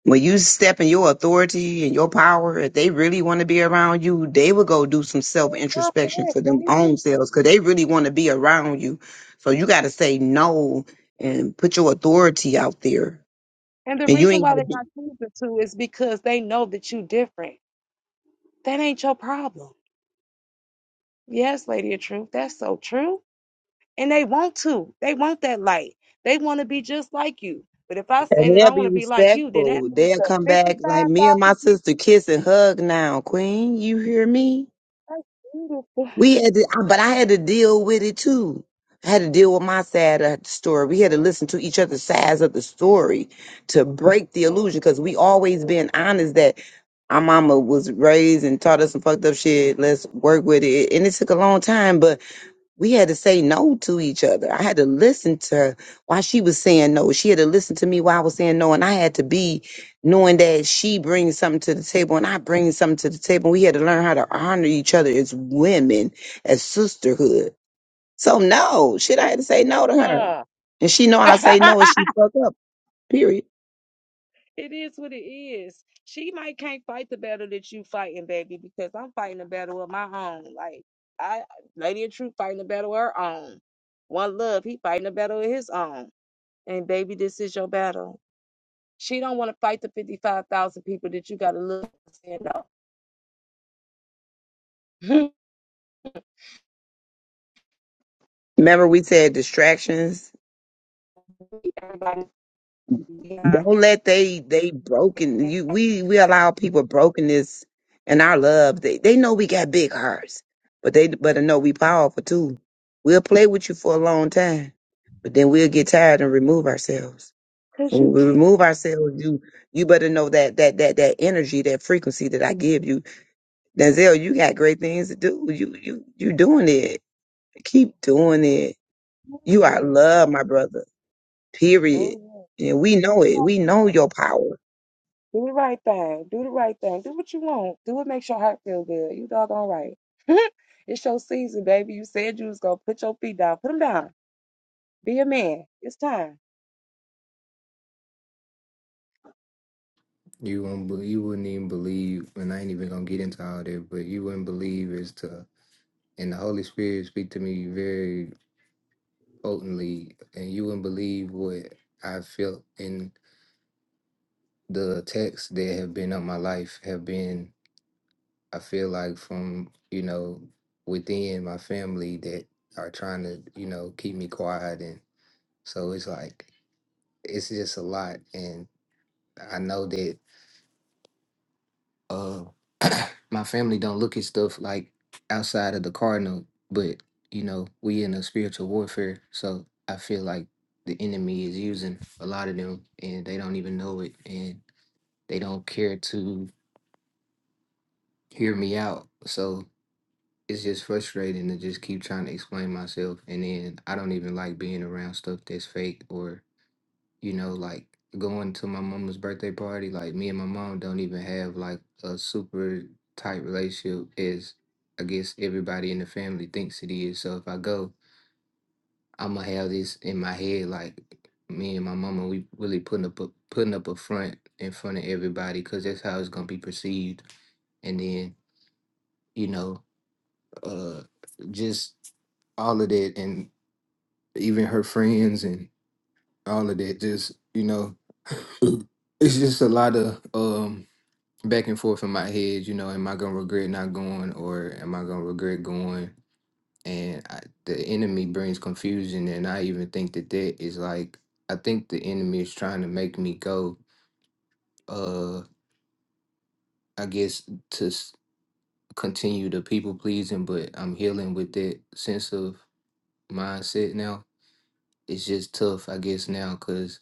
[SPEAKER 3] When you step in your authority and your power, if they really want to be around you, they will go do some self
[SPEAKER 1] Girl,
[SPEAKER 3] introspection
[SPEAKER 1] yes,
[SPEAKER 3] for them
[SPEAKER 1] baby.
[SPEAKER 3] own selves because they really want to be around you. So you got to say no and put your authority out there.
[SPEAKER 1] And the
[SPEAKER 3] And you
[SPEAKER 1] reason
[SPEAKER 3] ain't got
[SPEAKER 1] why
[SPEAKER 3] to
[SPEAKER 1] they're
[SPEAKER 3] be.
[SPEAKER 1] not choosing to is because they know that you different. That ain't your problem. Yes, Lady of Truth, that's so true. And they want to. They want that light. They want to be just like you. But if I say
[SPEAKER 3] And
[SPEAKER 1] that
[SPEAKER 3] they'll
[SPEAKER 1] I want
[SPEAKER 3] be
[SPEAKER 1] to be like you, then that
[SPEAKER 3] respectful.
[SPEAKER 1] means
[SPEAKER 3] They'll
[SPEAKER 1] that
[SPEAKER 3] come back like me and my
[SPEAKER 1] 55,000
[SPEAKER 3] sister
[SPEAKER 1] people,
[SPEAKER 3] kiss and hug now, Queen. You hear me?
[SPEAKER 1] that's beautiful.
[SPEAKER 3] We had to, I- but I had to deal with it too. I had to deal with my side of the story. We had to listen to each other's sides of the story to break the illusion because we always been honest that our mama was raised and taught us some fucked up shit. Let's work with it. And it took a long time, but we had to say no to each other. I had to listen to her while she was saying no. She had to listen to me while I was saying no. And I had to be knowing that she brings something to the table and I bring something to the table. We had to learn how to honor each other as women, as sisterhood. So no, shit, I had to say no to her.
[SPEAKER 1] Uh,
[SPEAKER 3] And she know I say no
[SPEAKER 1] *laughs*
[SPEAKER 3] and she fuck up, period.
[SPEAKER 1] it is what it is. She might can't fight the battle that you fighting, baby, because I'm fighting a battle of my own. Like I, Lady of Truth, fighting a battle of her own. One Love, he fighting a battle of his own. And baby, this is your battle. She don't want to fight the 55,000 people that you got to look and stand up
[SPEAKER 3] Remember we said distractions
[SPEAKER 1] behind.
[SPEAKER 3] Don't let they they broken you we we allow people brokenness and our love. They they know we got big hearts, but they better know we powerful too. We'll play with you for a long time, but then we'll get tired and remove ourselves.
[SPEAKER 1] Because
[SPEAKER 3] And when
[SPEAKER 1] you
[SPEAKER 3] we
[SPEAKER 1] can't.
[SPEAKER 3] remove ourselves, you you better know that that that that energy, that frequency that I give you. Denzel, you got great things to do. You you you doing it. Keep doing it. You are
[SPEAKER 1] Mm,
[SPEAKER 3] loved, my brother.
[SPEAKER 1] go
[SPEAKER 3] Period.
[SPEAKER 1] ahead.
[SPEAKER 3] And we
[SPEAKER 1] Do the
[SPEAKER 3] know it.
[SPEAKER 1] right thing.
[SPEAKER 3] We know your power.
[SPEAKER 1] Do the right thing. Do right what you want. Do what makes your heart feel good. You doggone right. *laughs* it's your season, baby. You said you was gonna put your feet down. Put them down. Be a man. It's time.
[SPEAKER 4] you won't be- you wouldn't even believe, and I ain't even gonna get into all that, but you wouldn't believe as to and the Holy Spirit speak to me very potently, and you wouldn't believe what I felt in the texts that have been on my life have been. I feel like from, you know, within my family that are trying to, you know, keep me quiet. And so it's like, it's just a lot. And I know that uh, *clears throat* my family don't look at stuff like outside of the cardinal, but, you know, we in a spiritual warfare. So I feel like the enemy is using a lot of them and they don't even know it and they don't care to hear me out. So it's just frustrating to just keep trying to explain myself and then I don't even like being around stuff that's fake or you know like going to my mama's birthday party like me and my mom don't even have like a super tight relationship as I guess everybody in the family thinks it is so if I go I'm gonna have this in my head like me and my mama we really putting up a, putting up a front in front of everybody cuz that's how it's going to be perceived and then you know uh just all of that and even her friends and all of that just you know *laughs* it's just a lot of um back and forth in my head you know am i gonna regret not going or am i gonna regret going and I, the enemy brings confusion and i even think that that is like i think the enemy is trying to make me go uh i guess to s- continue the people pleasing but i'm healing with that sense of mindset now it's just tough, I guess, now because,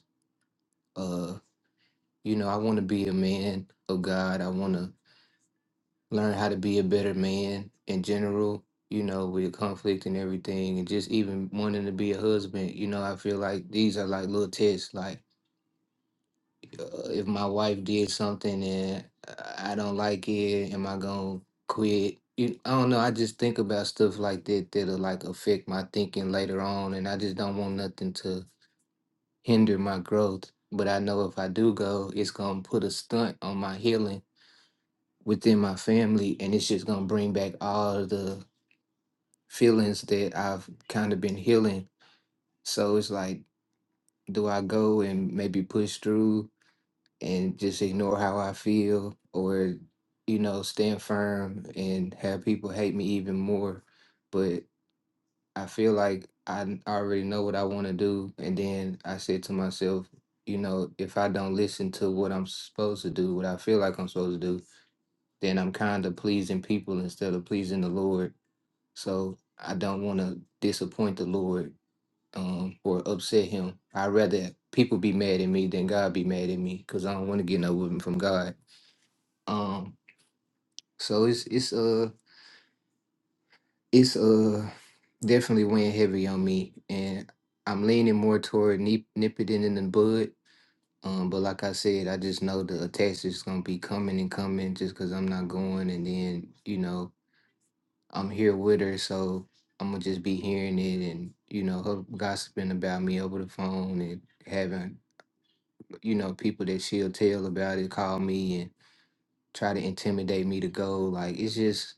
[SPEAKER 4] uh, you know, I want to be a man of God. I want to learn how to be a better man in general, you know, with conflict and everything, and just even wanting to be a husband. You know, I feel like these are like little tests. Like, uh, if my wife did something and I I don't like it, am I going to quit? You, I don't know. I just think about stuff like that that'll like affect my thinking later on, and I just don't want nothing to hinder my growth. But I know if I do go, it's gonna put a stunt on my healing within my family, and it's just gonna bring back all of the feelings that I've kind of been healing. So it's like, do I go and maybe push through and just ignore how I feel, or you know, stand firm and have people hate me even more? But I feel like I already know what I want to do. And then I said to myself, you know, if I don't listen to what I'm supposed to do, what I feel like I'm supposed to do, then I'm kind of pleasing people instead of pleasing the Lord. So I don't want to disappoint the Lord um, or upset him. I'd rather people be mad at me than God be mad at me because I don't want to get no women from God. Um, so it's it's uh it's uh definitely weighing heavy on me and i'm leaning more toward nip, nipping it in in the bud um but like i said i just know the attacks is gonna be coming and coming just because i'm not going and then you know i'm here with her so i'm gonna just be hearing it and you know her gossiping about me over the phone and having you know people that she'll tell about it call me and try to intimidate me to go like it's just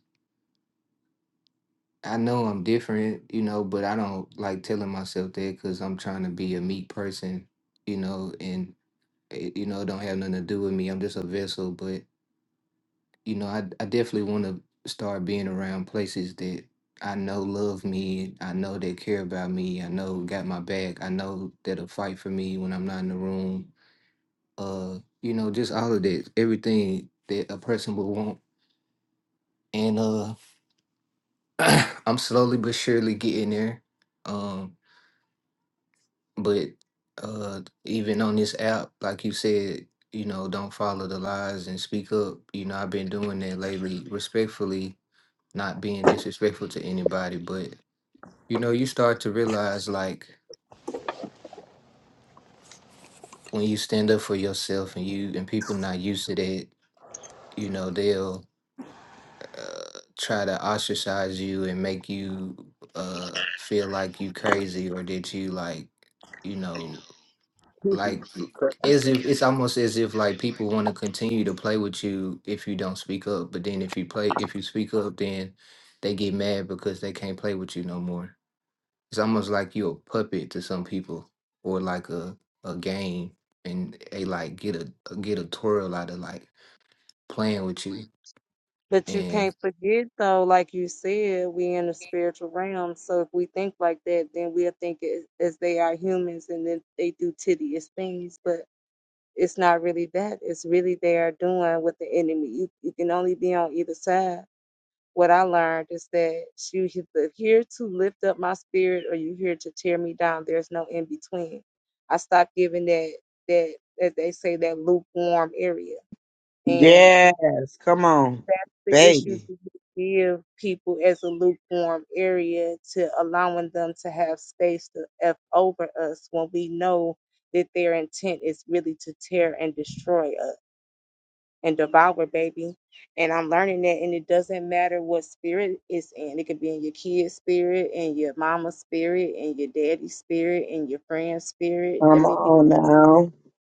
[SPEAKER 4] I know I'm different, you know, but I don't like telling myself that because I'm trying to be a meek person, you know, and it, you know, it don't have nothing to do with me. I'm just a vessel, but you know, I I definitely want to start being around places that I know love me, I know they care about me, I know got my back, I know that'll fight for me when I'm not in the room. Uh, you know, just all of that, everything that a person would want, and uh, *clears throat* I'm slowly but surely getting there. Um But uh, even on this app, like you said, you know, don't follow the lies and speak up. You know, I've been doing that lately, respectfully, not being disrespectful to anybody. But you know, you start to realize like when you stand up for yourself and you and people not used to that, you know, they'll uh, try to ostracize you and make you uh, feel like you crazy or that you like, you know like as if it's almost as if like people want to continue to play with you if you don't speak up but then if you play if you speak up then they get mad because they can't play with you no more it's almost like you're a puppet to some people or like a, a game and they like get a get a twirl out of like playing with you
[SPEAKER 1] But you
[SPEAKER 4] and
[SPEAKER 1] can't forget, though, like you said, we in the spiritual realm. So if we think like that, then we'll think as, as they are humans and then they do tedious things. But It's not really that. It's really they are doing with the enemy. You, you can only be on either side. What I learned is that you either here to lift up my spirit or you here to tear me down. There's no in between. I stopped giving that that that they say that lukewarm area. And
[SPEAKER 3] Yes, come on,
[SPEAKER 1] the issue
[SPEAKER 3] baby.
[SPEAKER 1] that we give people as a lukewarm area to allowing them to have space to F over us when we know that their intent is really to tear and destroy us. and devour, baby. And I'm learning that, and it doesn't matter what spirit it's in. It could be in your kid's spirit, and your mama's spirit, and your daddy's spirit, and your friend's spirit. I
[SPEAKER 3] Come
[SPEAKER 1] mean, we
[SPEAKER 3] on now.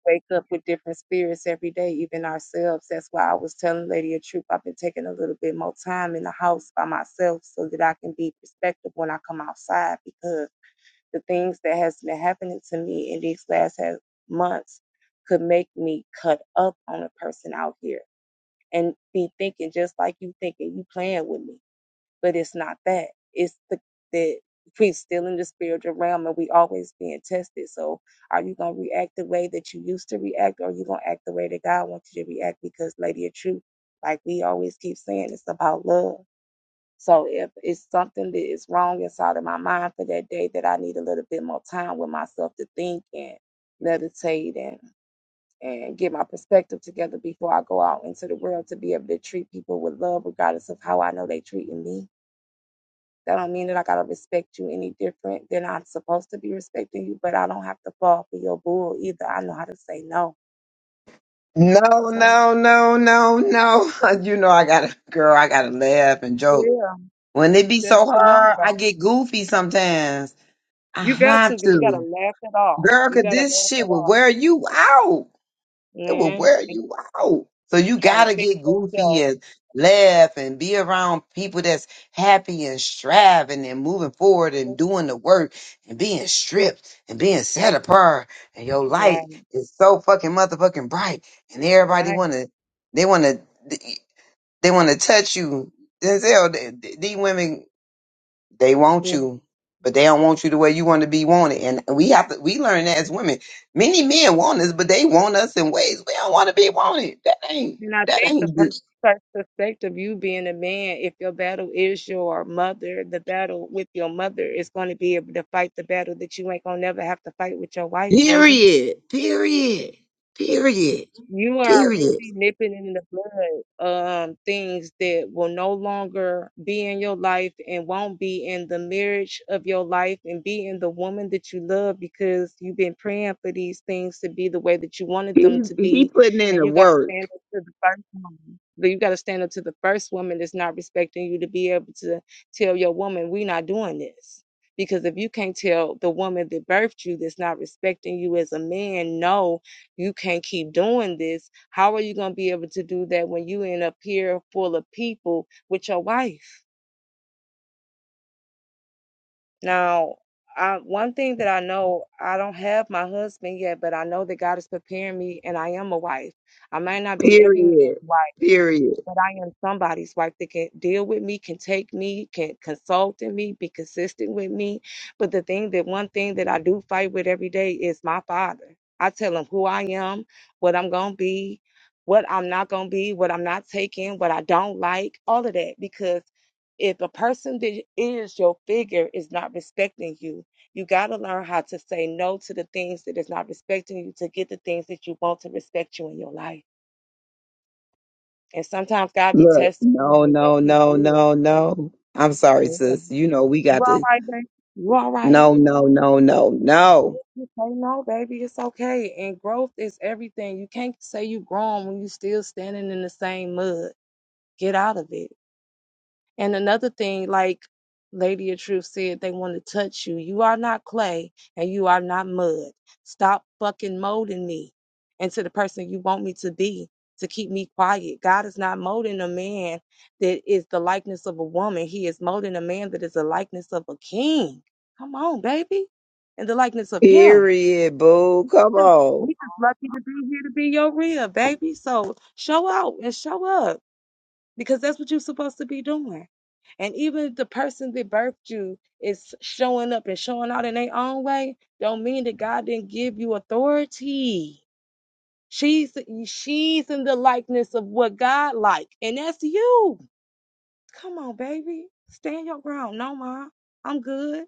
[SPEAKER 1] wake up with different spirits every day, even ourselves. That's why I was telling Lady of Truth, I've been taking a little bit more time in the house by myself so that I can be perspective when I come outside because the things that has been happening to me in these last ha- months could make me cut up on a person out here and be thinking just like you thinking you playing with me. But it's not that. It's the that we still in the spiritual realm and we always being tested. So are you gonna react the way that you used to react or are you gonna act the way that God wants you to react? Because Lady of Truth, like we always keep saying, it's about love. So if it's something that is wrong inside of my mind for that day that I need a little bit more time with myself to think and meditate and and get my perspective together before I go out into the world to be able to treat people with love, regardless of how I know they treating me. That don't mean that I gotta respect you any different than I'm supposed to be respecting you, but I don't have to fall for your bull either. I know how to say no.
[SPEAKER 3] No,
[SPEAKER 1] So
[SPEAKER 3] no, no, no, no. *laughs* You know I gotta girl, I gotta laugh and joke.
[SPEAKER 1] yeah,
[SPEAKER 3] When
[SPEAKER 1] it's
[SPEAKER 3] it be so
[SPEAKER 1] just a no
[SPEAKER 3] hard, I
[SPEAKER 1] though.
[SPEAKER 3] get goofy sometimes. I
[SPEAKER 1] You got
[SPEAKER 3] have
[SPEAKER 1] to, but you gotta
[SPEAKER 3] to.
[SPEAKER 1] laugh it off.
[SPEAKER 3] Girl,
[SPEAKER 1] You
[SPEAKER 3] cause
[SPEAKER 1] gotta
[SPEAKER 3] this
[SPEAKER 1] laugh
[SPEAKER 3] shit
[SPEAKER 1] it
[SPEAKER 3] will
[SPEAKER 1] off,
[SPEAKER 3] wear you out. it will
[SPEAKER 1] man.
[SPEAKER 3] wear
[SPEAKER 1] And
[SPEAKER 3] you out. So
[SPEAKER 1] keep
[SPEAKER 3] you
[SPEAKER 1] trying to
[SPEAKER 3] gotta
[SPEAKER 1] fix
[SPEAKER 3] get goofy
[SPEAKER 1] yourself.
[SPEAKER 3] and laugh and be around people that's happy and striving and moving forward and doing the work and being stripped and being set apart and your
[SPEAKER 1] Right,
[SPEAKER 3] light is so fucking motherfucking bright and everybody
[SPEAKER 1] right.
[SPEAKER 3] wanna they wanna they wanna touch you. Denzel, th- th- these women they want you, but they don't want you the way you want to be wanted. And we have to we learn that as women. Many men want us, but they want us in ways we don't want to be wanted. That ain't
[SPEAKER 1] And I
[SPEAKER 3] that
[SPEAKER 1] think the
[SPEAKER 3] ain't good.
[SPEAKER 1] per- per- perspective you being a man, if your battle is your mother, the battle with your mother is going to be able to fight the battle that you ain't going to never have to fight with your wife, baby.
[SPEAKER 3] Period. Period. Period.
[SPEAKER 1] You are
[SPEAKER 3] Period.
[SPEAKER 1] really nipping in the bud um, things that will no longer be in your life and won't be in the marriage of your life and be in the woman that you love because you've been praying for these things to be the way that you wanted them
[SPEAKER 3] He,
[SPEAKER 1] to
[SPEAKER 3] he
[SPEAKER 1] be.
[SPEAKER 3] putting in
[SPEAKER 1] And
[SPEAKER 3] the
[SPEAKER 1] you got to stand
[SPEAKER 3] work.
[SPEAKER 1] up to the first woman. But you got to stand up to the first woman that's not respecting you to be able to tell your woman, we're not doing this. Because if you can't tell the woman that birthed you that's not respecting you as a man, no, you can't keep doing this. How are you going to be able to do that when you end up here full of people with your wife? Now, I, one thing that I know, I don't have my husband yet, but I know that God is preparing me and I am a wife. I might not be every man's
[SPEAKER 3] Period.
[SPEAKER 1] wife,
[SPEAKER 3] Period.
[SPEAKER 1] but I am somebody's wife that can deal with me, can take me, can consult in me, be consistent with me. But the thing that one thing that I do fight with every day is my father. I tell him who I am, what I'm going to be, what I'm not going to be, what I'm not taking, what I don't like, all of that. Because if a person that is your figure is not respecting you, you got to learn how to say no to the things that is not respecting you to get the things that you want to respect you in your life. And sometimes God be
[SPEAKER 3] Look,
[SPEAKER 1] testing you,
[SPEAKER 3] no,
[SPEAKER 1] and yes,
[SPEAKER 3] no,
[SPEAKER 1] He
[SPEAKER 3] no,
[SPEAKER 1] did.
[SPEAKER 3] no, no. I'm sorry,
[SPEAKER 1] Yeah.
[SPEAKER 3] sis. You know we
[SPEAKER 1] You
[SPEAKER 3] got
[SPEAKER 1] all
[SPEAKER 3] to
[SPEAKER 1] right, baby? You all right?
[SPEAKER 3] no, no, no, no, no.
[SPEAKER 1] You say no, baby. It's okay. And growth is everything. You can't say you grown when you still standing in the same mud. Get out of it. And another thing, like Lady of Truth said, they want to touch you. You are not clay and you are not mud. Stop fucking molding me into the person you want me to be to keep me quiet. God is not molding a man that is the likeness of a woman, He is molding a man that is the likeness of a king. Come on, baby. And the likeness of Him.
[SPEAKER 3] Period, boo. Come on.
[SPEAKER 1] We just lucky to be here to be your real, baby. So show out and show up because that's what you're supposed to be doing. And even if the person that birthed you is showing up and showing out in their own way, don't mean that God didn't give you authority. She's she's in the likeness of what God like, and that's you. Come on, baby, stand your ground. No, ma, I'm good.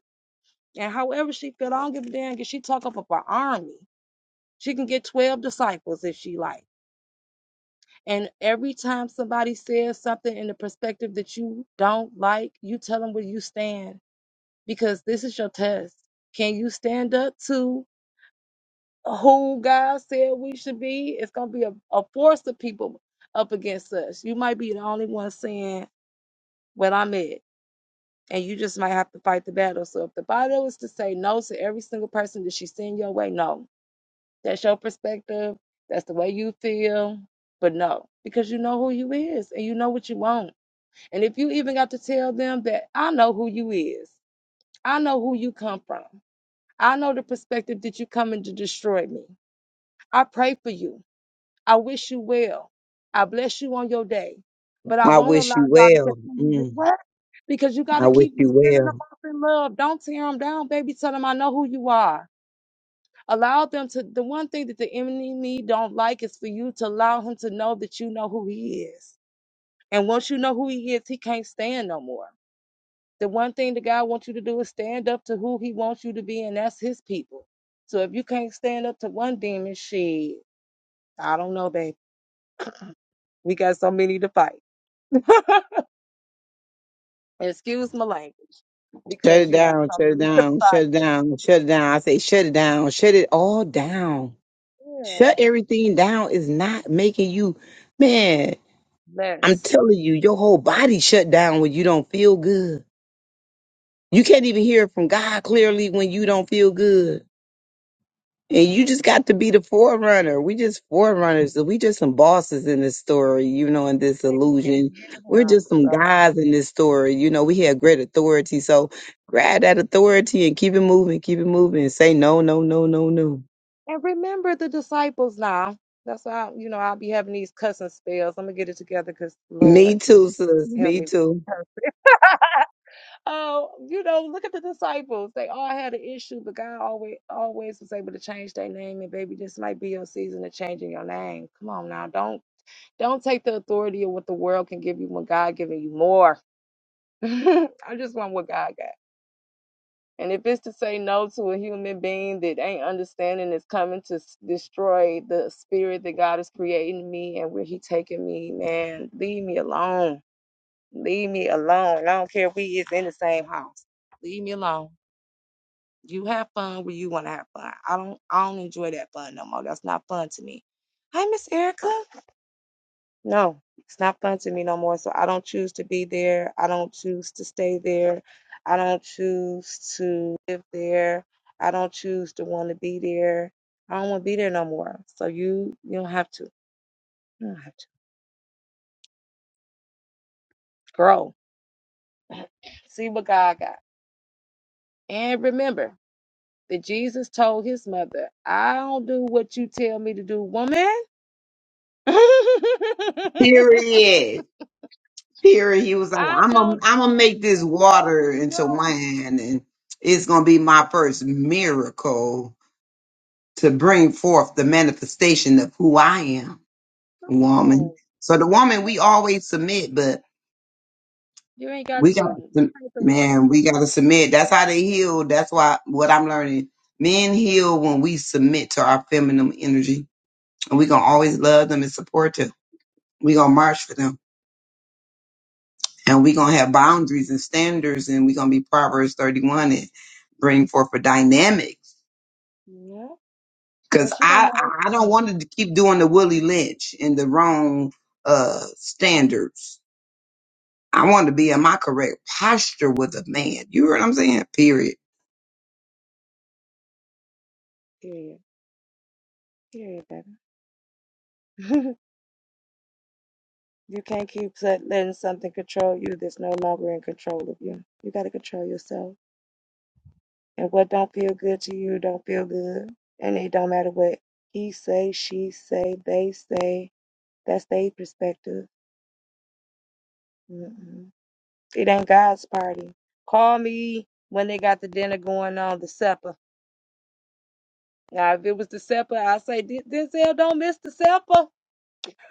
[SPEAKER 1] And however she feel, I don't give a damn. Cause she talk up of her army. She can get twelve disciples if she like. And every time somebody says something in the perspective that you don't like, you tell them where you stand because this is your test. Can you stand up to who God said we should be? It's going to be a, a force of people up against us. You might be the only one saying what I'm at, and you just might have to fight the battle. So if the Bible was to say no to every single person that she's send your way, no. That's your perspective. That's the way you feel. But no, because you know who you is and you know what you want And if you even got to tell them that I know who you is, I know who you come from, I know the perspective that you coming to destroy me. I pray for you. I wish you well. I bless you on your day. But I
[SPEAKER 3] I
[SPEAKER 1] won't
[SPEAKER 3] wish
[SPEAKER 1] allow
[SPEAKER 3] you
[SPEAKER 1] y'all to
[SPEAKER 3] well.
[SPEAKER 1] continue to
[SPEAKER 3] Mm,
[SPEAKER 1] what? Because you got
[SPEAKER 3] I
[SPEAKER 1] to
[SPEAKER 3] wish
[SPEAKER 1] keep
[SPEAKER 3] you
[SPEAKER 1] sending them
[SPEAKER 3] well.
[SPEAKER 1] off in love. Don't tear them down, baby. Tell them I know who you are. Allow them to. The one thing that the enemy don't like is for you to allow him to know that you know who he is. And once you know who he is, he can't stand no more. The one thing that God wants you to do is stand up to who He wants you to be, and that's His people. So if you can't stand up to one demon, she, I don't know, babe. We got so many to fight. *laughs* Excuse my language,
[SPEAKER 3] Shut
[SPEAKER 1] because
[SPEAKER 3] it
[SPEAKER 1] you have
[SPEAKER 3] down,
[SPEAKER 1] so
[SPEAKER 3] shut it
[SPEAKER 1] many to
[SPEAKER 3] down,
[SPEAKER 1] fight.
[SPEAKER 3] shut it down, shut it down. I say, shut it down, shut it all down.
[SPEAKER 1] Yeah,
[SPEAKER 3] Shut everything down is not making you, man. I'm
[SPEAKER 1] less
[SPEAKER 3] telling you, your whole body shut down when you don't feel good. You can't even hear from God clearly when you don't feel good. And you just got to be the forerunner. We just forerunners. We just some bosses in this story, you know, in this
[SPEAKER 1] you can
[SPEAKER 3] illusion.
[SPEAKER 1] hear
[SPEAKER 3] We're
[SPEAKER 1] Him.
[SPEAKER 3] just some
[SPEAKER 1] So
[SPEAKER 3] guys in this story. You know, we have great authority. So grab that authority and keep it moving, keep it moving, and say no, no, no, no, no.
[SPEAKER 1] and remember the disciples now. That's why you know I'll be having these cussing spells. I'm gonna get it together, cause Lord
[SPEAKER 3] Me too, sis.
[SPEAKER 1] help
[SPEAKER 3] Me
[SPEAKER 1] me. with that
[SPEAKER 3] too.
[SPEAKER 1] cursing. *laughs* Oh, you know, look at the disciples. They all had an issue, but God always always was able to change their name. And baby, this might be your season of changing your name. Come on now. Don't don't take the authority of what the world can give you when God giving you more. *laughs* I just want what God got. And if it's to say no to a human being that ain't understanding is coming to s- destroy the spirit that God is creating me and where He taking me, man, leave me alone. Leave me alone. I don't care if we is in the same house. Leave me alone. You have fun where you want to have fun. I don't I don't enjoy that fun no more. That's not fun to me. Hi, Miss Erica. No, it's not fun to me no more. So I don't choose to be there. I don't choose to stay there. I don't choose to live there. I don't choose to want to be there. I don't want to be there no more. So you you don't have to. You don't have to grow. *clears throat* See what God got. And remember that Jesus told his mother, I don't do what you tell me to do, woman. *laughs* I
[SPEAKER 3] Period. Period. He was like, I'm a,
[SPEAKER 1] don't
[SPEAKER 3] I'm
[SPEAKER 1] know
[SPEAKER 3] gonna make
[SPEAKER 1] what
[SPEAKER 3] this
[SPEAKER 1] else
[SPEAKER 3] water
[SPEAKER 1] to do.
[SPEAKER 3] into wine, and it's gonna be my first miracle to bring forth the manifestation of who I am.
[SPEAKER 1] Come
[SPEAKER 3] woman.
[SPEAKER 1] on.
[SPEAKER 3] So the woman we always submit, but
[SPEAKER 1] You ain't got
[SPEAKER 3] we got to
[SPEAKER 1] to. This
[SPEAKER 3] sub-
[SPEAKER 1] ain't the
[SPEAKER 3] man, we got to submit. That's how they heal. That's why what I'm learning. Men heal when we submit to our feminine energy, and we gonna always love them and support them. We gonna march for them, and we
[SPEAKER 1] one.
[SPEAKER 3] gonna have boundaries and standards, and we gonna be Proverbs 31 and bring forth a dynamics.
[SPEAKER 1] Yeah.
[SPEAKER 3] Cause
[SPEAKER 1] And she gonna
[SPEAKER 3] I
[SPEAKER 1] know her
[SPEAKER 3] I I don't
[SPEAKER 1] thing.
[SPEAKER 3] want to keep doing the Willie Lynch and the wrong uh standards I want to be in my correct posture with a man. You heard what I'm saying? Period.
[SPEAKER 1] Period. Period, baby. *laughs* you can't keep let- letting something control you that's no longer in control of you. You gotta control yourself. And what don't feel good to you don't feel good. And it don't matter what he say, she say, they say. That's their perspective. Mm. It ain't God's party. Call me when they got the dinner going on, the supper. Now, if it was the supper, I say, "Den- Denzel, don't miss the supper. *laughs*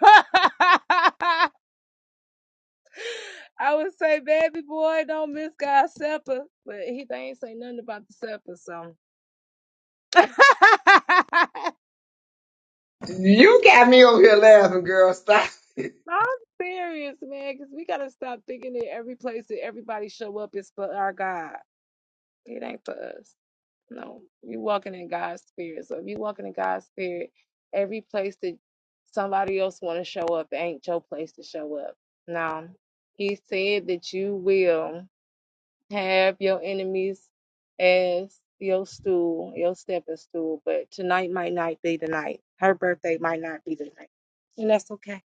[SPEAKER 1] I would say, baby boy, don't miss God's supper. But he they ain't say nothing about the supper, so. *laughs*
[SPEAKER 3] You got me over here laughing, girl. Stop it.
[SPEAKER 1] I'm serious, man, because we got to stop thinking that every place that everybody show up is for our God. It ain't for us. No, you're walking in God's spirit. So if you're walking in God's spirit, every place that somebody else want to show up ain't your place to show up. Now, He said that you will have your enemies as your stool, your stepping stool. But tonight might not be the night. Her birthday might not be the night, and that's okay.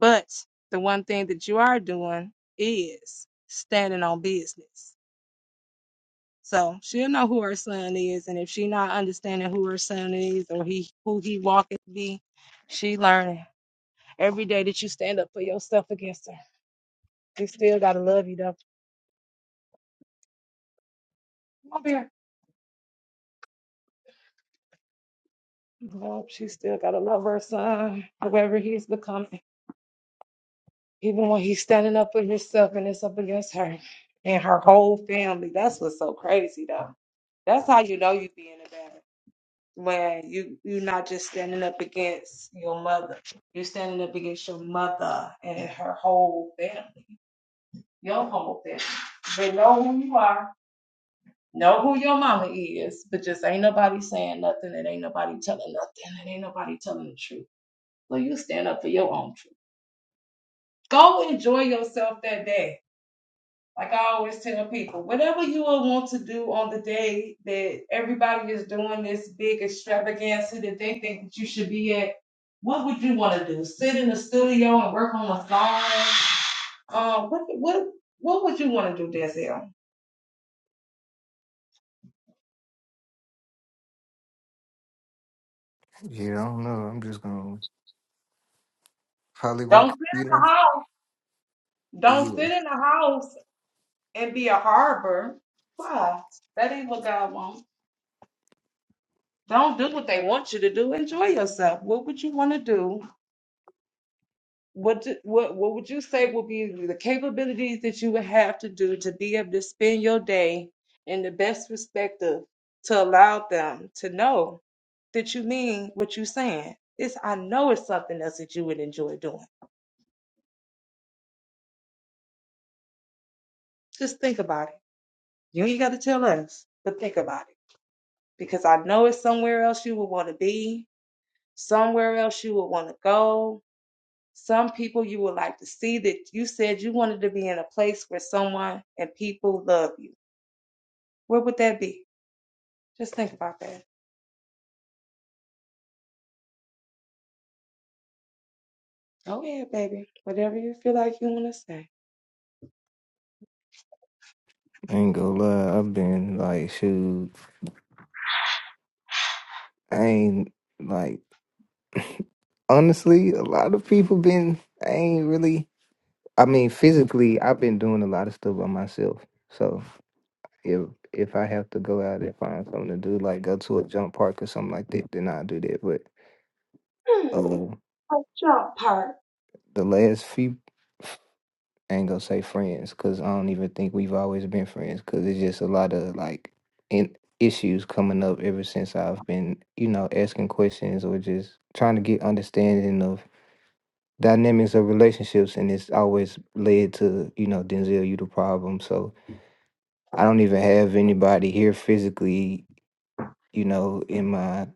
[SPEAKER 1] But the one thing that you are doing is standing on business. So she'll know who her son is, and if she not understanding who her son is or he who he walketh be, she learning. Every day that you stand up for yourself against her, she still gotta love you though. Don't be her- Well, she still gotta love her son, however he's becoming, even when he's standing up for himself and it's up against her and her whole family. That's what's so crazy though. That's how you know you be in a bad where you you're not just standing up against your mother you're standing up against your mother and her whole family your whole family they know who you are know who your mama is but just ain't nobody saying nothing and ain't nobody telling nothing and ain't nobody telling the truth so you stand up for your own truth go enjoy yourself that day like I always tell people, whatever you will want to do on the day that everybody is doing this big extravaganza that they think that you should be at, What would you want to do? Sit in the studio and work on a song? Uh, what What would you want to do, Denzel?
[SPEAKER 4] you don't know i'm just gonna probably
[SPEAKER 1] Don't
[SPEAKER 4] work
[SPEAKER 1] sit
[SPEAKER 4] you
[SPEAKER 1] in
[SPEAKER 4] know
[SPEAKER 1] the house. Don't
[SPEAKER 4] yeah
[SPEAKER 1] sit in the house and be a harbor. Why? That ain't what God wants. Don't do what they want you to do. Enjoy yourself. What would you want to do? What, do, what what would you say would be the capabilities that you would have to do to be able to spend your day in the best perspective to allow them to know that you mean what you saying. It's I know it's something else that you would enjoy doing. Just think about it. You ain't got to tell us, but think about it because I know it's somewhere else you would want to be, somewhere else you would want to go. Some people you would like to see that you said you wanted to be in a place where someone and people love you. Okay.
[SPEAKER 4] I ain't gonna lie i've been like shoot i ain't like honestly, a lot of people been I ain't really I mean physically I've been doing a lot of stuff by myself. So if if I have to go out and find something to do, like go to a jump park or something like that, then i do that. But uh, the last few I ain't gonna say friends because I don't even think we've always been friends because it's just a lot of like in issues coming up ever since I've been you know asking questions or just trying to get understanding of dynamics of relationships and it's always led to you know denzel you the problem so i don't even have anybody here physically you know in my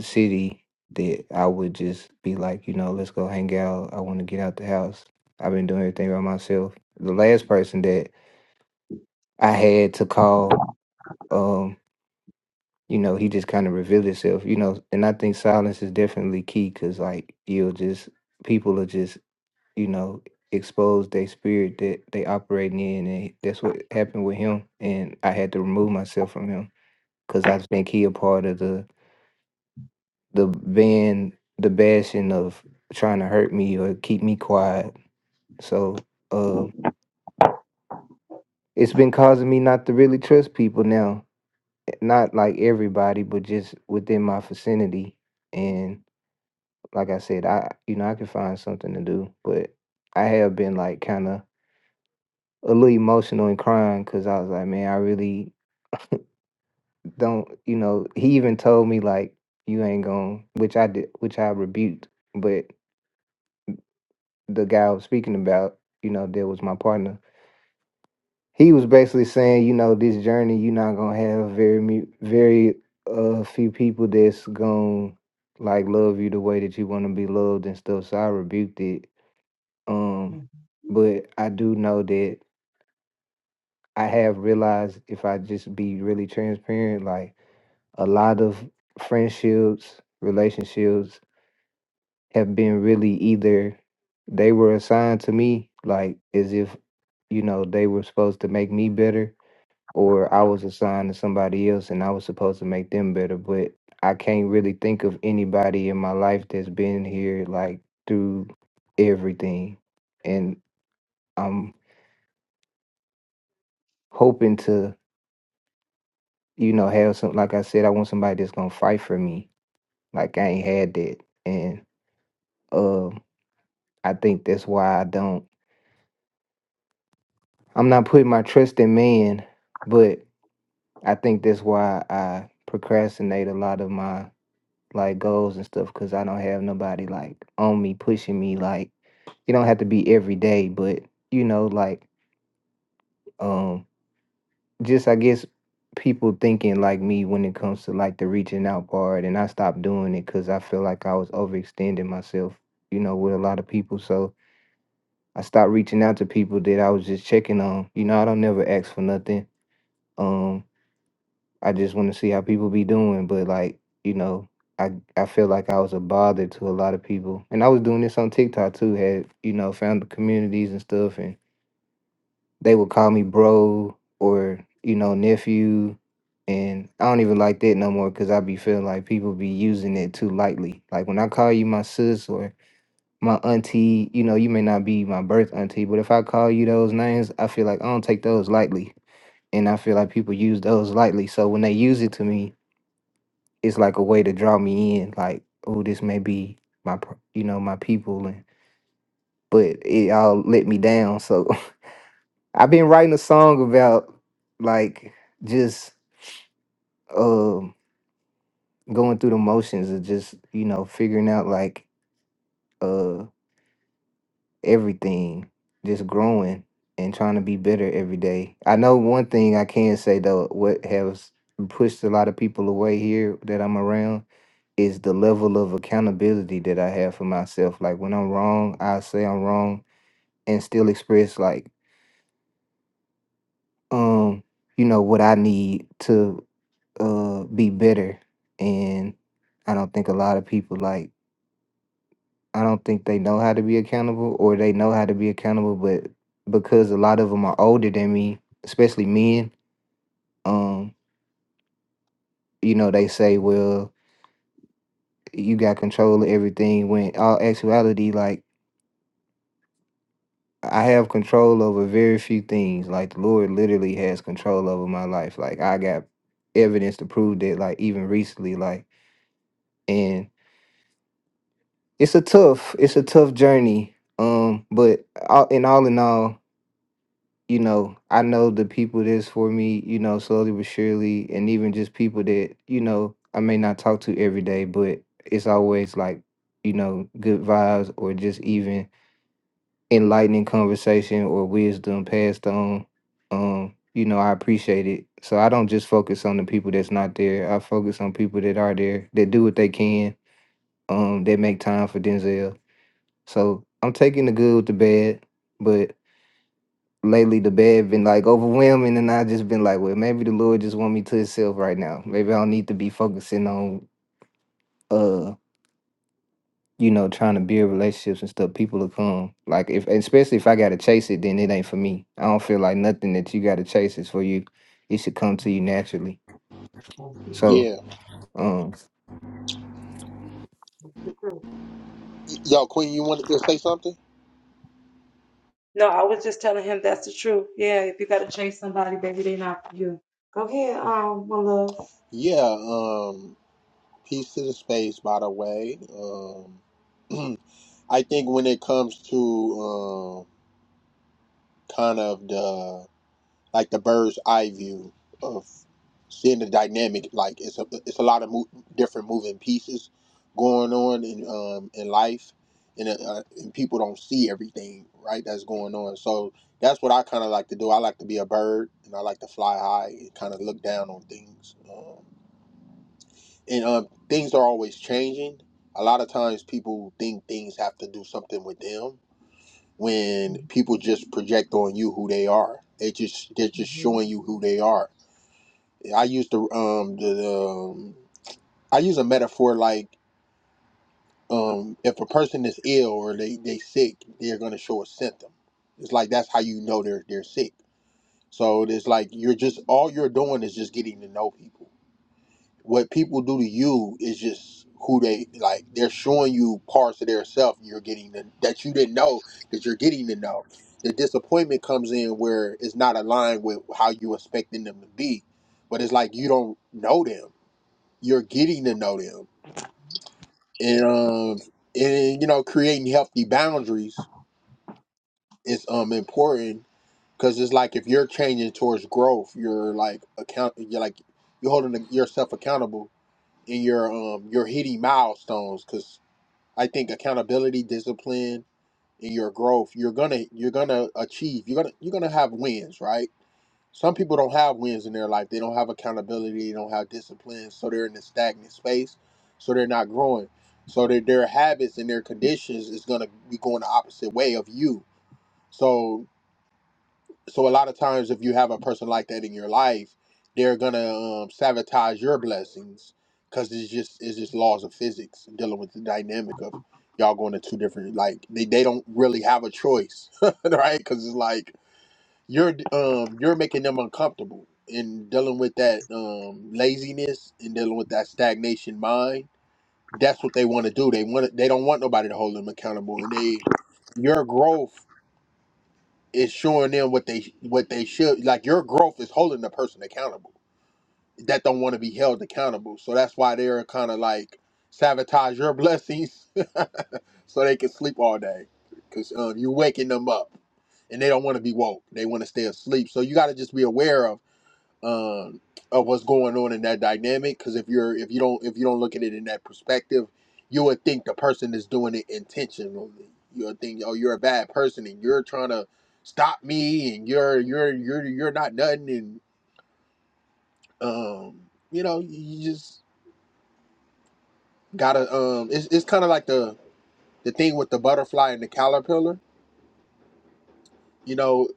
[SPEAKER 4] city that i would just be like you know let's go hang out i want to get out the house i've been doing everything by myself the last person that i had to call um you know he just kind of revealed himself you know and i think silence is definitely key because like you'll just people are just you know, expose their spirit that they operating in, and that's what happened with him. And I had to remove myself from him because I think he a part of the the ban, the bashing of trying to hurt me or keep me quiet. So uh, it's been causing me not to really trust people now. Not like everybody, but just within my vicinity. And like I said, I you know I can find something to do, but I have been like kind of a little emotional and crying because I was like, man, I really don't, you know, he even told me like you ain't going which I did which I rebuked. But the guy I was speaking about, you know, that was my partner. He was basically saying, you know, this journey you're not gonna have very mu- very uh few people that's gonna like love you the way that you wanna be loved and stuff. So I rebuked it. Um
[SPEAKER 1] Mhm.
[SPEAKER 4] but I do know that I have realized if I just be really transparent, like a lot of friendships, relationships have been really either they were assigned to me, like as if, you know, they were supposed to make me better, or I was assigned to somebody else and I was supposed to make them better. But I can't really think of anybody in my life that's been here like through everything. And I'm hoping to, you know, have some like I said, I want somebody that's gonna fight for me. Like I ain't had that. And um. I think that's why I don't. I'm not putting my trust in man, but I think that's why I procrastinate a lot of my like goals and stuff because I don't have nobody like on me pushing me. Like you don't have to be every day, but you know, like um, just I guess people thinking like me when it comes to like the reaching out part, and I stopped doing it because I feel like I was overextending myself. You know, with a lot of people, so I stopped reaching out to people that I was just checking on. You know, I don't never ask for nothing Um, I just want to see how people be doing, but like you know, I I feel like I was a bother to a lot of people, and I was doing this on TikTok too. Had you know, found the communities and stuff, and they would call me bro or you know nephew, and I don't even like that no more because I be feeling like people be using it too lightly. Like when I call you my sis or my auntie, you know, you may not be my birth auntie, but if I call you those names, I feel like I don't take those lightly and I feel like people use those lightly. So when they use it to me, it's like a way to draw me in. Like, oh, this may be my, per- you know, my people, and but it all let me down. So *laughs* I've been writing a song about like just um going through the motions of just you know figuring out like uh everything, just growing and trying to be better every day. I know one thing I can say though, what has pushed a lot of people away here that I'm around is the level of accountability that I have for myself. Like when I'm wrong, I say I'm wrong and still express like um you know what I need to uh be better. And I don't think a lot of people like I don't think they know how to be accountable or they know how to be accountable but because a lot of them are older than me, especially men, um you know they say well you got control of everything when all actuality like I have control over very few things. Like the Lord literally has control over my life. Like I got evidence to prove that. Like even recently, like and it's a tough, it's a tough journey. Um, but all, in all in all, you know, I know the people that's for me. You know, slowly but surely, and even just people that you know I may not talk to every day, but it's always like you know good vibes or just even enlightening conversation or wisdom passed on. Um, you know, I appreciate it. So I don't just focus on the people that's not there. I focus on people that are there, that do what they can, um, that make time for Denzel. So I'm taking the good with the bad, but lately the bad been like overwhelming and I just been like, well, maybe the Lord just want me to himself right now. Maybe I don't need to be focusing on uh you know, trying to build relationships and stuff, people will come. Like if especially if I gotta chase it, then it ain't for me. I don't feel like nothing that you gotta chase is for you. It should come to you naturally.
[SPEAKER 2] that
[SPEAKER 4] So, um
[SPEAKER 2] Yo, Queen, you wanted to say something?
[SPEAKER 1] No, I was just telling him that's the truth. Yeah, if you gotta chase somebody, baby, they not for you. Go ahead, um, my love.
[SPEAKER 2] Yeah, um, peace to the space, by the way. Um, *clears throat* I think when it comes to um, kind of the like the bird's eye view of seeing the dynamic, like it's a it's a lot of mo- different moving pieces going on in um, in life, and, uh, uh, and people don't see everything right that's going on. So that's what I kind of like to do. I like to be a bird, and I like to fly high and kind of look down on things. Um, and uh, things are always changing. A lot of times people think things have to do something with them when people just project on you who they are. They just they're just
[SPEAKER 1] hmm
[SPEAKER 2] showing you who they are. I use the um the, the um, I use a metaphor like um if a person is ill or they they sick, they're gonna show a symptom. It's like that's how you know they're they're sick. So it's like you're just all you're doing is just getting to know people what people do to you is just who they like they're showing you parts of their self you're getting to, that you didn't know that you're getting to know the disappointment comes in where it's not aligned with how you expecting them to be but it's like you don't know them you're getting to know them and um and you know creating healthy boundaries is um important because it's like if you're changing towards growth you're like account you're like you're holding yourself accountable in your um your hitting milestones because I think accountability, discipline, and your growth, you're gonna you're gonna achieve. You're gonna you're gonna have wins, right? Some people don't have wins in their life. They don't have accountability. They don't have discipline, so they're in a stagnant space. So they're not growing. So their their habits and their conditions is gonna be going the opposite way of you. So so a lot of times if you have a person like that in your life they're gonna um, sabotage your blessings because it's just it's just laws of physics dealing with the dynamic of y'all going to two different like they, they don't really have a choice *laughs* right because it's like you're um you're making them uncomfortable and dealing with that um laziness and dealing with that stagnation mind that's what they want to do they want they don't want nobody to hold them accountable and they your growth is showing them what they what they should like your growth is holding the person accountable that don't want to be held accountable so that's why they're kind of like sabotage your blessings *laughs* so they can sleep all day because um, you're waking them up and they don't want to be woke they want to stay asleep so you got to just be aware of um, of what's going on in that dynamic. Because if you're if you don't if you don't look at it in that perspective, you would think the person is doing it intentionally. You would think, oh, you're a bad person and you're trying to stop me and you're you're you're you're not nothing and um, you know you just gotta um, it's it's kind of like the the thing with the butterfly and the caterpillar. You know,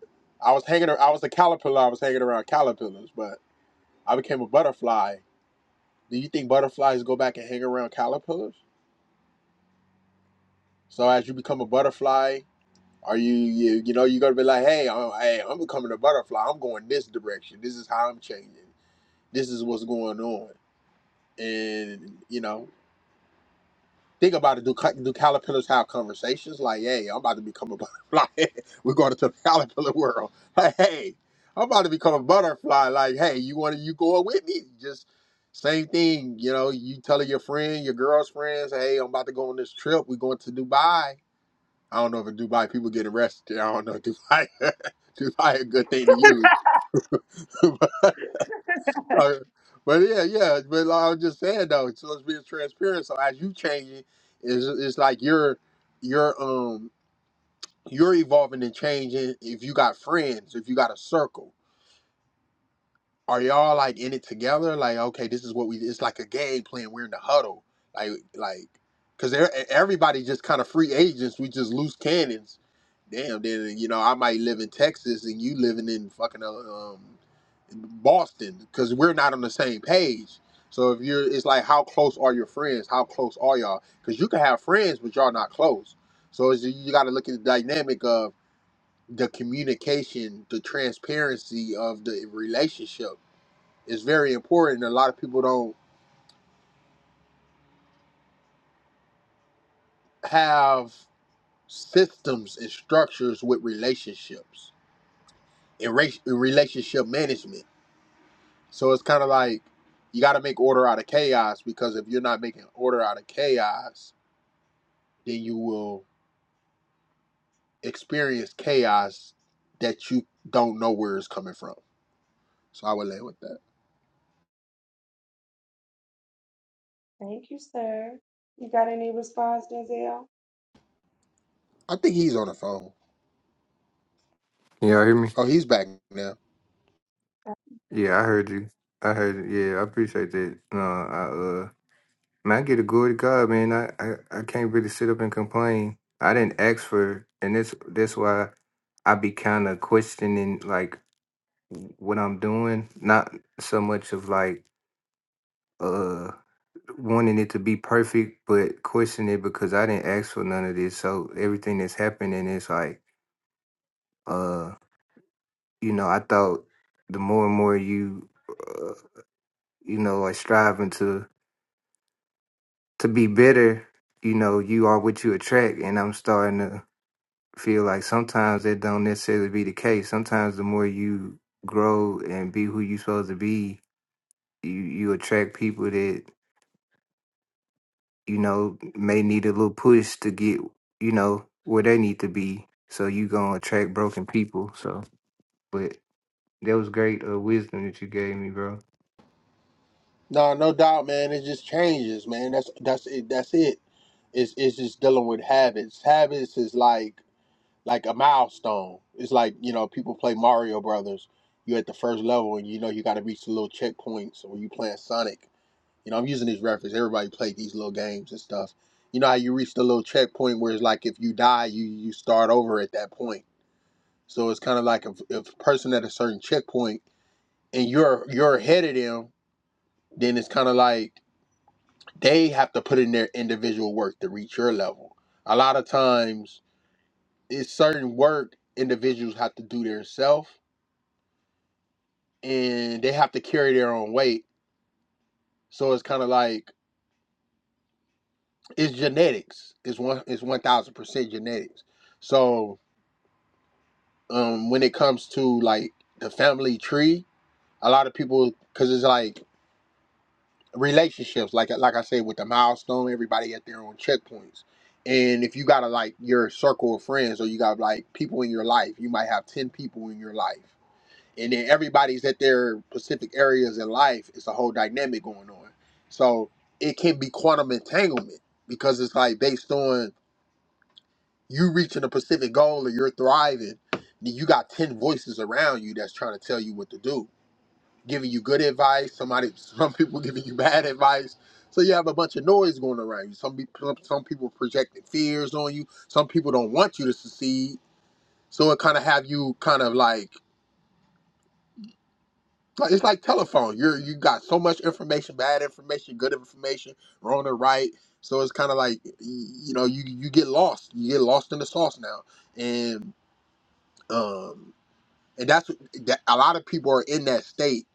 [SPEAKER 2] I was hanging ar- I was a caterpillar. I was hanging around caterpillars, but I became a butterfly. Do you think butterflies go back and hang around caterpillars? So as you become a butterfly, are you you you know you're gonna be like, hey, I'm, hey, I'm becoming a butterfly. I'm going this direction. This is how I'm changing. This is what's going on. And you know, think about it. Do do caterpillars have conversations like, hey, I'm about to become a butterfly. *laughs* We're going to the caterpillar world. *laughs* Like, hey, I'm about to become a butterfly. Like, hey, you want to you going with me? Just same thing. You know, you telling your friend, your girl's friends, hey, I'm about to go on this trip. We're going to Dubai I don't know if in Dubai people get arrested. I don't know Dubai. *laughs* Dubai a good thing to use, *laughs* but, uh, but yeah, yeah. But like I was just saying though, so let's be transparent. So as you changing, it's, it's like you're you're um you're evolving and changing. If you got friends, if you got a circle, are y'all like in it together? Like, okay, this is what we. It's like a game plan. We're in the huddle. Like, like, cause e- e-, everybody just kind of free agents. We just loose cannons. Damn. Then you know, I might live in Texas and you living in fucking uh, um, Boston because we're not on the same page. So if you're, it's like how close are your friends? How close are y'all? Because you can have friends, but y'all not close. So it's, you got to look at the dynamic of the communication, the transparency of the relationship is very important. A lot of people don't have systems and structures with relationships and race, relationship management. So it's kind of like you got to make order out of chaos because if you're not making order out of chaos, then you will experience chaos that you don't know where it's coming from. So I would lay with that.
[SPEAKER 1] Thank you, sir. You got any response, Denzel?
[SPEAKER 2] I think he's on the phone.
[SPEAKER 4] Can y'all hear me?
[SPEAKER 2] Oh, he's back now.
[SPEAKER 4] Yeah, I heard you. I heard you. Yeah, I appreciate that. No, I uh man, I get a glory to God, man. I, I, I can't really sit up and complain. I didn't ask for and this that's why I be kinda questioning like what I'm doing. Not so much of like uh wanting it to be perfect but questioning it because I didn't ask for none of this. So everything that's happening is like uh you know, I thought the more and more you uh, you know, are striving to to be better, you know, you are what you attract and I'm starting to feel like sometimes that don't necessarily be the case. Sometimes the more you grow and be who you supposed to be, you you attract people that you know, may need a little push to get, you know, where they need to be. So you gonna attract broken people. So, but that was great uh, wisdom that you gave me, bro.
[SPEAKER 2] No, no doubt, man. It just changes, man. That's that's it. That's it. It's it's just dealing with habits. Habits is like like a milestone. It's like you know people play Mario Brothers. you at the first level, and you know you got to reach the little checkpoints. Or you playing Sonic. You know I'm using these references. Everybody played these little games and stuff. You know how you reach the little checkpoint where it's like if you die, you you start over at that point. So it's kind of like if if a person at a certain checkpoint and you're you're ahead of them, then it's kind of like they have to put in their individual work to reach your level. A lot of times, it's certain work individuals have to do themselves, and they have to carry their own weight. So it's kind of like it's genetics. It's one. It's one thousand percent genetics. So um, when it comes to like the family tree, a lot of people because it's like relationships like like i said with the milestone everybody at their own checkpoints and if you got to like your circle of friends or you got like people in your life you might have 10 people in your life and then everybody's at their specific areas in life it's a whole dynamic going on so it can be quantum entanglement because it's like based on you reaching a specific goal or you're thriving then you got 10 voices around you that's trying to tell you what to do giving you good advice, somebody, *laughs* some people giving you bad advice. So you have a bunch of noise going around you. Some people, some people projecting fears on you. Some people don't want you to succeed. So it kind of have you kind of like like- it's like telephone. You're you got so much information, bad information, good information, wrong or right. So it's kind of like you know you you get lost. You get lost in the sauce now, and um and that's what- that, a lot of people are in that state.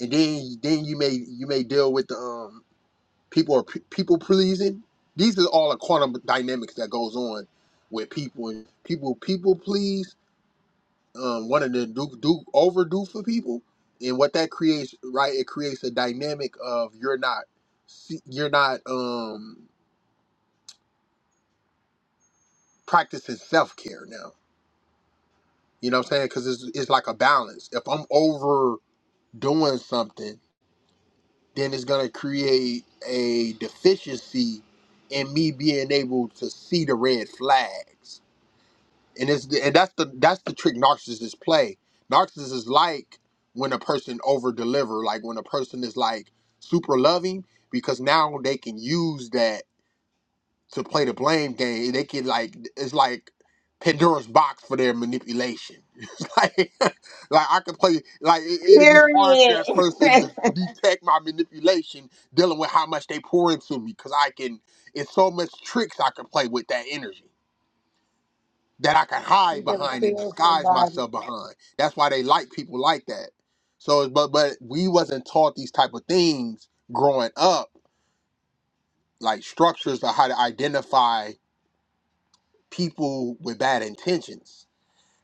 [SPEAKER 2] And then then you may you may deal with the um people are p- people pleasing. These are all the quantum dynamics that goes on with people and people people please um wanting to do do overdo for people and what that creates right it creates a dynamic of you're not se- you're not um practicing self-care now you know what i'm saying because it's, it's like a balance if i'm overdoing something then it's going to create a deficiency in me being able to see the red flags and it's and that's the that's the trick narcissists play. Narcissists like when a person over deliver, like when a person is like super loving, because now they can use that to play the blame game. They can like it's like Pandora's box for their manipulation. *laughs* It's like *laughs* like I could play like it, it'd be hard for that person
[SPEAKER 3] Period.
[SPEAKER 2] to detect my manipulation, dealing with how much they pour into me, because I can. It's so much tricks I can play with that energy that I can hide
[SPEAKER 1] You better
[SPEAKER 2] behind and
[SPEAKER 1] tell
[SPEAKER 2] disguise
[SPEAKER 1] somebody.
[SPEAKER 2] myself behind. That's why they like people like that. So, but but we wasn't taught these type of things growing up, like structures of how to identify people with bad intentions.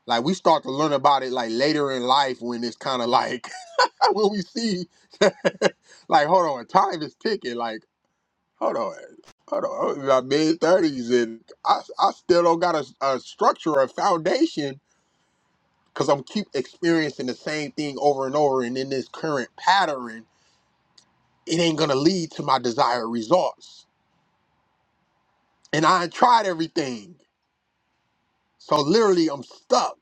[SPEAKER 2] Like we start to learn about it like later in life when it's kind of like *laughs* when we see, *laughs* like hold on, time is ticking. Like hold on, hold on, I'm in my mid thirties and I I still don't got a, a structure, a foundation because I'm keep experiencing the same thing over and over, and in this current pattern, it ain't gonna lead to my desired results. And I tried everything, so literally I'm stuck.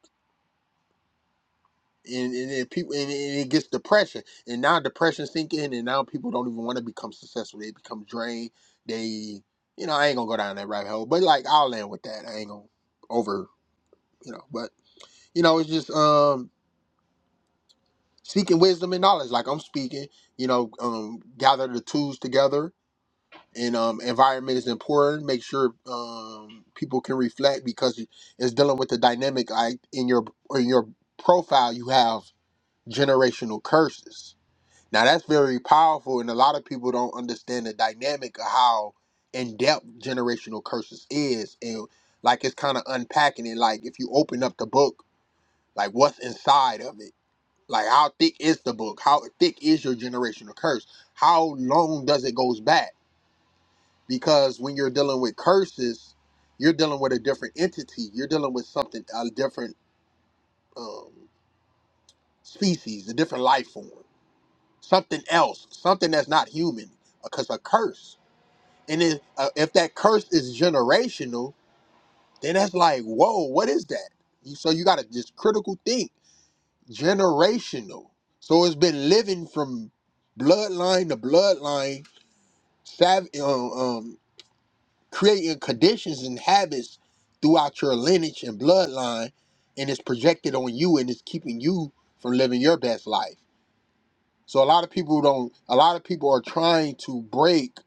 [SPEAKER 2] And, and, and people and, and it gets depression, and now depression sink in, and now people don't even want to become successful. They become drained. They, you know, I ain't gonna go down that rabbit hole, but like I'll land with that. I ain't gonna over, you know. But you know, it's just um seeking wisdom and knowledge. Like I'm speaking, you know, um gather the tools together and um, environment is important. Make sure um, people can reflect because it's dealing with the dynamic. I in your in your profile, you have generational curses. Now that's very powerful, and a lot of people don't understand the dynamic of how in depth generational curses is, and like it's kind of unpacking it. Like if you open up the book, like what's inside of it. Like how thick is the book? How thick is your generational curse? How long does it goes back? because when you're dealing with curses, you're dealing with a different entity. You're dealing with something, a different um, species, a different life form, something else, something that's not human. Because a curse, and if, uh, if that curse is generational, then that's like, whoa, what is that? You, so you got to just critical think, generational. So it's been living from bloodline to bloodline, sav- um, um, creating conditions and habits throughout your lineage and bloodline, and it's projected on you and it's keeping you from living your best life. So a lot of people don't. A lot of people are trying to break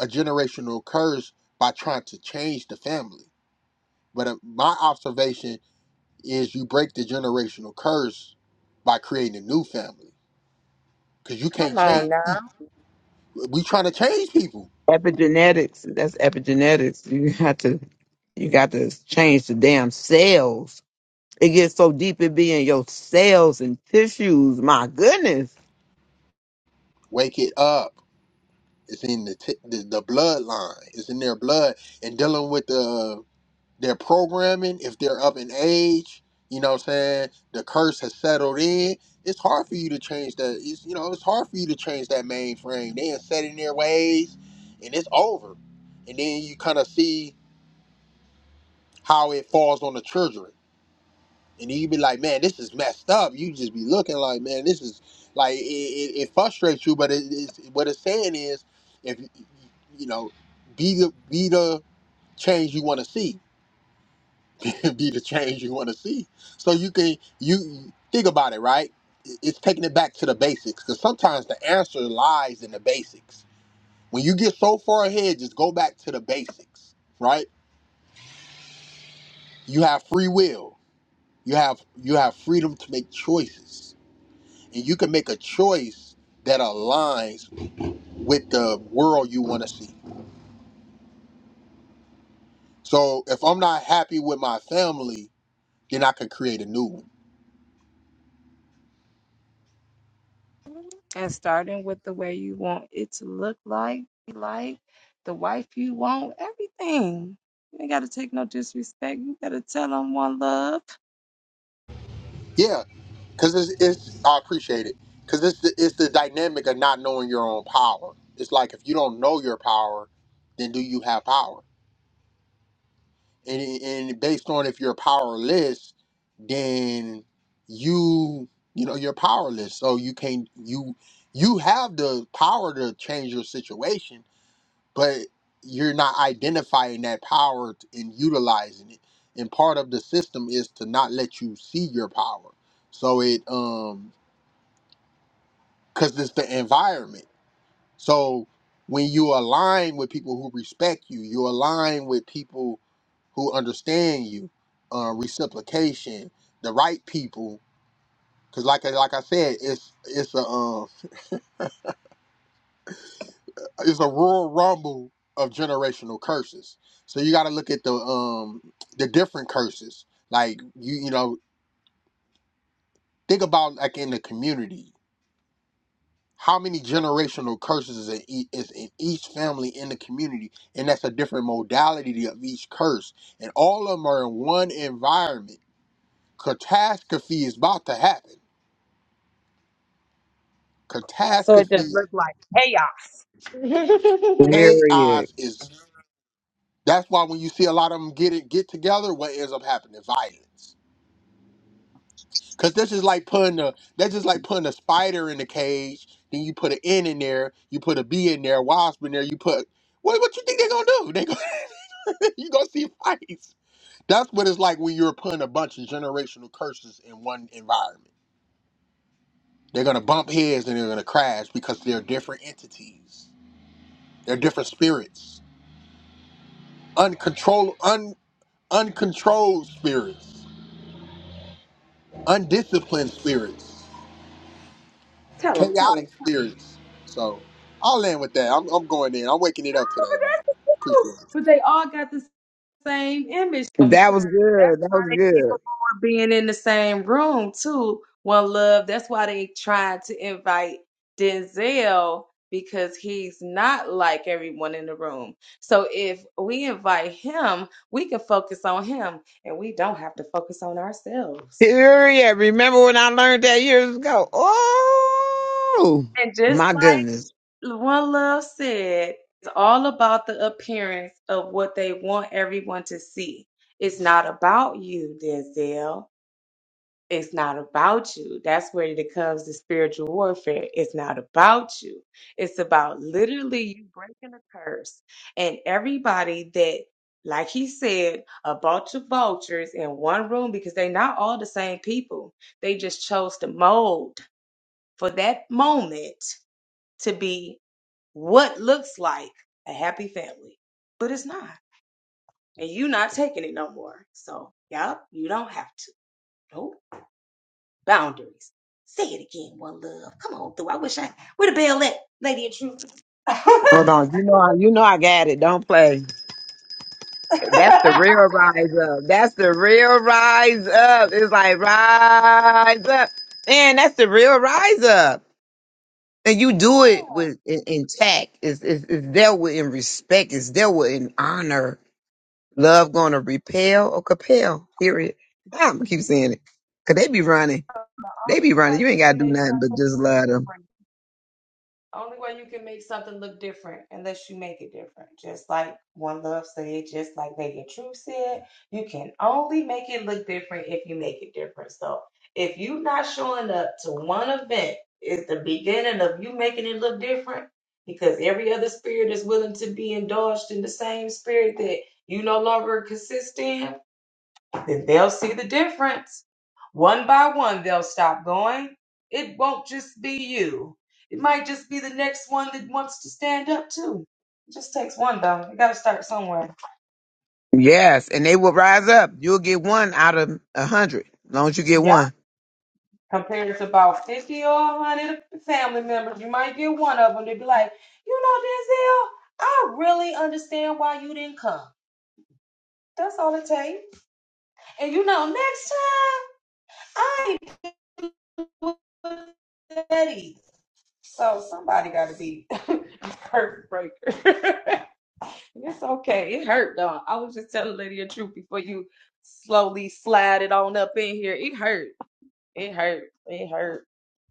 [SPEAKER 2] a generational curse by trying to change the family. But uh, my observation is, you break the generational curse by creating a new family because you can't
[SPEAKER 1] Come
[SPEAKER 2] change.
[SPEAKER 1] on now.
[SPEAKER 2] people. We trying to change people.
[SPEAKER 3] *laughs* epigenetics. That's epigenetics. You have to you got to change the damn cells. It gets so deep it be in your cells and tissues. My goodness.
[SPEAKER 2] Wake it up. It's in the, t- the the bloodline. It's in their blood and dealing with the their programming. If they're up in age, you know what I'm saying. The curse has settled in. It's hard for you to change that. It's, you know, it's hard for you to change that mainframe. They are set in their ways, and it's over. And then you kind of see how it falls on the children and then you be like, man, this is messed up. You just be looking like, man, this is like it, it, it frustrates you. But it, it's, what it's saying is, if you know, be the be the change you want to see, *laughs* be the change you want to see. So you can you think about it, right? It's taking it back to the basics because sometimes the answer lies in the basics. When you get so far ahead, just go back to the basics, right? You have free will. You have you have freedom to make choices and you can make a choice that aligns with the world you want to see. So if I'm not happy with my family, then I could create a new one.
[SPEAKER 1] and starting with the way you want it to look like, like the wife you want, everything. You ain't got to take no disrespect. You got to tell them one love.
[SPEAKER 2] Yeah, because it's, it's I appreciate it because it's the, it's the dynamic of not knowing your own power. It's like if you don't know your power, then do you have power? And and based on if you're powerless, then you you know you're powerless. So you can't you you have the power to change your situation but you're not identifying that power and utilizing it. And part of the system is to not let you see your power. So it um because it's the environment. So when you align with people who respect you, you align with people who understand you, uh, reciprocation, the right people. Because like I- like I said, it's it's a um it's a rural rumble of generational curses. So you got to look at the um the different curses. Like you you know think about like in the community, how many generational curses is in, ea- is in each family in the community, and that's a different modality of each curse, and all of them are in one environment. Catastrophe is about to happen.
[SPEAKER 1] So it just
[SPEAKER 2] Catastrophe,
[SPEAKER 1] looks like chaos. *laughs*
[SPEAKER 3] Period.
[SPEAKER 2] chaos is. That's why when you see a lot of them get it get together, what ends up happening? Violence Cause this is like putting a that's just like putting a spider in a cage. Then you put an N in there, you put a B in there, wasp in there. You put what? What you think they're gonna do? They gonna, *laughs* you gonna see fights. That's what it's like when you're putting a bunch of generational curses in one environment. They're gonna bump heads and they're gonna crash because they're different entities. They're different spirits, uncontrolled, un uncontrolled spirits, undisciplined spirits. chaotic theories. So I'll end with that. I'm, I'm going in. I'm waking it up today, but appreciate it.
[SPEAKER 1] but they all got the same image
[SPEAKER 3] That
[SPEAKER 1] because
[SPEAKER 3] was
[SPEAKER 1] that's
[SPEAKER 3] good. That
[SPEAKER 1] why
[SPEAKER 3] was
[SPEAKER 1] they
[SPEAKER 3] good.
[SPEAKER 1] being in the same room too. One Love. That's why they tried to invite Denzel because he's not like everyone in the room. So if we invite him, we can focus on him, and we don't have to focus on ourselves.
[SPEAKER 3] Period. Remember when I learned that years ago? Oh
[SPEAKER 1] And just
[SPEAKER 3] my goodness.
[SPEAKER 1] like One Love said, it's all about the appearance of what they want everyone to see. It's not about you, Denzel. It's not about you. That's where it comes to spiritual warfare. It's not about you. It's about literally you breaking a curse. And everybody that, like he said, a bunch of vultures in one room because they all the same people. They vote likely.
[SPEAKER 3] Hold on, you know, I you know, I got it. Don't play. That's the real rise up. That's the real rise up. It's like rise up, man. That's the real rise up. And you do
[SPEAKER 1] Yeah.
[SPEAKER 3] it with in, intact. It's, it's it's dealt with in respect. It's dealt with in honor. Love going to repel or compel. Period. I'm gonna keep
[SPEAKER 1] Mhm.
[SPEAKER 3] saying it. Cause they be running. They be running.
[SPEAKER 1] Well,
[SPEAKER 3] You
[SPEAKER 1] you
[SPEAKER 3] ain't
[SPEAKER 1] can
[SPEAKER 3] gotta do
[SPEAKER 1] make
[SPEAKER 3] nothing
[SPEAKER 1] something
[SPEAKER 3] but just
[SPEAKER 1] look
[SPEAKER 3] love them.
[SPEAKER 1] different. Only way you can make something look different unless you make it different. Just like One Love said, just like Lady True said, you can only make it look different if you make it different. So if you not showing up to one event is the beginning of you making it look different because every other spirit is willing to be indulged in the same spirit that you no longer consist in then they'll see the difference. One by one, they'll stop going. It won't just be you. It might just be the next one that wants to stand up too. It just takes one though. You gotta start somewhere.
[SPEAKER 3] Yes, and they will rise up. You'll get one out of a hundred. As long as you get
[SPEAKER 1] Yeah.
[SPEAKER 3] one.
[SPEAKER 1] Compared to about 50 or 100 family members, you might get one of them to be like, you know, Denzel, I really understand why you didn't come. That's all it is. *laughs* Perfect *laughs* It's okay. It hurt though. I was just telling Lydia the truth before you slowly slide it on up in here. It hurt. It hurt. It hurt.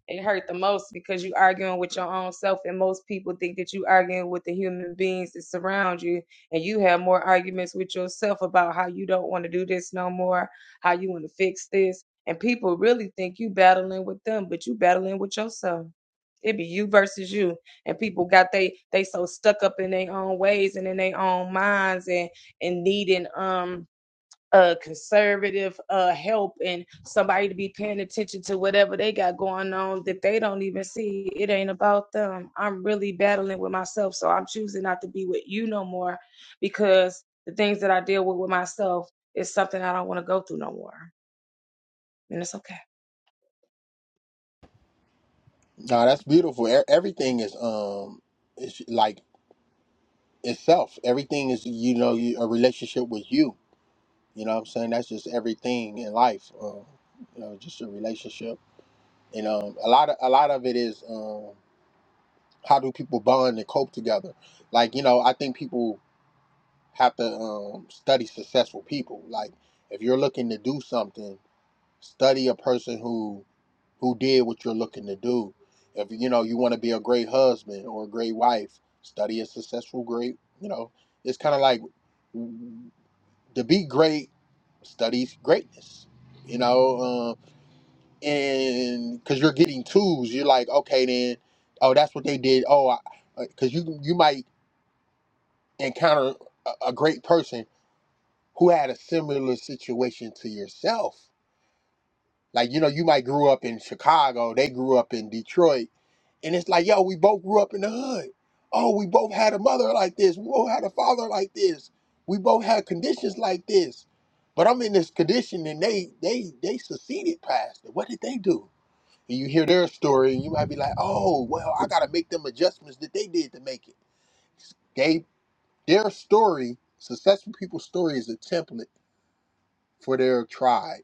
[SPEAKER 1] It hurt the most because you arguing with your own self, and most people think that you arguing with the human beings that surround you, and you have more arguments with yourself about how you don't want to do this no more, how you want to fix this, and people really think you battling with them, but you battling with yourself. It be you versus you, and people got they they so stuck up in their own ways and in their own minds and and needing um uh conservative uh help and somebody to be paying attention to whatever they got going on that they don't even see. It ain't about them. I'm really battling with me with because the thing is *laughs*
[SPEAKER 2] No, that's beautiful. E- everything is um, it's like itself. Everything is you know you, a relationship with you. You know what I'm saying? That's just everything in life. Um, you know, just a relationship. And um, a lot of a lot of it is um, how do people bond and cope together? Like you know, I think people have to um, study successful people. Like if you're looking to do something. Study a person who who did what you're looking to do. If you know you want to be a great husband or a great wife, study a successful great. You know, it's kind of like mm, to be great, study greatness. You know, uh, and because you're getting tools, you're like, okay, then, oh, that's what they did. Oh, because you you might encounter a, a great person who had a similar situation to yourself Like, you know, you might grew up in Chicago, they grew up in Detroit, and it's like, yo, we both grew up in the hood. Oh, we both had a mother like this. We both had a father like this. We both had conditions like this. But I'm in this condition and they they they succeeded past it. What did they do? And you hear their story and you might be like, oh, well, I gotta make them adjustments that they did to make it. They their story, successful people's story is a template for their tribe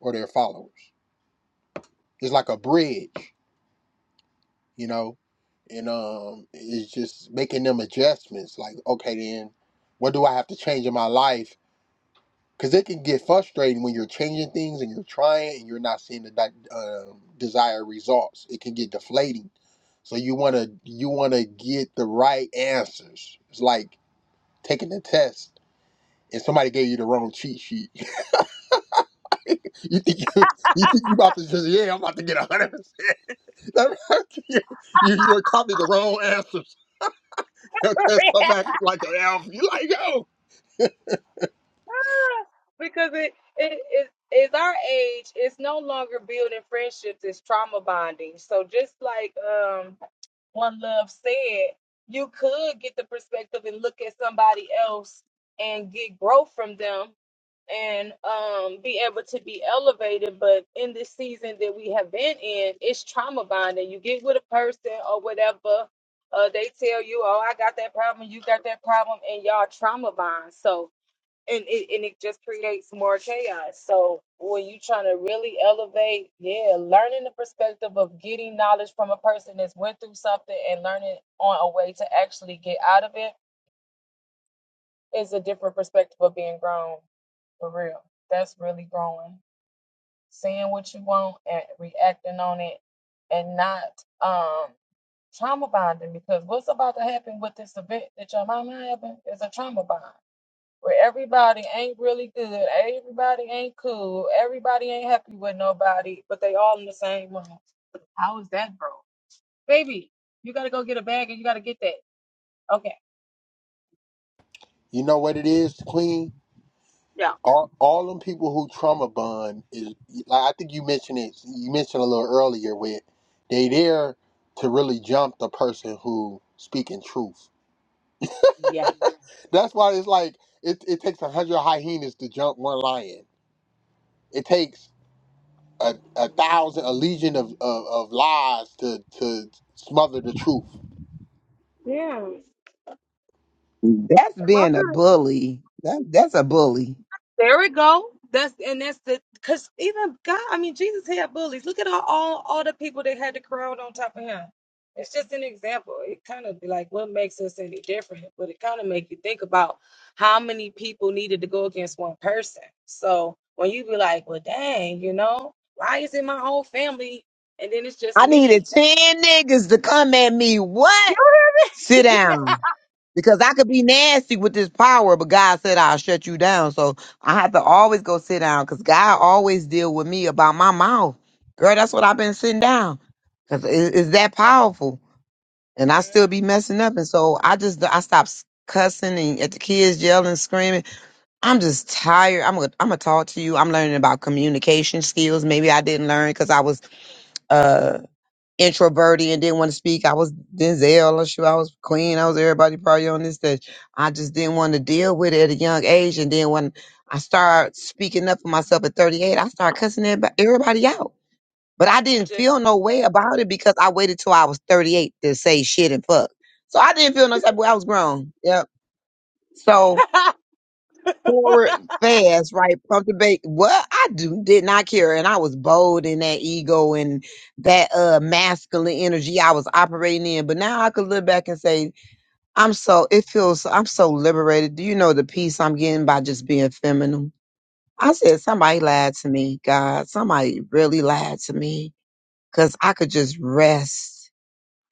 [SPEAKER 2] or their followers. It's like a bridge you know, and um, it's just making them adjustments. Like, okay, then what do I have to change in my life? Because it can get frustrating when you're changing things and you're trying and you're not seeing the di- um desired results. It can get deflating. So you wanna you wanna get the right answers. It's like taking a test. And somebody gave you the wrong cheat sheet. *laughs* You think you, you think you about to just yeah, I'm about to get a hundred percent. *laughs* You you you copied the wrong answers. *laughs* That's come back like an elf. You like, yo.
[SPEAKER 1] because it it is is our age it's no longer building friendships it's trauma bonding so just like um. one love said you could get the perspective and look at somebody else and get growth from them and um be able to be elevated but in this season that we have been in it's trauma bonding you get with a person or whatever uh they tell you oh i got that problem you got that problem and y'all trauma bond so and it and it just creates more chaos. So when you trying to really elevate, yeah, learning the perspective of getting knowledge from a person that's went through something and learning on a way to actually get out of it is a different perspective of being grown for real. That's really growing. Seeing what you want and reacting on it and not um trauma bonding because what's about to happen with this event that your mama having is a trauma bond where everybody ain't really good, everybody ain't cool, everybody ain't happy with nobody, but they all in the same room. How is that, bro? Baby, you gotta go get a bag and you gotta get that. Okay.
[SPEAKER 2] You know what it is, Queen? All, all them people who trauma bond is like I think you mentioned it. You mentioned a little earlier where they there to really jump the person who speaking truth. That's why it's like it, it takes a hundred hyenas to jump one lion. It takes a, a thousand a legion of, of, of lies to to smother the truth.
[SPEAKER 1] Yeah.
[SPEAKER 3] That's being a bully. That, that's a bully.
[SPEAKER 1] There we go. That's and that's the because even God, I mean, Jesus had bullies. Look at all, all all the people that had the crowd on top of him. It's just an example. It kind of be like what makes us any different, but it kind of make you think about how many people needed to go against one person. So when you be like, well, dang, you know, why is it my whole family and then it's just
[SPEAKER 3] I needed
[SPEAKER 1] me?
[SPEAKER 3] 10 niggas to come at me. What? Sit down. Because I could be nasty with this power, but God said I'll shut you down. So I have to always go sit down because God always deal with me about my mouth. Girl, that's what I've been sitting down because it, it's that powerful. And I still
[SPEAKER 1] Mhm.
[SPEAKER 3] be messing up. And so I just, I stopped cussing and at the kids yelling, screaming. I'm just tired. I'm gonna I'm gonna talk to you. I'm learning about communication skills. Maybe I didn't learn because I was uh introverted and didn't want to speak. I was Denzel or shoot, I was Queen. I was everybody probably on this stage. I just didn't want to deal with it at a young age. And then when I started speaking up for myself at 38, I started cussing everyb- everybody out. But I didn't
[SPEAKER 1] Just
[SPEAKER 3] feel no way about it because I waited till I was 38 to say shit and fuck. So I didn't feel no type of way. I was grown. Yep. So forward fast, right? Pump the bait. Well, I do did not care, and I was bold in that ego and that uh masculine energy I was operating in. But now I could look back and say, I'm so it feels I'm so liberated. Do you know the peace I'm getting by just being feminine? I said somebody lied to me, God. Somebody really lied to me because I could just rest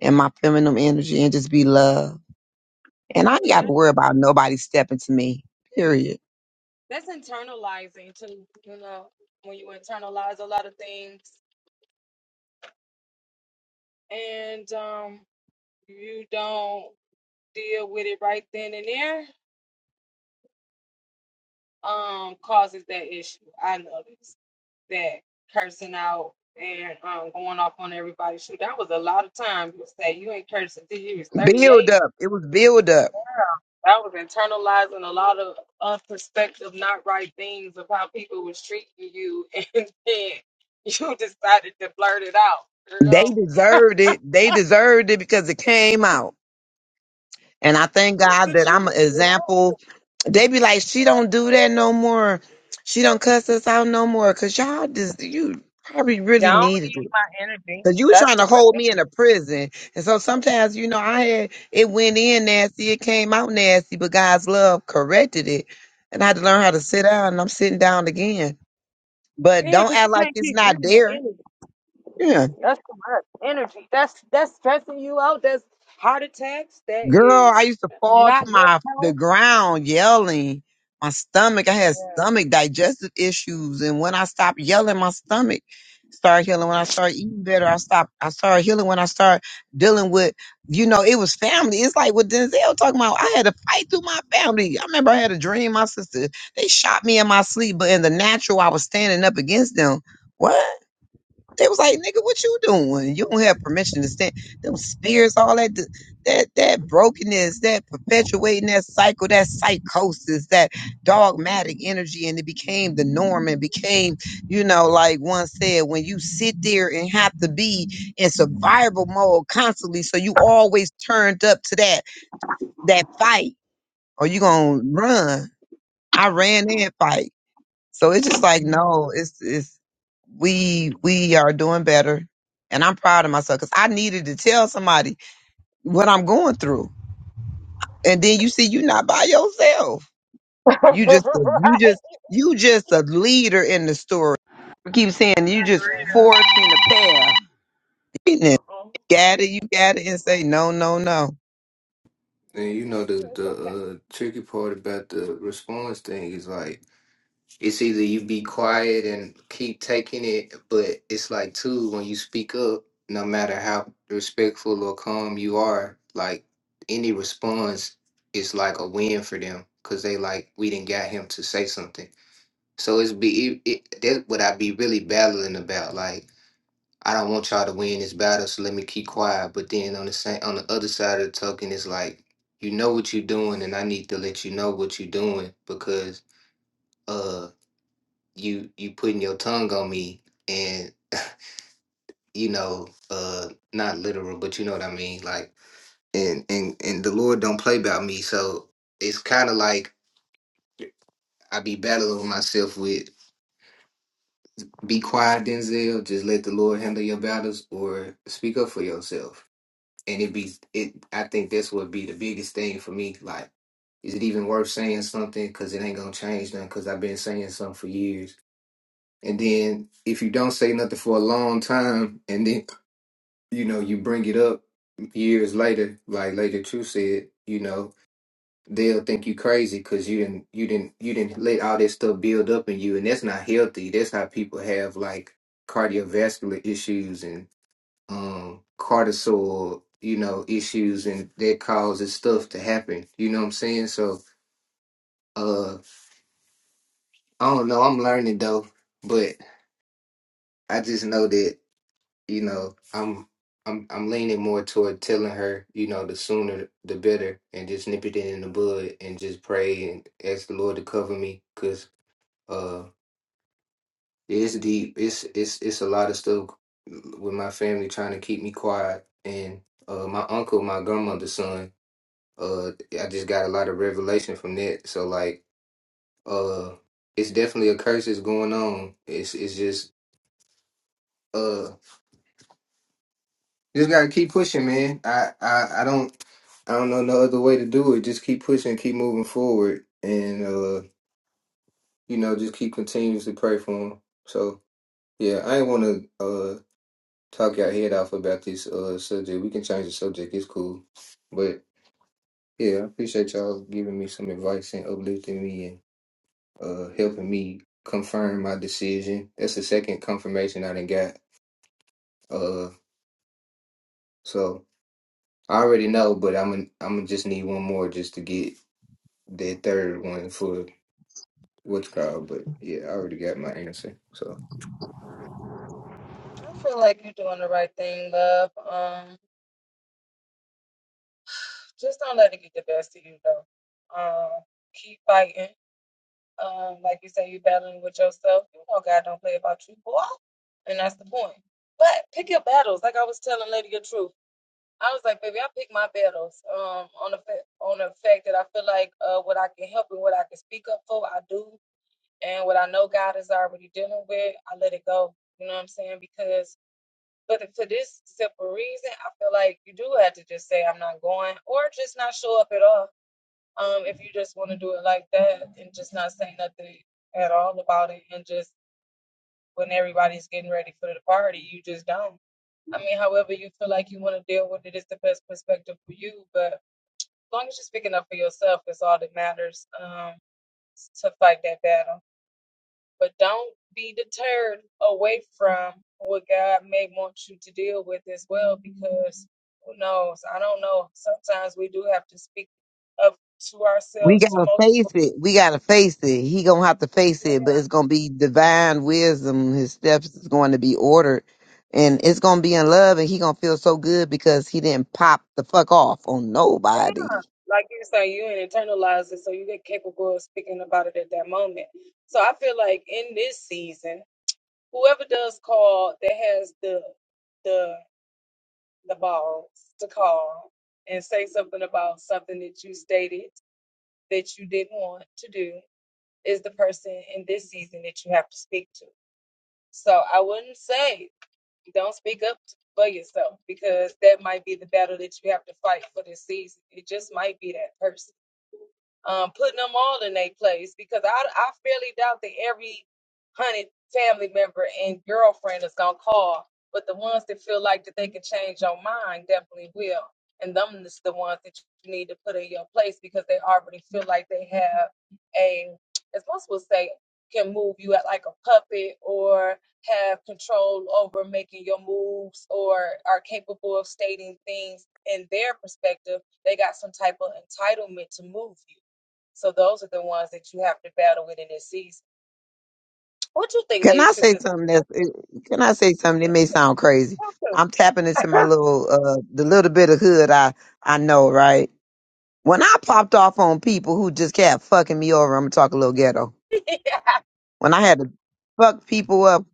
[SPEAKER 3] in my feminine energy and just be love, and I ain't got to
[SPEAKER 1] that,
[SPEAKER 3] worry about nobody stepping to me. Period.
[SPEAKER 1] that's internalizing too. You know, when you internalize a lot of things and um. you don't deal with it right then and there, um, causes that issue. I noticed that cursing out and um going off on everybody. Shoot, that was a lot of time. You say you ain't cursing until you was thirty
[SPEAKER 3] Build
[SPEAKER 1] eight.
[SPEAKER 3] up. It was build up.
[SPEAKER 1] That was internalizing a lot of unperspective.
[SPEAKER 3] They deserved it. They deserved it because it came out. And I thank God that I'm an example. They be like, she don't do that no more. She don't cuss us out no more. Cause y'all just you probably really needed it. Cause you was trying to hold me in a prison. And so sometimes, you know, I had it went in nasty, it came out nasty, but God's love corrected it. And I had to learn how to sit down and I'm sitting down again. But don't act like it's not there.
[SPEAKER 1] That's too much energy. That's that's stressing you out. That's heart attacks. That
[SPEAKER 3] Girl, I
[SPEAKER 1] is
[SPEAKER 3] used to fall to
[SPEAKER 1] not good
[SPEAKER 3] my the
[SPEAKER 1] health.
[SPEAKER 3] ground yelling. My stomach, I had stomach digestive issues, and when I stopped yelling, my stomach started healing. When I started eating better, I stopped. I started healing when I started dealing with, you know, it was family. It's like what Denzel talking about. I had to fight through my family. I remember I had a dream. My sister, they shot me in my sleep, but in the natural, I was standing up against them. What? They was like, nigga, what you doing? You don't have permission to stand. Them spirits, all that, d- that, that brokenness, that perpetuating that cycle, that psychosis, that dogmatic energy. And it became the norm and became, you know, like one said, when you sit there and have to be in survival mode constantly. So you always turned up to that, that fight or you going to run. I ran and fight. So it's just like, no, it's it's we we are doing better and i'm proud of myself because i needed to tell somebody what i'm going through and then you see you are not by yourself
[SPEAKER 1] *laughs*
[SPEAKER 3] you just
[SPEAKER 1] For
[SPEAKER 3] a- you just you just a leader in the story I keep saying you just forging the path You
[SPEAKER 1] real. Uh-uh.
[SPEAKER 3] gotta *laughs* you gotta and say no no no
[SPEAKER 4] And you know the
[SPEAKER 1] It's
[SPEAKER 4] the
[SPEAKER 1] okay.
[SPEAKER 4] uh, tricky part about the response thing is like it's either you be quiet and keep taking it, but it's like too when you speak up, no matter how respectful or calm you are, like any response is like a win for them because they like we didn't got him to say something So it's be it, it, that's what I be really battling about. Like I don't want y'all to win this battle, so let me keep quiet. But then on the same on the other side of the token, it's like you know what you're doing, and I need to let you know what you're doing because uh you you putting your tongue on me, and you know uh not literal, but you know what I mean. Like and and and the Lord don't play about me, so it's kind of like I be battling myself with. Be quiet, Denzel. Just let the Lord handle your battles, or speak up for yourself. And it be it. I think that's what be the biggest thing for me. Like, is it even worth saying something? Because it ain't gonna change nothing. Because I've been saying something for years. And then if you don't say nothing for a long time, and then you know you bring it up years later, like Lady True said, you know they'll think you crazy because you didn't you didn't you didn't let all this stuff build up in you and that's not healthy that's how people have like cardiovascular issues and um cortisol you know issues and that causes stuff to happen you know what i'm saying so uh i don't know i'm learning though but i just know that you know i'm i'm i'm leaning more toward telling her you know the sooner the better and just nip it in the bud and just pray and ask the lord to cover me because It's deep. It's it's it's a lot of stuff with my family trying to keep me quiet. And uh my uncle, my grandmother's son, uh I just got a lot of revelation from that. So like uh it's definitely a curse that's going on. It's it's just uh just gotta keep pushing, man. I, I I don't I don't know no other way to do it. Just keep pushing, keep moving forward and uh you know, just keep continuously pray for him. So yeah, I ain't wanna uh talk your head off about this uh subject. We can change the subject. It's cool. But yeah, I appreciate y'all giving me some advice and uplifting me and uh helping me confirm my decision. That's the second confirmation I done got. Uh so I already know, but I'm gonna I'm gonna just need one more just to get that third one for what's called. But yeah, I already got my answer. So
[SPEAKER 1] I feel like you're doing the right thing, love. Um, just don't let it get the best of you, though. Um, keep fighting. Um, like you say, you're battling with yourself. You know, God don't play about you, boy, and that's the point. But pick your battles. Like I was telling Lady the truth. I was like, baby, I pick my battles. Um, on the fa- on the fact that I feel like uh, what I can help and what I can speak up for, I do, and what I know God is already dealing with, I let it go. You know what I'm saying? Because But if for this simple reason, I feel like you do have to just say I'm not going, or just not show up at all. Um, if you just want to do it like that and just not say nothing at all about it, and just when everybody's getting ready for the party, you just don't. I mean, however you feel like you want to deal with it is the best perspective for you. But as long as you're speaking up for yourself, it's all that matters um, to fight that battle. But don't be deterred away from what God may want you to deal with as well, because who knows? I don't know. Sometimes we do have to speak up to
[SPEAKER 3] We
[SPEAKER 1] ourselves to
[SPEAKER 3] gotta face
[SPEAKER 1] multiple.
[SPEAKER 3] it. We gotta face it. He gonna have to face
[SPEAKER 1] people.
[SPEAKER 3] it, but it's gonna be divine wisdom. His steps is going to be ordered, and it's gonna be in love. And he gonna feel so good because he didn't pop the fuck off on
[SPEAKER 1] Yeah,
[SPEAKER 3] nobody.
[SPEAKER 1] like you say, you ain't internalized it, so you get capable of speaking about it at that moment. So I feel like in this season, whoever does call that has the the the balls to call and say something about something that you stated that you didn't want to do is the person in this season that you have to speak to. So I wouldn't say don't speak up for yourself because that might be the battle that you have to fight for this season. It just might be that person um, putting them all in their place because I, I fairly doubt that every hunted family member and girlfriend is gonna call, but the ones that feel like that they can change your mind definitely will, and them is the ones that you need to put in your place because they already feel like they have a, as most will say, can move you at like a puppet or have control over making your moves or are capable of stating things in their perspective. They got some type of entitlement to move you so those are the ones that you have to battle with in this season. What you think,
[SPEAKER 3] Can
[SPEAKER 1] Lady
[SPEAKER 3] I
[SPEAKER 1] True?
[SPEAKER 3] say
[SPEAKER 1] Because
[SPEAKER 3] something that's? eh, Can I say something? It may sound crazy.
[SPEAKER 1] that's awesome.
[SPEAKER 3] I'm tapping into my little, uh, the little bit of hood I I know, right? When I popped off on people who just kept fucking me over, I'm gonna talk a little ghetto
[SPEAKER 1] *laughs*
[SPEAKER 3] when I had to fuck people up,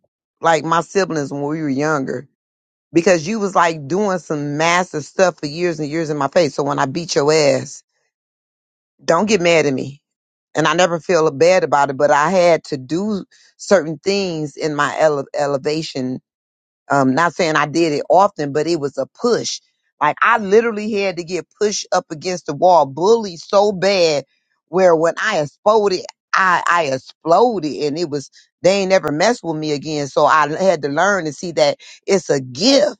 [SPEAKER 3] like my siblings when we were younger, because you was like doing some massive stuff for years and years in my face. So when I beat your ass, don't get mad at me. And I never feel bad about it, but I had to do certain things in my ele- elevation um, not saying I did it often, but it was a push. Like I literally had to get pushed up against the wall, bullied so bad where when I exploded, I, I exploded and it was, they ain't never messed with me again. So I had to learn to see that it's a gift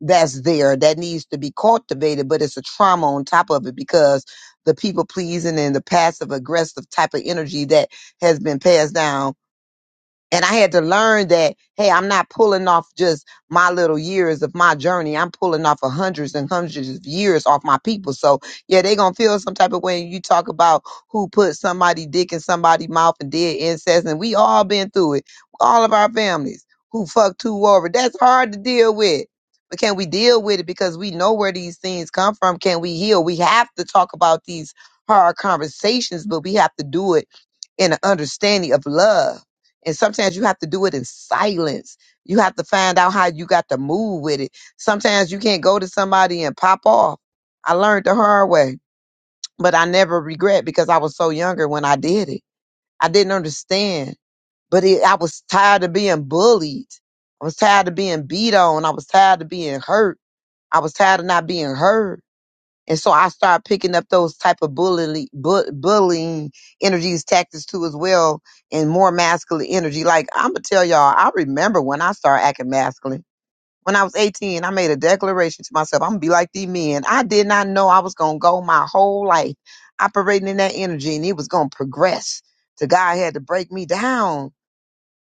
[SPEAKER 3] that's there that needs to be cultivated, but it's a trauma on top of it because the people pleasing and the passive aggressive type of energy that has been passed down and I had to learn that, hey, I'm not pulling off just my little years of my journey. I'm pulling off of hundreds and hundreds of years off my people. So yeah, they gonna feel some type of way. You talk about who put somebody dick in somebody's mouth and did incest, and we all been through it. All of our families who fucked who over. That's hard to deal with. But can we deal with it because we know where these things come from? Can we heal? We have to talk about these hard conversations, but we have to do it in an understanding of love and sometimes you have to do it in silence. You have to find out how you got to move with it. Sometimes you can't go to somebody and pop off. I learned the hard way, but I never regret because I was so younger when I did it. I didn't understand, but it, I was tired of being bullied. I was tired of being beat on. I was tired of being hurt. I was tired of not being heard. And so I started picking up those type of bullying, bu- bullying energies, tactics too, as well, and more masculine energy. Like I'm gonna tell y'all, I remember when I started acting masculine. When I was 18, I made a declaration to myself, I'm gonna be like these men. I did not know I was gonna go my whole life operating in that energy, and it was gonna progress. To God had to break me down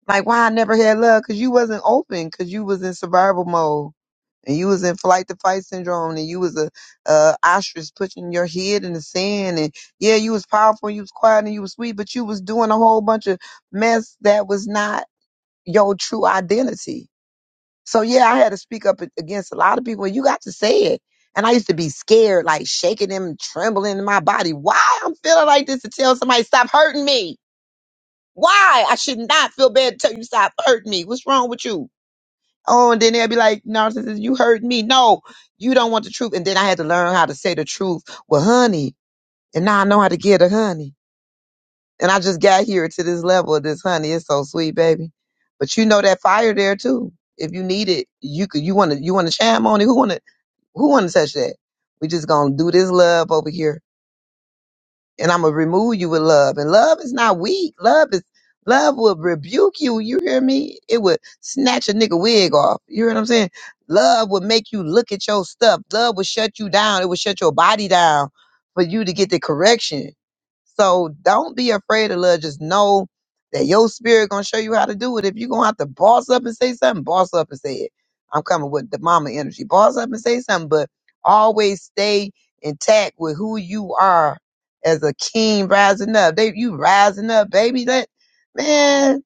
[SPEAKER 3] like why I never had love? Cause you wasn't open. Cause you was in survival mode, and you was in flight to fight syndrome, and you was a, a ostrich putting your head in the sand. And yeah, you was powerful, and you was quiet, and you was sweet, but you was doing a whole bunch of mess that was not your true identity. So yeah, I had to speak up a- against a lot of people. and You got to say it. And I used to be scared, like shaking them, trembling in my body. Why I'm feeling like this to tell somebody stop hurting me? Why? I should not feel bad until you stop hurting me. What's wrong with you? Oh, and then they'll be like, narcissist, you hurt me. No, you don't want the truth. And then I had to learn how to say the truth. Well, honey. And now I know how to get a honey. And I just got here to this level of this honey. It's so sweet, baby. But you know that fire there too. If you need it, you could you wanna you wanna chime on it. Who wanna who wanna touch that? We just gonna do this love over here and I'm gonna remove you with love. And love is not weak. Love is love will rebuke you. You hear me? It would snatch a nigga wig off. You hear what I'm saying? Love would make you look at your stuff. Love would shut you down. It would shut your body down for you to get the correction. So don't be afraid of love. Just know that your spirit gonna show you how to do it. If you gonna have to boss up and say something, boss up and say it. I'm coming with the mama energy. Boss up and say something, but always stay intact with who you are as a king rising up. They you rising up, baby. That man,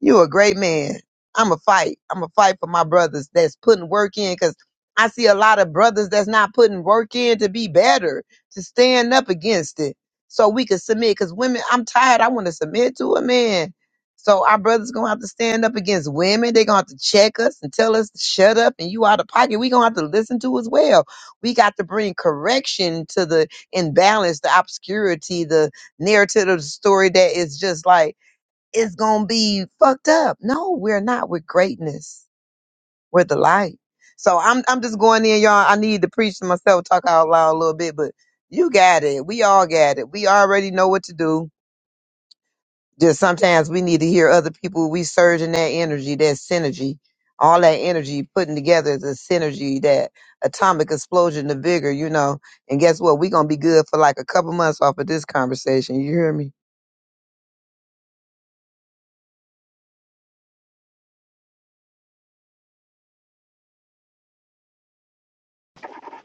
[SPEAKER 3] you a great man. I'm a fight. I'm a fight for my brothers that's putting work in because I see a lot of brothers that's not putting work in to be better, to stand up against it. So we can submit because women, I'm tired. I want to submit to a man. So our brothers gonna have to stand up against women. They're gonna have to check us and tell us to shut up and you out of pocket. we gonna have to listen to as well. We got to bring correction to the imbalance, the obscurity, the narrative of the story that is just like is gonna be fucked up. No, we're not. We're greatness. We're the light. So I'm I'm just going in, y'all. I need to preach to myself, talk out loud a little bit, but you got it. We all got it. We already know what to do. Just sometimes we need to hear other people. We surge in that energy, that synergy, all that energy putting together the synergy, that atomic explosion, the vigor, you know. And guess what? We're gonna be good for like a couple months off of this conversation. You hear me?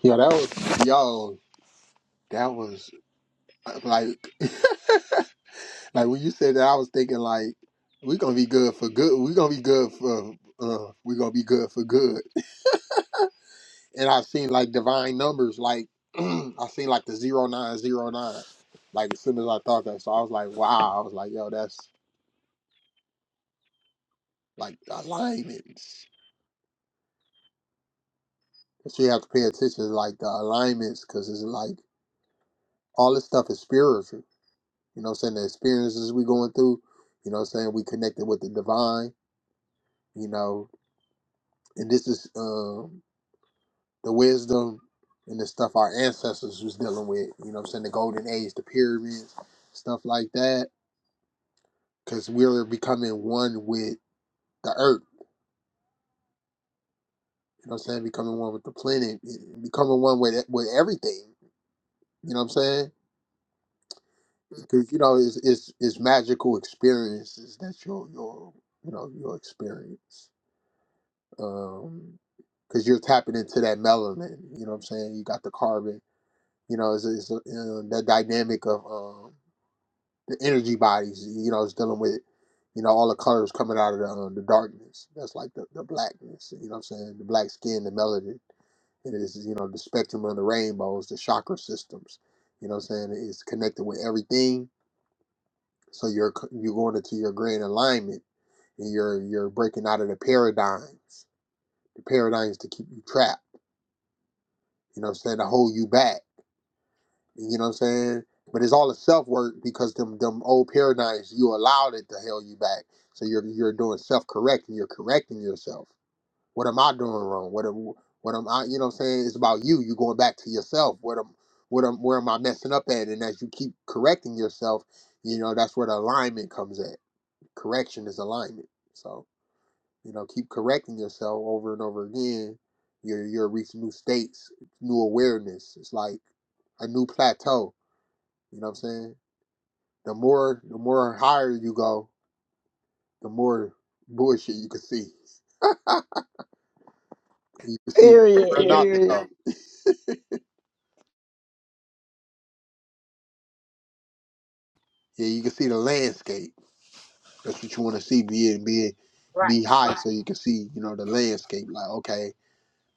[SPEAKER 2] Yo, that was yo, that was uh, like. *laughs* Like when you said that, I was thinking like we're gonna be good for good. We're gonna be good for uh, we're gonna be good for good. And I've seen like divine numbers. Like *clears throat* I seen like the zero nine zero nine. Like as soon as I thought that, so I was like, wow. I was like, yo, that's like alignments. So you have to pay attention to like the alignments because it's like all this stuff is spiritual. You know, what I'm saying the experiences we going through. You know, what I'm saying we connected with the divine. You know, and this is um the wisdom and the stuff our ancestors was dealing with. You know what I'm saying? The golden age, the pyramids, stuff like that. Because we're becoming one with the earth. You know what I'm saying? Becoming one with the planet, becoming one with with everything. You know what I'm saying? Because you know it's, it's it's magical experiences that you'll you'll you know you'll experience. Um, because you're tapping into that melanin. You know what I'm saying? You got the carbon. You know, it's, it's uh, the dynamic of um the energy bodies, you know, is dealing with, you know, all the colors coming out of the, uh, the darkness. That's like the, the blackness, you know what I'm saying? The black skin, the melanin. It is, you know, the spectrum of the rainbows, the chakra systems, you know what I'm saying? It's connected with everything. So you're, c- you're going into your grand alignment and you're, you're breaking out of the paradigms, the paradigms to keep you trapped, you know what I'm saying? To hold you back You know what I'm saying? But it's all a self work because them them old paradigms you allowed it to held you back. So you're you're doing self correcting. You're correcting yourself. What am I doing wrong? What am what am I? You know what I'm saying? It's about you. You going back to yourself. What am what am where am I messing up at? And as you keep correcting yourself, you know that's where the alignment comes at. Correction is alignment. So you know keep correcting yourself over and over again. You're you're reaching new states, new awareness. It's like a new plateau you know what I'm saying? The more the more higher you go, the more bullshit you can see. You can see where
[SPEAKER 3] Period.
[SPEAKER 2] where Yeah. not to
[SPEAKER 3] Period.
[SPEAKER 2] go. Yeah, you can see the landscape. That's what you want to see. Be it, be it, be high so you can see, you know, the landscape. Like, okay,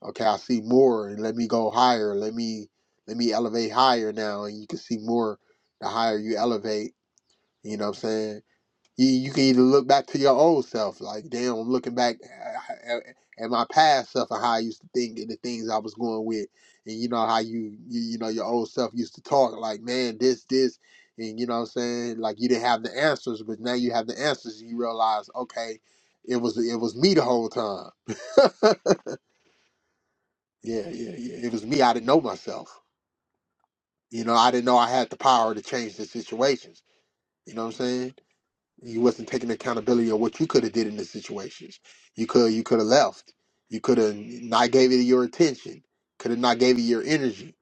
[SPEAKER 2] okay, I see more, and let me go higher. Let me let me elevate higher now, and you can see more. The higher you elevate, you know what I'm saying? You, you can either look back to your old self, like, damn, I'm looking back at, at my past self and how I used to think and the things I was going with. And you know how you, you, you know, your old self used to talk like, man, this, this. And you know what I'm saying? Like you didn't have the answers, but now you have the answers. And You realize, okay, it was it was me the whole time. *laughs* yeah, yeah, yeah. It was me. I didn't know myself. You know, I didn't know I had the power to change the situations. You know what I'm saying? You wasn't taking accountability of what you could have did in the situations. You could you could have left. You could have not gave it your attention. Could have not gave it your energy.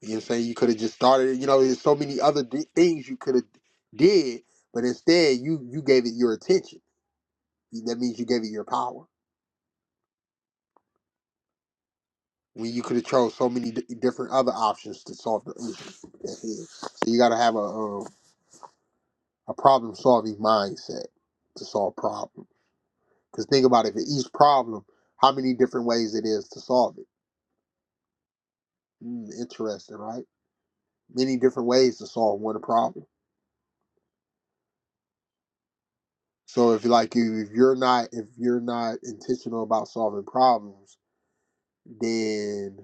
[SPEAKER 2] You know what I'm saying? You could have just started. You know, there's so many other d- things you could have did, but instead you you gave it your attention. That means you gave it your power. When you could have chose so many d- different other options to solve the issue. That's it. So you got to have a um, a problem solving mindset to solve problems. Because think about it, for each problem, how many different ways it is to solve it. Mm, interesting, right? Many different ways to solve one problem. So if like you if you're not if you're not intentional about solving problems, then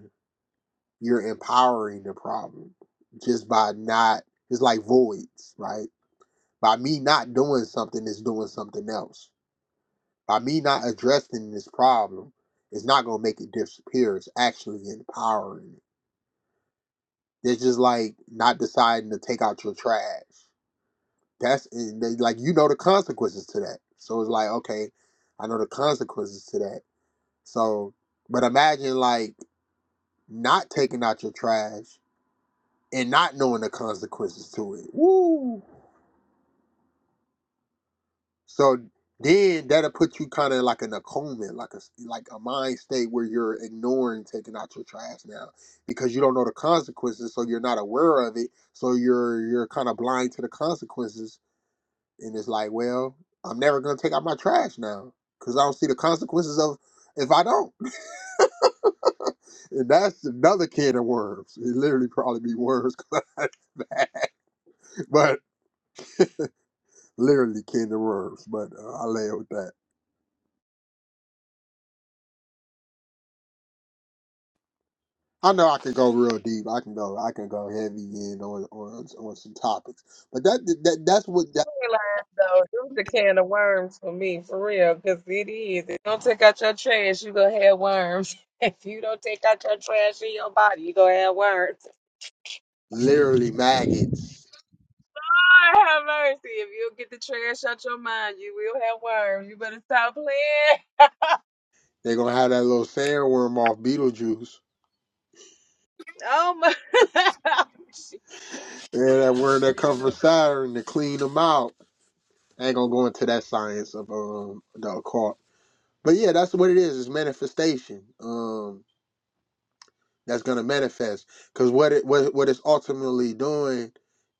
[SPEAKER 2] you're empowering the problem just by not it's like voids, right? By me not doing something it's doing something else. By me not addressing this problem, it's not gonna make it disappear. It's actually empowering it They're just like not deciding to take out your trash. That's and they like you know the consequences to that. So it's like okay, I know the consequences to that. So, but imagine like not taking out your trash and not knowing the consequences to it. Woo! So then that'll put you kind of like in a coma, like a like a mind state where you're ignoring taking out your trash now because you don't know the consequences, so you're not aware of it. So you're you're kind of blind to the consequences and it's like, well, I'm never gonna take out my trash now because I don't see the consequences of if I don't. *laughs* and that's another can of worms. It literally probably be worms, *laughs* but literally can of worms. But uh, I lay it with that. I know I can go real deep. I can go. I can go heavy in on on, on some topics. But that that that's what that
[SPEAKER 1] I realize though, it was a can of worms for me, for real. Because it is. If you don't take out your trash, you gonna have worms. *laughs* If you don't take out your trash in your body, you gonna have worms.
[SPEAKER 2] literally
[SPEAKER 1] Lord
[SPEAKER 2] maggots.
[SPEAKER 1] have mercy. If you don't get the trash out your mind, you will have worms. You better stop playing.
[SPEAKER 2] They're gonna have that little sandworm off Beetlejuice.
[SPEAKER 1] Oh my. *laughs*
[SPEAKER 2] Yeah, that worm that
[SPEAKER 1] For real
[SPEAKER 2] comes from Saturn to clean them out I ain't gonna go into that science of um the occult. But yeah, that's what it is. It's manifestation. Um, that's gonna manifest because what it what what it's ultimately doing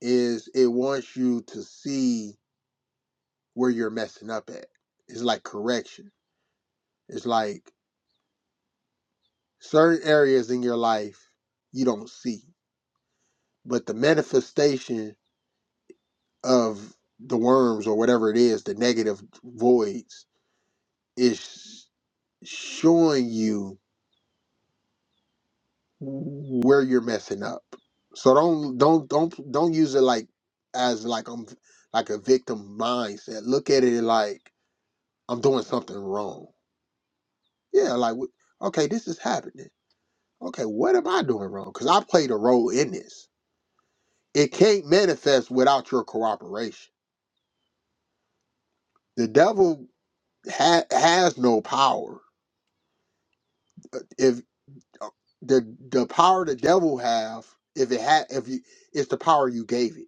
[SPEAKER 2] is it wants you to see where you're messing up at. It's like correction. It's like certain areas in your life you don't see, but the manifestation of the worms or whatever it is, the negative voids, is showing you where you're messing up. So don't don't don't don't use it like as like I'm like a victim mindset. Look at it like I'm doing something wrong. Yeah, like wh- okay, this is happening. Okay, what am I doing wrong? Because I played a role in this. It can't manifest without your cooperation. The devil ha- has no power. Uh, If uh, the the power the devil have, if it had, if you, it's the power you gave it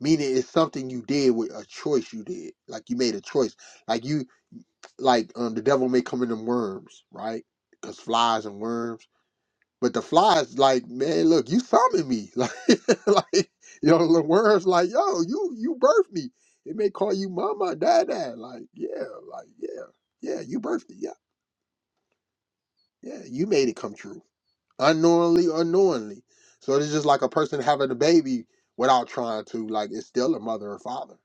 [SPEAKER 2] meaning it's something you did with a choice you did like you made a choice like you like um the devil may come in them worms right because flies and worms but the flies like man look you summoned me *laughs* like like you know the worms like yo you you birthed me it may call you mama dad dad like yeah like yeah yeah you birthed it yeah yeah you made it come true unknowingly unknowingly. so it's just like a person having a baby without trying to like it's still a mother or father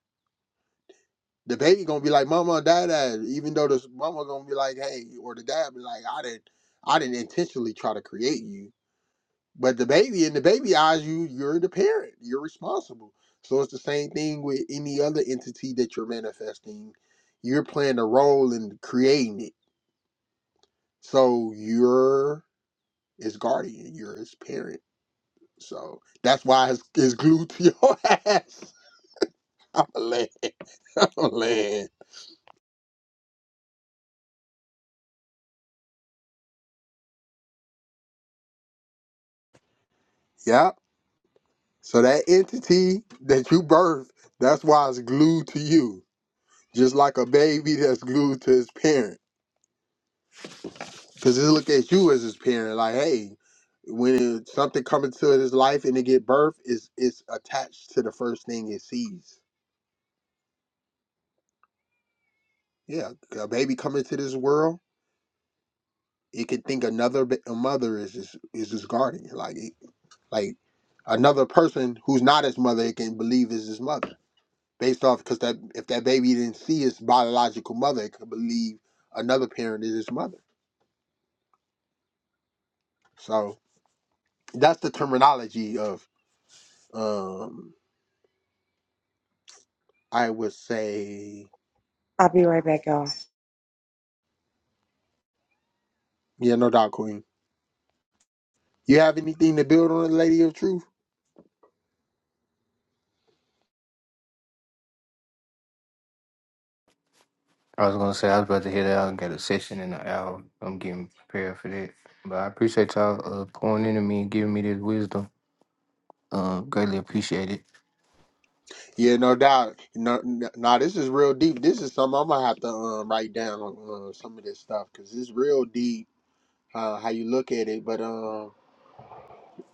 [SPEAKER 2] The baby gonna be like mama or dada, even though this mama gonna be like, hey, or the dad be like, I didn't I didn't intentionally try to create you. But the baby in the baby eyes, you you're the parent. You're responsible. So it's the same thing with any other entity that you're manifesting. You're playing a role in creating it. So you're his guardian, you're his parent. So that's why it's, it's glued to your *laughs* ass. I'm a land. I'm a land. Yeah. So that entity that you birthed, that's why it's glued to you. Just like a baby that's glued to his parent. Because he look at you as his parent, like, hey, when it, something comes into his life and it get birth, it's, it's attached to the first thing it sees. Yeah, a baby coming to this world, it can think another ba- a mother is just, is his guardian. Like, it, like another person who's not his mother, it can believe is his mother. based off because that if that baby didn't see his biological mother, it could believe another parent is his mother. So that's the terminology of um I would say yeah, no doubt, Queen. You have anything to build on, the Lady of Truth?
[SPEAKER 4] I was gonna say I was about to hit out and get a session in an hour. I'm getting prepared for that. But I appreciate y'all uh, pouring into me and giving me this wisdom. Uh, greatly appreciated.
[SPEAKER 2] Yeah, no doubt. No, no, nah, this is real deep. This is something I'm gonna have to um, write down on uh, some of this stuff because it's real deep uh, how you look at it. But um,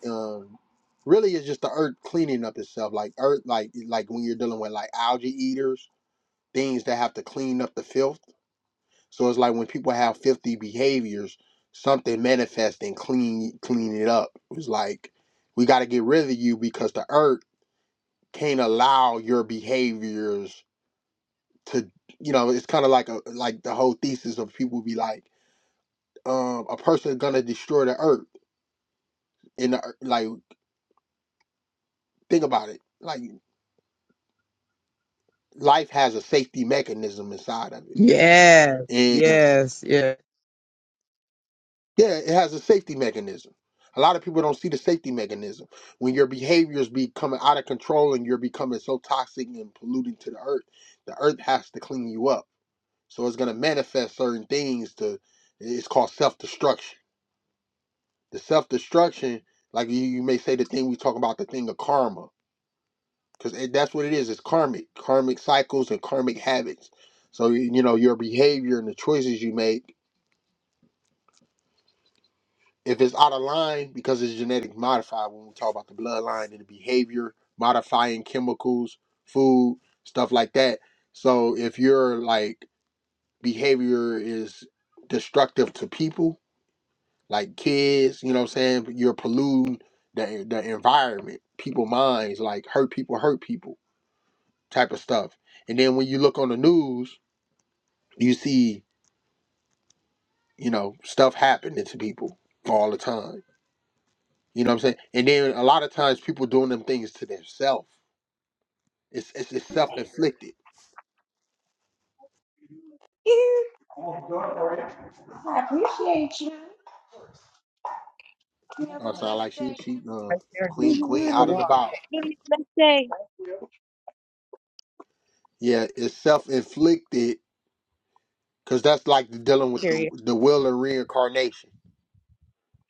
[SPEAKER 2] um, really it's just the earth cleaning up itself like earth like like when you're dealing with like algae eaters things that have to clean up the filth. So it's like when people have filthy behaviors, something manifests and clean clean it up. It's like we got to get rid of you because the earth can't allow your behaviors to. You know, it's kind of like a like the whole thesis of people be like, um, a person gonna destroy the earth. And the, like, think about it. Like, life has a safety mechanism inside of
[SPEAKER 3] Yes,
[SPEAKER 2] it, And.
[SPEAKER 3] yes, yes.
[SPEAKER 2] Yeah, it has a safety mechanism. A lot of people don't see the safety mechanism. When your behaviors becoming out of control and you're becoming so toxic and polluting to the earth, the earth has to clean you up. So it's gonna manifest certain things to it's called self destruction. The self destruction, like you, you may say the thing we talk about, the thing of karma. Because that's what it is, it's karmic, karmic cycles and karmic habits. So you you know, your behavior and the choices you make if it's out of line because it's genetic modified when we talk about the bloodline and the behavior modifying chemicals food stuff like that so if your like behavior is destructive to people like kids you know what i'm saying you're polluting the, the environment people minds like hurt people hurt people type of stuff and then when you look on the news you see you know stuff happening to people all the time You know what I'm saying? And then a lot of times people doing them things to themselves. It's it's, it's self inflicted.
[SPEAKER 1] though. Have a
[SPEAKER 2] Oh, sound
[SPEAKER 1] blessed
[SPEAKER 2] like she
[SPEAKER 1] day.
[SPEAKER 2] she uh,
[SPEAKER 1] I sure
[SPEAKER 2] queen
[SPEAKER 1] do.
[SPEAKER 2] queen
[SPEAKER 1] a Mhm.
[SPEAKER 2] out of the box.
[SPEAKER 1] Have a blessed day.
[SPEAKER 2] Yeah, it's self inflicted because that's like the dealing with the, the will and reincarnation.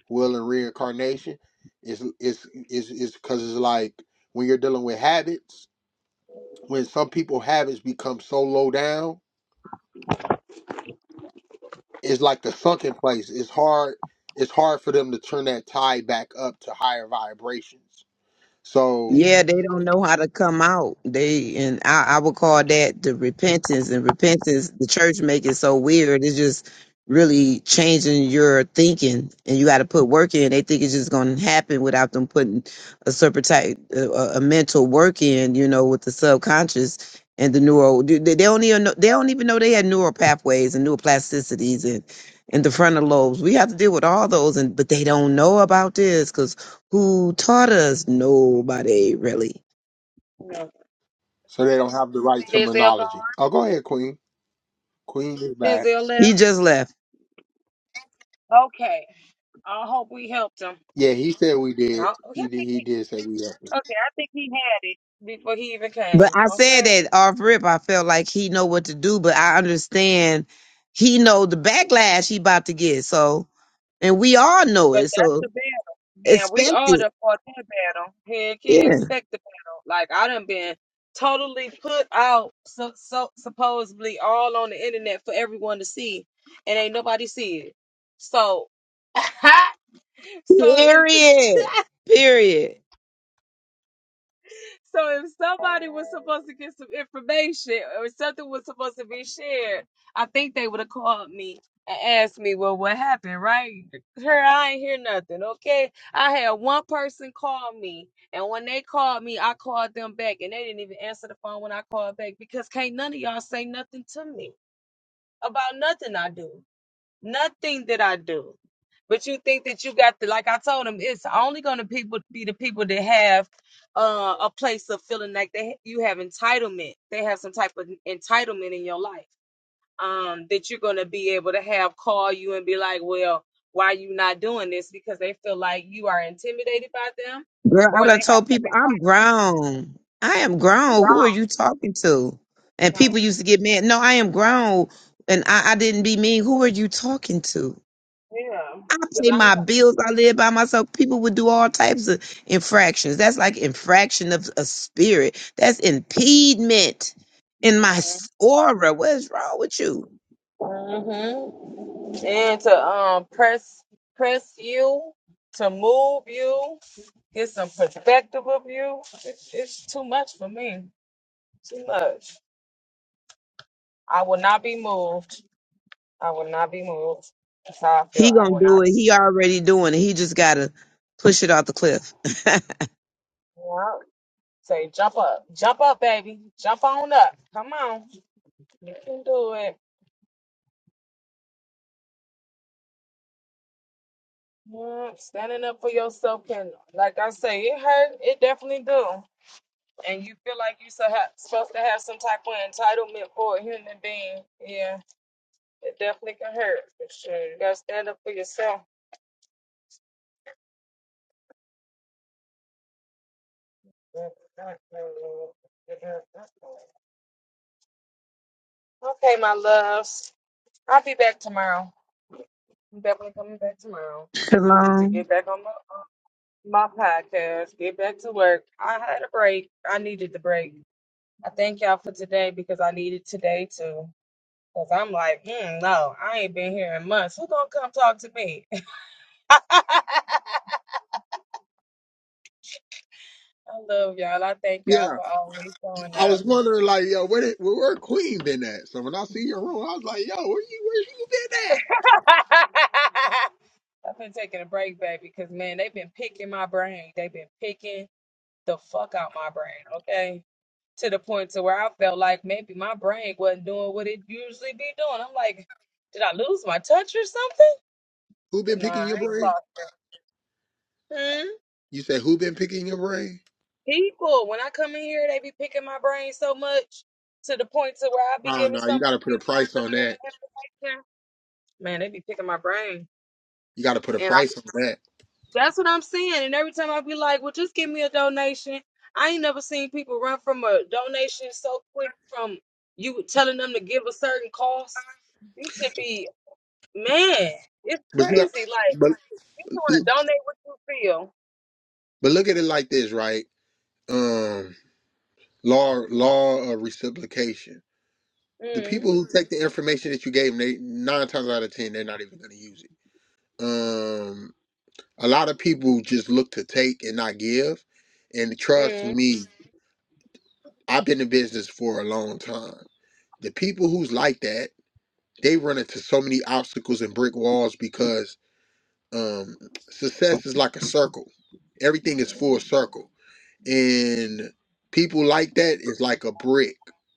[SPEAKER 2] Will and reincarnation is is is is because it's like when you're dealing with habits. When some people habits become so low down, it's like the sunken place. It's hard. It's hard for them to turn that tide back up to higher vibrations. So
[SPEAKER 1] Mhm.
[SPEAKER 3] Yeah, they don't know how to come out. They and I, I would call that the repentance and repentance. The church make it so weird. It's just really changing your thinking, and you got to put work in. They think it's just going to happen without them putting a certain type, a, a a mental work in. You know, with the subconscious and the neural. They they don't even know. They don't even know they had neural pathways and neuroplasticities and and the frontal lobes. We have to deal with all those, and but they don't know about this because who taught us? Nobody really.
[SPEAKER 2] So they don't have the right
[SPEAKER 1] Denzel gone.
[SPEAKER 2] terminology. Oh, go ahead, Queen. Queen is back.
[SPEAKER 1] Denzel
[SPEAKER 3] He
[SPEAKER 1] left.
[SPEAKER 3] just left.
[SPEAKER 1] Okay. I hope we helped him.
[SPEAKER 2] Yeah, he said we did.
[SPEAKER 1] No, yeah.
[SPEAKER 2] He did. He did say we had.
[SPEAKER 1] Okay, I think he had it before he even
[SPEAKER 3] But
[SPEAKER 1] came.
[SPEAKER 3] I said
[SPEAKER 1] Okay.
[SPEAKER 3] that off rip. I felt like he know what to do, but I understand he know the backlash he about to get. So, and we all know
[SPEAKER 1] But
[SPEAKER 3] it.
[SPEAKER 1] that's
[SPEAKER 3] So
[SPEAKER 1] the battle. Man, we
[SPEAKER 3] expect
[SPEAKER 1] all
[SPEAKER 3] it.
[SPEAKER 1] done fought that battle. Heck yeah,
[SPEAKER 3] Yeah.
[SPEAKER 1] expect the battle. Like I done been totally put out so, so supposedly all on the internet for everyone to see. And ain't nobody see it. So *laughs* so if
[SPEAKER 3] Period.
[SPEAKER 1] *laughs*
[SPEAKER 3] Period.
[SPEAKER 1] So if somebody was supposed to get some information or something was supposed to be shared, I think they would have called me and asked me, well, what happened, right? Her, I ain't hear nothing, okay? I had one person call me, and when they called me, I called them back, and they didn't even answer the phone when I called back because can't none of y'all say nothing to me about nothing I do nothing that I do. But you think that you got the like I told them, it's only gonna people be the people that have uh, a place of feeling like they you have entitlement. They have some type of entitlement in your life. Um, that you're gonna be able to have call you and be like, well, why you not doing this? Because they feel like you are intimidated by them,
[SPEAKER 3] Girl, I
[SPEAKER 1] or they
[SPEAKER 3] done
[SPEAKER 1] have
[SPEAKER 3] told
[SPEAKER 1] some
[SPEAKER 3] people I'm
[SPEAKER 1] entitlement.
[SPEAKER 3] grown. I am
[SPEAKER 1] I'm
[SPEAKER 3] grown. Who are
[SPEAKER 1] wrong.
[SPEAKER 3] you talking to? And people
[SPEAKER 1] No.
[SPEAKER 3] used to get mad. No, I am grown. And I, I didn't be mean. Who are you talking to?
[SPEAKER 1] Yeah.
[SPEAKER 3] I
[SPEAKER 1] 'Cause
[SPEAKER 3] pay my bills. I live by myself. People would do all types of infractions. That's like infraction of a spirit. That's impediment in my s- aura. What is wrong with you?
[SPEAKER 1] hmm And to um press press you, to move you, get some perspective of you. It's, it's too much for me. Too much. I will not be moved. I will not be moved. That's how I
[SPEAKER 3] He
[SPEAKER 1] feel. I
[SPEAKER 3] gonna
[SPEAKER 1] will
[SPEAKER 3] do
[SPEAKER 1] not
[SPEAKER 3] it. He already doing it. He just gotta push it off the cliff.
[SPEAKER 1] be moved. Say jump up. Jump up, baby. Jump on up. Come on. You can do it. Mm, Standing up for yourself can like I say, it hurt. It definitely do. and you feel like you're so ha- supposed to have some type of entitlement for a human being, yeah, it definitely can hurt for sure. You gotta stand up for yourself. Okay, my loves, I'll be back tomorrow. I'm definitely coming back tomorrow.
[SPEAKER 3] *laughs*
[SPEAKER 1] I need to
[SPEAKER 3] Shalom.
[SPEAKER 1] get back on my my podcast, get back to work. I had a break. I needed the break. I thank y'all for today because I needed today too. Cause I'm like, mm, no, I ain't been here in months. Who gonna come talk to me? *laughs* I love y'all. I thank y'all
[SPEAKER 2] Yeah,
[SPEAKER 1] for always showing
[SPEAKER 2] I was
[SPEAKER 1] up.
[SPEAKER 2] wondering, like, yo, where did where, where Queen been at? So when I see your room, I was like, yo, where you where you been at?
[SPEAKER 1] *laughs* I've been taking a break, baby, because man, they've been picking my brain. They've been picking the fuck out my brain, okay? To the point to where I felt like maybe my brain wasn't doing what it usually be doing. I'm like, did I lose my touch or something?
[SPEAKER 2] Who been
[SPEAKER 1] Nah, I
[SPEAKER 2] picking your
[SPEAKER 1] ain't
[SPEAKER 2] brain?
[SPEAKER 1] lost it. Hmm?
[SPEAKER 2] You said who been picking your brain?
[SPEAKER 1] People, when I come in here, they be picking my brain so much to the point to where I be
[SPEAKER 2] Oh
[SPEAKER 1] giving
[SPEAKER 2] no,
[SPEAKER 1] so
[SPEAKER 2] you got to
[SPEAKER 1] much
[SPEAKER 2] put a price on that.
[SPEAKER 1] good Man, they be picking my brain.
[SPEAKER 2] You got to put a
[SPEAKER 1] And I,
[SPEAKER 2] price on that.
[SPEAKER 1] that's what I'm saying. And every time I be like, well, just give me a donation. I ain't never seen people run from a donation so quick from you telling them to give a certain cost. You should be, man, it's
[SPEAKER 2] But you got,
[SPEAKER 1] crazy. Like,
[SPEAKER 2] but
[SPEAKER 1] people want to donate what you feel.
[SPEAKER 2] but look at it like this, right? Um, law law of reciprocation. The people who take the information that you gave them, they nine times out of ten, they're not even going to use it. Um, a lot of people just look to take and not give. And trust
[SPEAKER 1] Mm-hmm.
[SPEAKER 2] me, I've been in business for a long time. The people who's like that, they run into so many obstacles and brick walls because um, success is like a circle. Everything is full circle, and people like that is like a brick.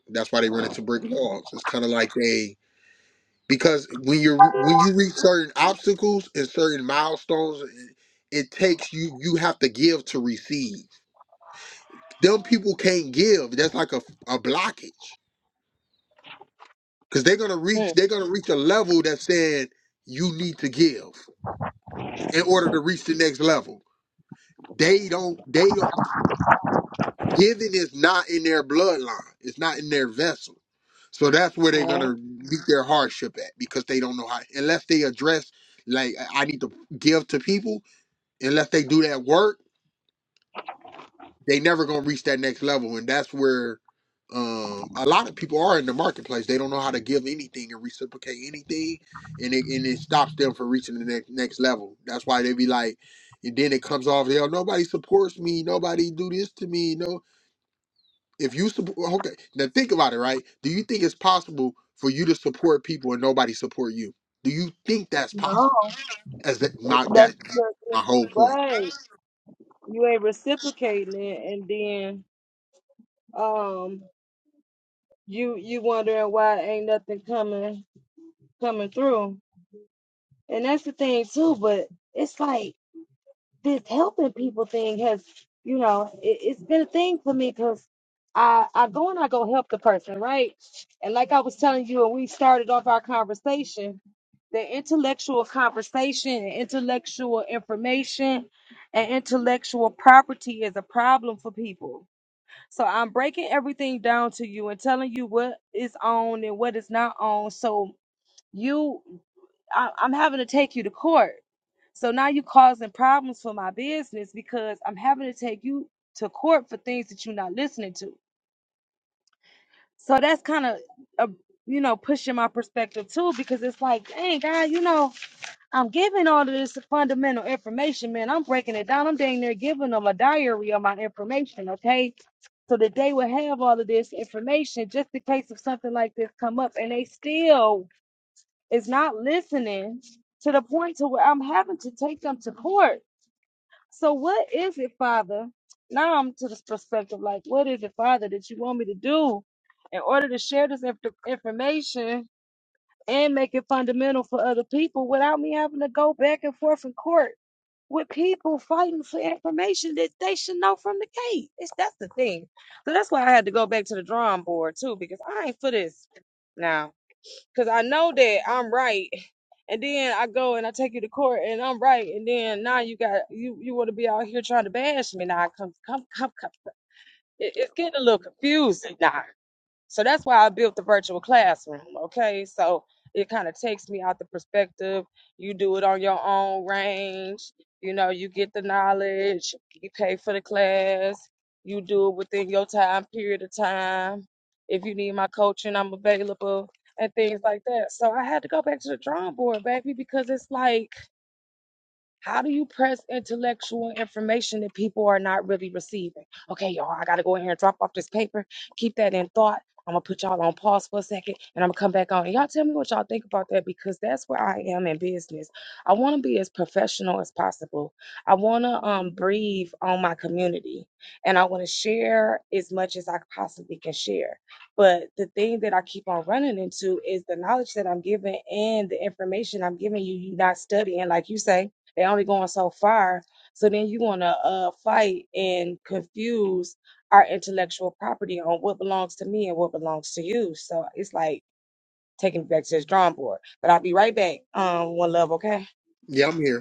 [SPEAKER 2] That's why they run into brick walls. It's kind of like they because when you're when you reach certain obstacles and certain milestones it, it takes you you have to give to receive them people can't give that's like a, a blockage because they're gonna
[SPEAKER 1] Mm-hmm.
[SPEAKER 2] reach they're gonna reach a level that's saying you need to give in order to reach the next level they don't they don't giving is not in their bloodline it's not in their vessel so that's where they're gonna meet their hardship at because they don't know how unless they address like I I need to give to people unless they do that work, they never gonna reach that next level, and that's where um, a lot of people are in the marketplace. They don't know how to give anything and reciprocate anything, and it and it stops them from reaching the next next level. That's why they be like, and then it comes off, hell, nobody supports me, nobody do this to me. No, if you support, okay, now think about it, right? Do you think it's possible for you to support people and nobody support you? Do you think that's possible?
[SPEAKER 1] No,
[SPEAKER 2] As that, my
[SPEAKER 1] that's
[SPEAKER 2] that
[SPEAKER 1] because
[SPEAKER 2] my
[SPEAKER 1] you ain't
[SPEAKER 2] whole point.
[SPEAKER 1] right. You ain't reciprocating it, and then um, you you wondering why ain't nothing coming coming through. And that's the thing too, but it's like this helping people thing has, you know, it, it's been a thing for me because I, I go and I go help the person, right? And like I was telling you, and we started off our conversation, the intellectual conversation and intellectual information and intellectual property is a problem for people. So I'm breaking everything down to you and telling you what is on and what is not on. So you, I, I'm having to take you to court. So now you're causing problems for my business because I'm having to take you to court for things that you're not listening to. So that's kind of, uh, you know, pushing my perspective too because it's like, dang, God, you know, I'm giving all of this fundamental information, man. I'm breaking it down. I'm dang near giving them a diary of my information, okay? So that they will have all of this information just in case if something like this come up and they still is not listening to the point to where I'm having to take them to court. So what is it, Father? Now I'm to this perspective, like, what is it, Father, that you want me to do in order to share this inf- information and make it fundamental for other people without me having to go back and forth in court with people fighting for information that they should know from the gate. It's, that's the thing. So that's why I had to go back to the drawing board too, because I ain't for this now because I know that I'm right. And then I go and I take you to court and I'm right. And then now you got you you want to be out here trying to bash me now. Come come come come. It, it's getting a little confusing now. So that's why I built the virtual classroom. Okay. So it kind of takes me out the perspective. You do it on your own range. You know, you get the knowledge, you pay for the class, you do it within your time period of time. If you need my coaching, I'm available and things like that. So I had to go back to the drawing board, baby, because it's like how do you press intellectual information that people are not really receiving? Okay, y'all, I gotta go in here and drop off this paper. Keep that in thought. I'm gonna put y'all on pause for a second and I'm gonna come back on. And y'all tell me what y'all think about that because that's where I am in business. I wanna be as professional as possible. I wanna um breathe on my community and I wanna share as much as I possibly can share. But the thing that I keep on running into is the knowledge that I'm giving and the information I'm giving you, you not studying, like you say they only going so far. So then you want to uh, fight and confuse our intellectual property on what belongs to me and what belongs to you. So it's like taking it back to this drawing board. But I'll be right back. Um, one love, okay?
[SPEAKER 2] Yeah, I'm here.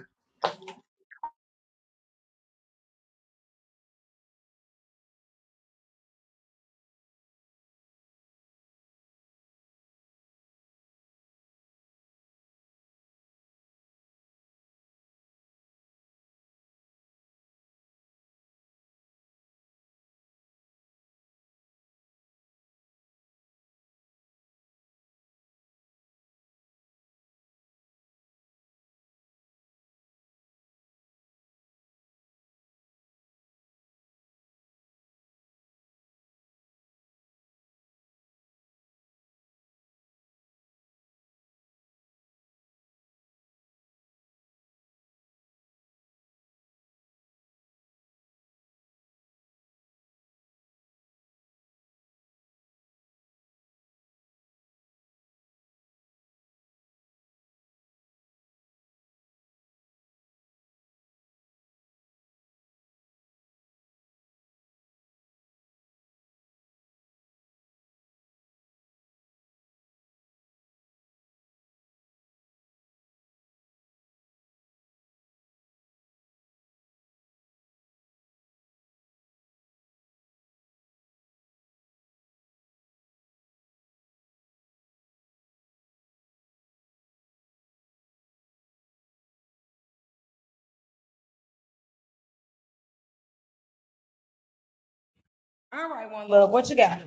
[SPEAKER 1] All right, one love. What you got?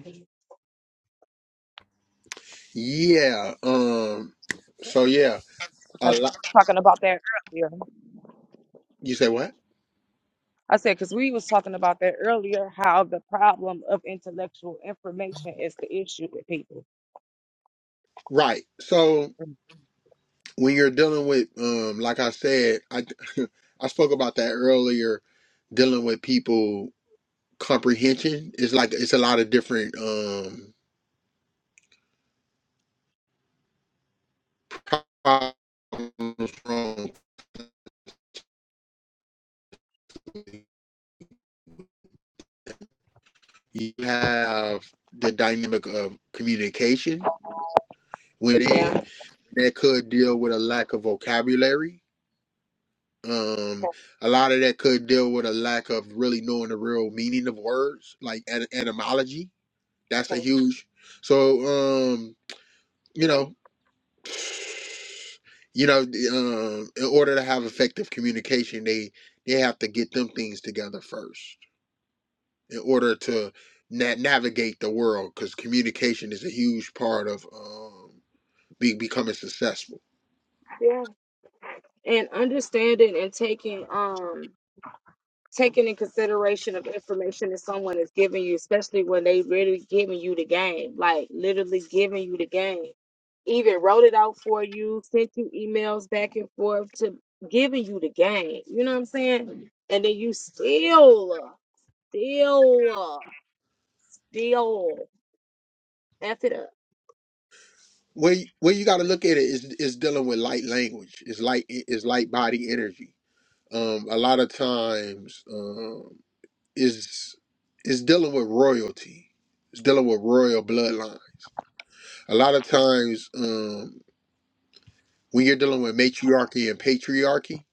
[SPEAKER 2] Yeah. Um. So yeah, a lot.
[SPEAKER 1] Talking about that earlier.
[SPEAKER 2] You say what?
[SPEAKER 1] I said because we was talking about that earlier. How the problem of intellectual information is the issue with people.
[SPEAKER 2] Right. So when you're dealing with, um, like I said, I *laughs* I spoke about that earlier. Dealing with people comprehension is like it's a lot of different um problems from you have the dynamic of communication within
[SPEAKER 1] Yeah.
[SPEAKER 2] that could deal with a lack of vocabulary Um, a lot of that could deal with a lack of really knowing the real meaning of words, like et- etymology. That's a huge. So, um, you know, you know, the, um, in order to have effective communication, they they have to get them things together first in order to na- navigate the world, because communication is a huge part of um, be- becoming successful.
[SPEAKER 1] Yeah. And understanding and taking um taking in consideration of information that someone is giving you, especially when they really giving you the game, like literally giving you the game. Even wrote it out for you, sent you emails back and forth to giving you the game. You know what I'm saying? And then you still, still, still f it up.
[SPEAKER 2] Where you- where you got to look at it is is dealing with light language, is light is light body energy um, a lot of times um, is is dealing with royalty. It's dealing with royal bloodline. A lot of times um, when you're dealing with matriarchy and patriarchy,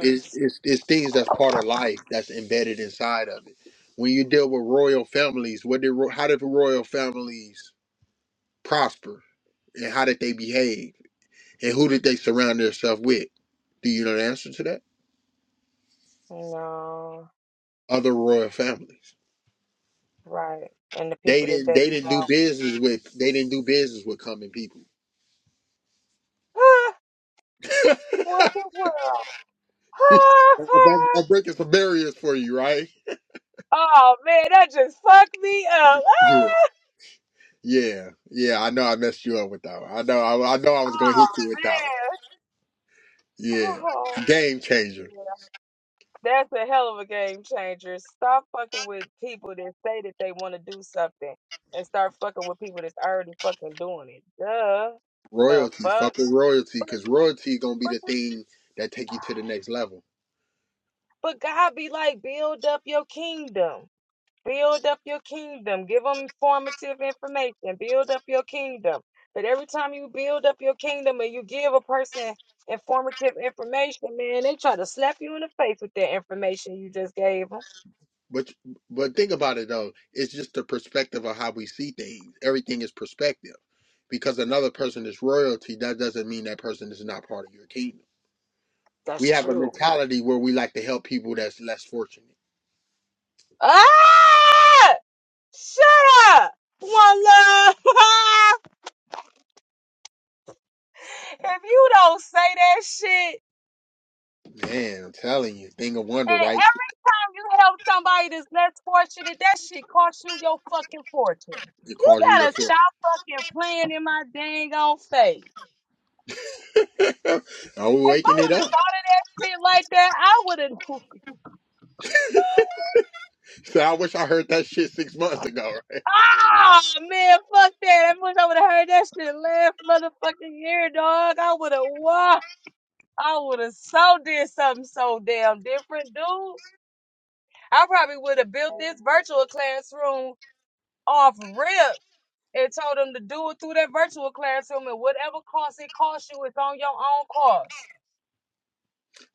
[SPEAKER 2] it's, it's it's things that's part of life that's embedded inside of it. When you deal with royal families, what did ro- how did royal families prosper, and how did they behave, and who did they surround themselves with? Do you know the answer to that?
[SPEAKER 1] No,
[SPEAKER 2] Other royal families.
[SPEAKER 1] right. And the
[SPEAKER 2] They
[SPEAKER 1] people that
[SPEAKER 2] didn't.
[SPEAKER 1] they
[SPEAKER 2] They didn't
[SPEAKER 1] come
[SPEAKER 2] do
[SPEAKER 1] out,
[SPEAKER 2] business with. They didn't do business with common people.
[SPEAKER 1] ah,
[SPEAKER 2] *laughs*
[SPEAKER 1] what the world?
[SPEAKER 2] I'm,
[SPEAKER 1] *laughs*
[SPEAKER 2] I'm breaking some barriers for you, right?
[SPEAKER 1] Oh man, that just fucked me up.
[SPEAKER 2] Yeah, yeah, yeah. I know I messed you up with that one. I know. I, I know I
[SPEAKER 1] Ah!
[SPEAKER 2] was gonna hit
[SPEAKER 1] Oh
[SPEAKER 2] you with that one.
[SPEAKER 1] man. Oh
[SPEAKER 2] Yeah, game changer.
[SPEAKER 1] yeah. That's a hell of a game changer. Stop fucking with people that say that they want to do something and start fucking with people that's already fucking doing it. Duh. The
[SPEAKER 2] Royalty,
[SPEAKER 1] fuck?
[SPEAKER 2] fucking royalty,
[SPEAKER 1] But,
[SPEAKER 2] because royalty gonna be the
[SPEAKER 1] but,
[SPEAKER 2] thing that take you to the next level.
[SPEAKER 1] but God be like, build up your kingdom. Build up your kingdom. Give them informative information. Build up. kingdom. But every time you build up your kingdom and you give a person informative information, man, they try to hit you in the face with that information you just gave them.
[SPEAKER 2] But but think about it though. It's just the perspective of how we see things. Everything is perspective. Because another person is royalty, that doesn't mean that person is not part of your kingdom. We
[SPEAKER 1] That's
[SPEAKER 2] have a
[SPEAKER 1] true.
[SPEAKER 2] mentality where we like to help people that's less fortunate.
[SPEAKER 1] Ah! Shut up! One love. *laughs* if you don't say that shit,
[SPEAKER 2] Man, I'm telling you, thing of wonder,
[SPEAKER 1] and every
[SPEAKER 2] right?
[SPEAKER 1] time you help somebody that's less fortunate, that shit costs you your fucking fortune.
[SPEAKER 2] It
[SPEAKER 1] You
[SPEAKER 2] calls you your
[SPEAKER 1] better stop fucking playing in my dang on face.
[SPEAKER 2] fortune. *laughs* Are we
[SPEAKER 1] If I
[SPEAKER 2] waking it
[SPEAKER 1] would have
[SPEAKER 2] up? *laughs*
[SPEAKER 1] thought of that shit like that, I would have.
[SPEAKER 2] So I wish I heard that shit six months ago. *laughs* Right?
[SPEAKER 1] Ah man, fuck that. I wish I would have heard that shit last motherfucking year, dog. I would have walked. I would have so did something so damn different, dude. I probably would have built this virtual classroom off rip and told them to do it through that virtual classroom and whatever cost it costs you, it's on your own cost.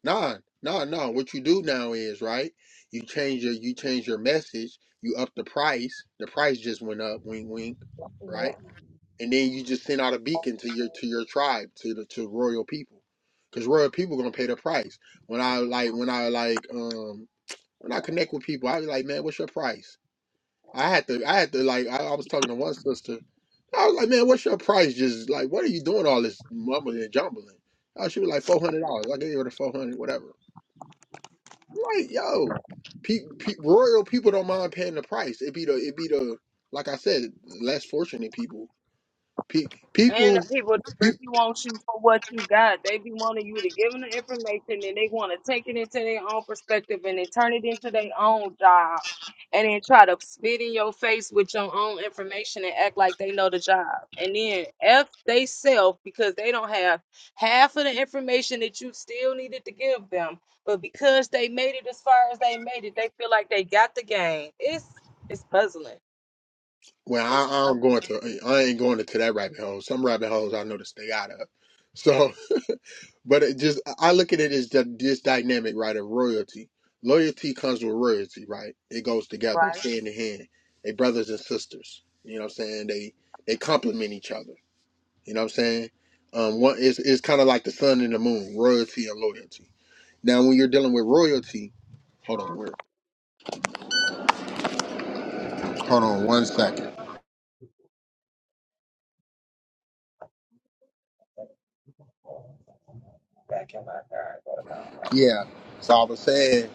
[SPEAKER 2] Nah, nah, nah. What you do now is right. You change your you change your message. You up the price. The price just went up. Wink, wink. Right, and then you just send out a beacon to your to your tribe to the to royal people, because royal people gonna pay the price when I like when I like um When I connect with people, I be like, man, what's your price? I had to, I had to like, I, I was talking to one sister. I was like, man, what's your price? Just like, what are you doing all this mumbling and jumbling? Oh, she was like, four hundred dollars. I gave her the four hundred, whatever. Like, yo, pe- pe- royal people don't mind paying the price. It be the, it be the, like I said, less fortunate people. Pe-
[SPEAKER 1] And
[SPEAKER 2] people,
[SPEAKER 1] the people that
[SPEAKER 2] pe-
[SPEAKER 1] really want you for what you got, they be wanting you to give them the information and they want to take it into their own perspective and then turn it into their own job and then try to spit in your face with your own information and act like they know the job. And then F they self because they don't have half of the information that you still needed to give them. But because they made it as far as they made it, they feel like they got the game. It's it's puzzling.
[SPEAKER 2] well, I,
[SPEAKER 1] It's
[SPEAKER 2] I don't go into, I ain't going into that rabbit hole. Some rabbit holes I know to stay out of. So. But it just I look at it as the, this dynamic, right, of royalty. Loyalty comes with royalty, right? It goes together, it's hand in hand. They brothers and sisters. You know what I'm saying? They they complement each other. You know what I'm saying? Um one it's it's kinda like the sun and the moon, royalty and loyalty. Now when you're dealing with royalty, hold on, where hold on one second. Yeah. So I was saying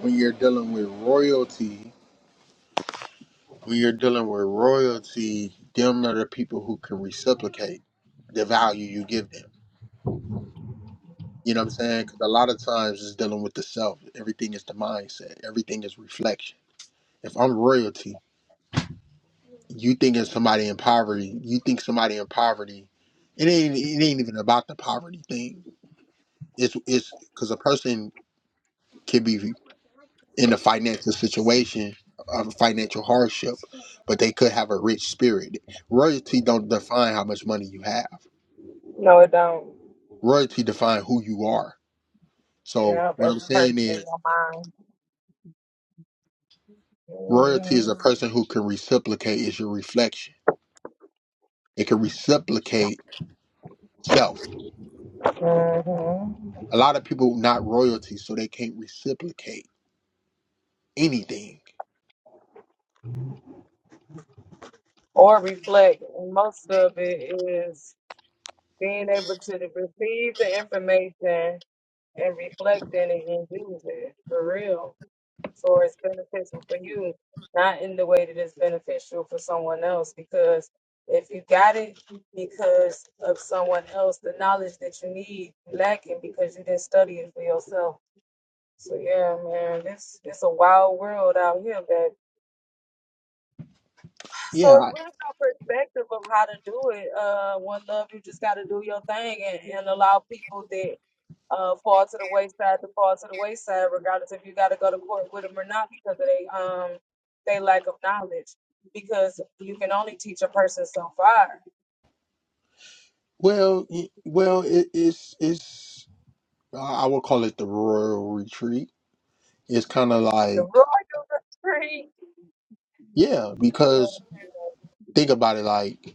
[SPEAKER 2] when you're dealing with royalty When you're dealing with royalty, them are the people who can reciprocate the value you give them. You know what I'm saying? Because a lot of times it's dealing with the self. Everything is the mindset. Everything is reflection. If I'm royalty, you think of somebody in poverty. You think somebody in poverty. It ain't. It ain't even about the poverty thing. It's. It's because a person can be in a financial situation of financial hardship, but they could have a rich spirit. Royalty don't define how much money you have.
[SPEAKER 1] No, it don't.
[SPEAKER 2] royalty define who you are. So
[SPEAKER 1] Yeah,
[SPEAKER 2] what
[SPEAKER 1] that's
[SPEAKER 2] I'm
[SPEAKER 1] a person
[SPEAKER 2] saying
[SPEAKER 1] in
[SPEAKER 2] is
[SPEAKER 1] your mind.
[SPEAKER 2] royalty is
[SPEAKER 1] Mhm.
[SPEAKER 2] a person who can reciprocate is your reflection. It can reciprocate self. A lot of people not royalty, so they can't reciprocate anything.
[SPEAKER 1] Or reflect. And Most of it is being able to receive the information and reflect in it and use it for real. So it's beneficial for you, not in the way that it's beneficial for someone else. Because if you got it because of someone else, the knowledge that you need you lacking because you didn't study it for yourself. So yeah, man, this it's a wild world out here,
[SPEAKER 2] Yeah,
[SPEAKER 1] So it's
[SPEAKER 2] I,
[SPEAKER 1] really no perspective of how to do it. Uh, one love, you just got to do your thing and, and allow people that uh, fall to the wayside to fall to the wayside, regardless if you got to go to court with them or not, because of they um they lack of knowledge. Because you can only teach a person so far. *laughs*
[SPEAKER 2] well, y- well, it, it's it's I I would call it the royal retreat. It's kind of like
[SPEAKER 1] So- Right.
[SPEAKER 2] yeah, because think about it like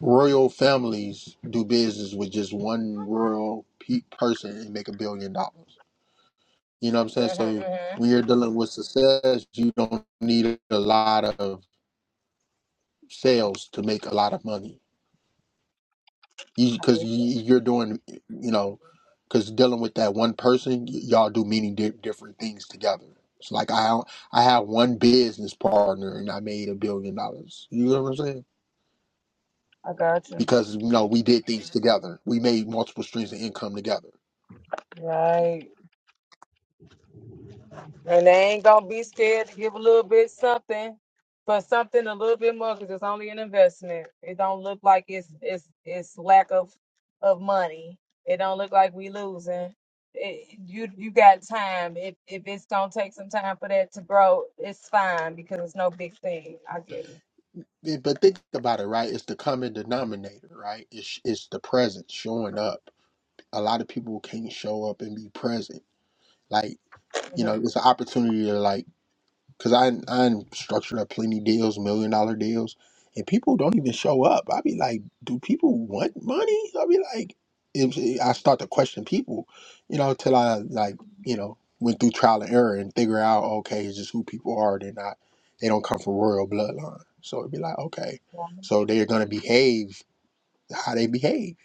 [SPEAKER 2] royal families do business with just one royal pe- person and make a billion dollars You know what I'm saying?
[SPEAKER 1] Mhm,
[SPEAKER 2] So
[SPEAKER 1] mhm.
[SPEAKER 2] when you're dealing with success, you don't need a lot of sales to make a lot of money. You because you, you're doing, you know, because dealing with that one person, y- y'all do many di- different things together. So like I I have one business partner and I made a billion dollars. You know what I'm saying? Because you know we did things together. We made multiple streams of income together.
[SPEAKER 1] Right. And they ain't gonna be scared to give a little bit something for something a little bit more because it's only an investment. It don't look like it's it's it's lack of of money. It don't look like we losing. It, you you got time. If if it's gonna take some time for that to grow, it's fine because it's no big thing. I get it.
[SPEAKER 2] Yeah, But think about it, right? It's the common denominator, right? It's it's the presence showing up a lot of people can't show up and be present. Like, you know,
[SPEAKER 1] Mhm.
[SPEAKER 2] it's an opportunity to like, cause I I structured up plenty deals, million dollar deals, and people don't even show up. I be like, do people want money? I be like, if I start to question people, you know, till I like, you know, went through trial and error and figure out, okay, it's just who people are. They're not, they don't come from royal bloodline. So it'd be like, okay, so they're gonna behave how they behave.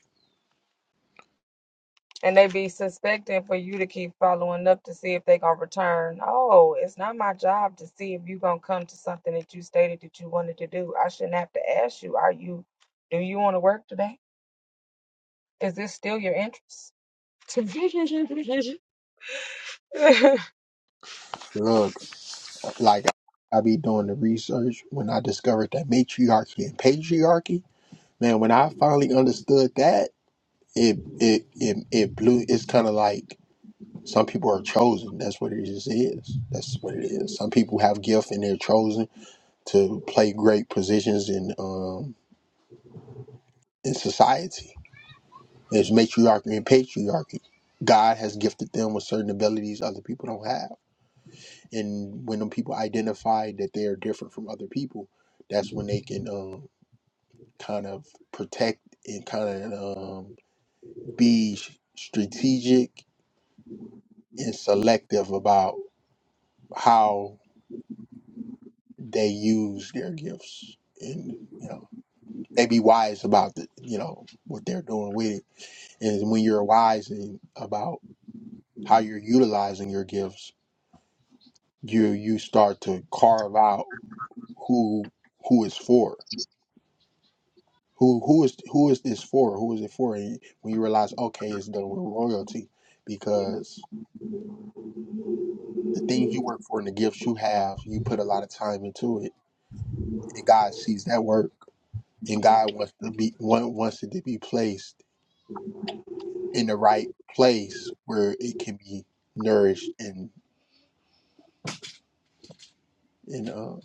[SPEAKER 1] And they be suspecting for you to keep following up to see if they gonna return. Oh, it's not my job to see if you gonna come to something that you stated that you wanted to do. I shouldn't have to ask you. Are you? Do you want to work today? Is this still your interest? *laughs*
[SPEAKER 2] Huh. Like I be doing the research when I discovered that matriarchy and patriarchy. Man, when I finally understood that, it it it, it blew. It's kind of like some people are chosen. That's what it just is. That's what it is. Some people have gift and they're chosen to play great positions in um in society. It's matriarchy and patriarchy. God has gifted them with certain abilities other people don't have. And when them people identify that they are different from other people, that's when they can. um. kind of protect and kind of um, be strategic and selective about how they use their gifts and you know they be wise about the you know what they're doing with it and when you're wise in, about how you're utilizing your gifts you you start to carve out who who is for who who is who is this for who is it for and when you realize okay it's done with royalty because The things you work for and the gifts you have, you put a lot of time into it, and God sees that work, and God wants to be want- wants it to be placed in the right place where it can be nourished and and uh,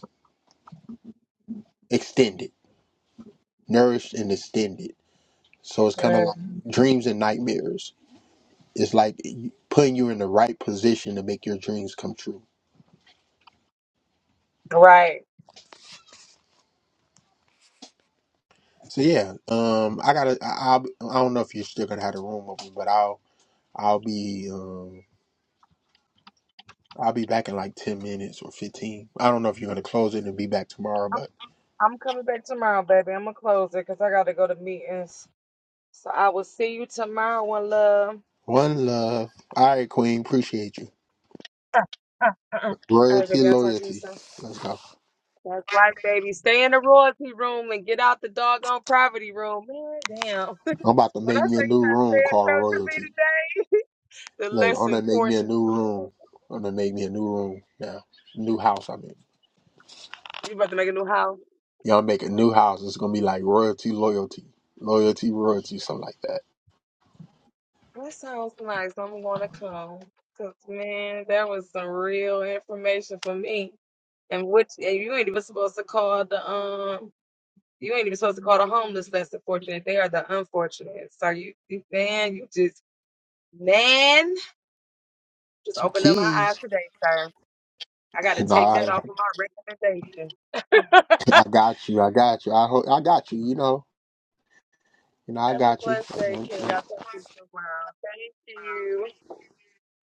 [SPEAKER 2] extended, nourished and extended. So it's kind of like
[SPEAKER 1] Um,
[SPEAKER 2] dreams and nightmares. It's like putting you in the right position to make your dreams come true.
[SPEAKER 1] right.
[SPEAKER 2] So yeah, um, I gotta. I, I I don't know if you're still gonna have the room open, but I'll I'll be. um. I'll be back in like 10 minutes or 15. I don't know if you're going to close it and be back tomorrow,
[SPEAKER 1] I'm
[SPEAKER 2] but
[SPEAKER 1] I'm coming back tomorrow, baby. I'm gonna close it because I gotta go to meetings. So I will see you tomorrow, one love.
[SPEAKER 2] one love. All right, Queen. Appreciate you.
[SPEAKER 1] All right,
[SPEAKER 2] Royalty,
[SPEAKER 1] baby. I'll talk to you
[SPEAKER 2] loyalty.
[SPEAKER 1] soon.
[SPEAKER 2] Let's go.
[SPEAKER 1] That's right, baby. Stay in the royalty room and get out the doggone poverty room. Man, damn. *laughs*
[SPEAKER 2] I'm about to
[SPEAKER 1] When
[SPEAKER 2] make
[SPEAKER 1] I say
[SPEAKER 2] me a new room called Royalty.
[SPEAKER 1] you just said so to me today, *laughs* the
[SPEAKER 2] Look,
[SPEAKER 1] less
[SPEAKER 2] I'm going to make me a
[SPEAKER 1] fortune.
[SPEAKER 2] new room. I'm going to make me a new room now. New house, I mean.
[SPEAKER 1] You about to make a new house.
[SPEAKER 2] Y'all make a new house. It's going to be like Royalty, loyalty. Loyalty, royalty, something like that.
[SPEAKER 1] That sounds nice. I'm going to come. Cause man, that was some real information for me. And which and you ain't even supposed to call the um you ain't even supposed to call the homeless less fortunate. They are the unfortunate. So you, you man, you just man, just
[SPEAKER 2] Some
[SPEAKER 1] opened up my eyes
[SPEAKER 2] keys. *laughs*
[SPEAKER 1] today, sir. I got to take
[SPEAKER 2] Nah,
[SPEAKER 1] that
[SPEAKER 2] I,
[SPEAKER 1] off of my recommendation. *laughs* Have
[SPEAKER 2] I got you. I got you. I, hope I got you, you know. You know, I
[SPEAKER 1] a
[SPEAKER 2] got
[SPEAKER 1] blessed day,
[SPEAKER 2] you.
[SPEAKER 1] King. I'll talk to you tomorrow. Thank you.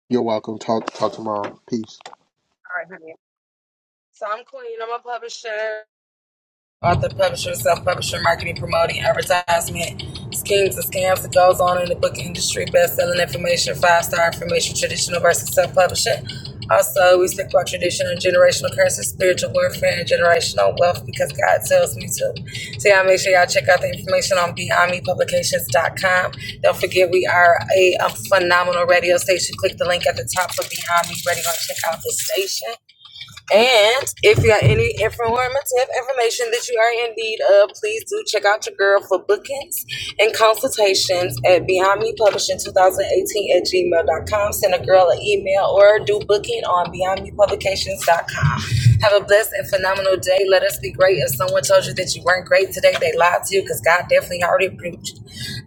[SPEAKER 2] You're welcome. Talk talk tomorrow. Peace.
[SPEAKER 1] All right, honey. So I'm queen. I'm a publisher. author, publisher, self-publisher, marketing, promoting, advertisement, schemes and scams that goes on in the book industry, best-selling information, five-star information, traditional versus self-publishing. Also, we speak about tradition and generational currency, spiritual warfare, and generational wealth because God tells me to. So y'all make sure y'all check out the information on BeyondMePublications.com. Don't forget we are a, a phenomenal radio station. Click the link at the top for Beyond Me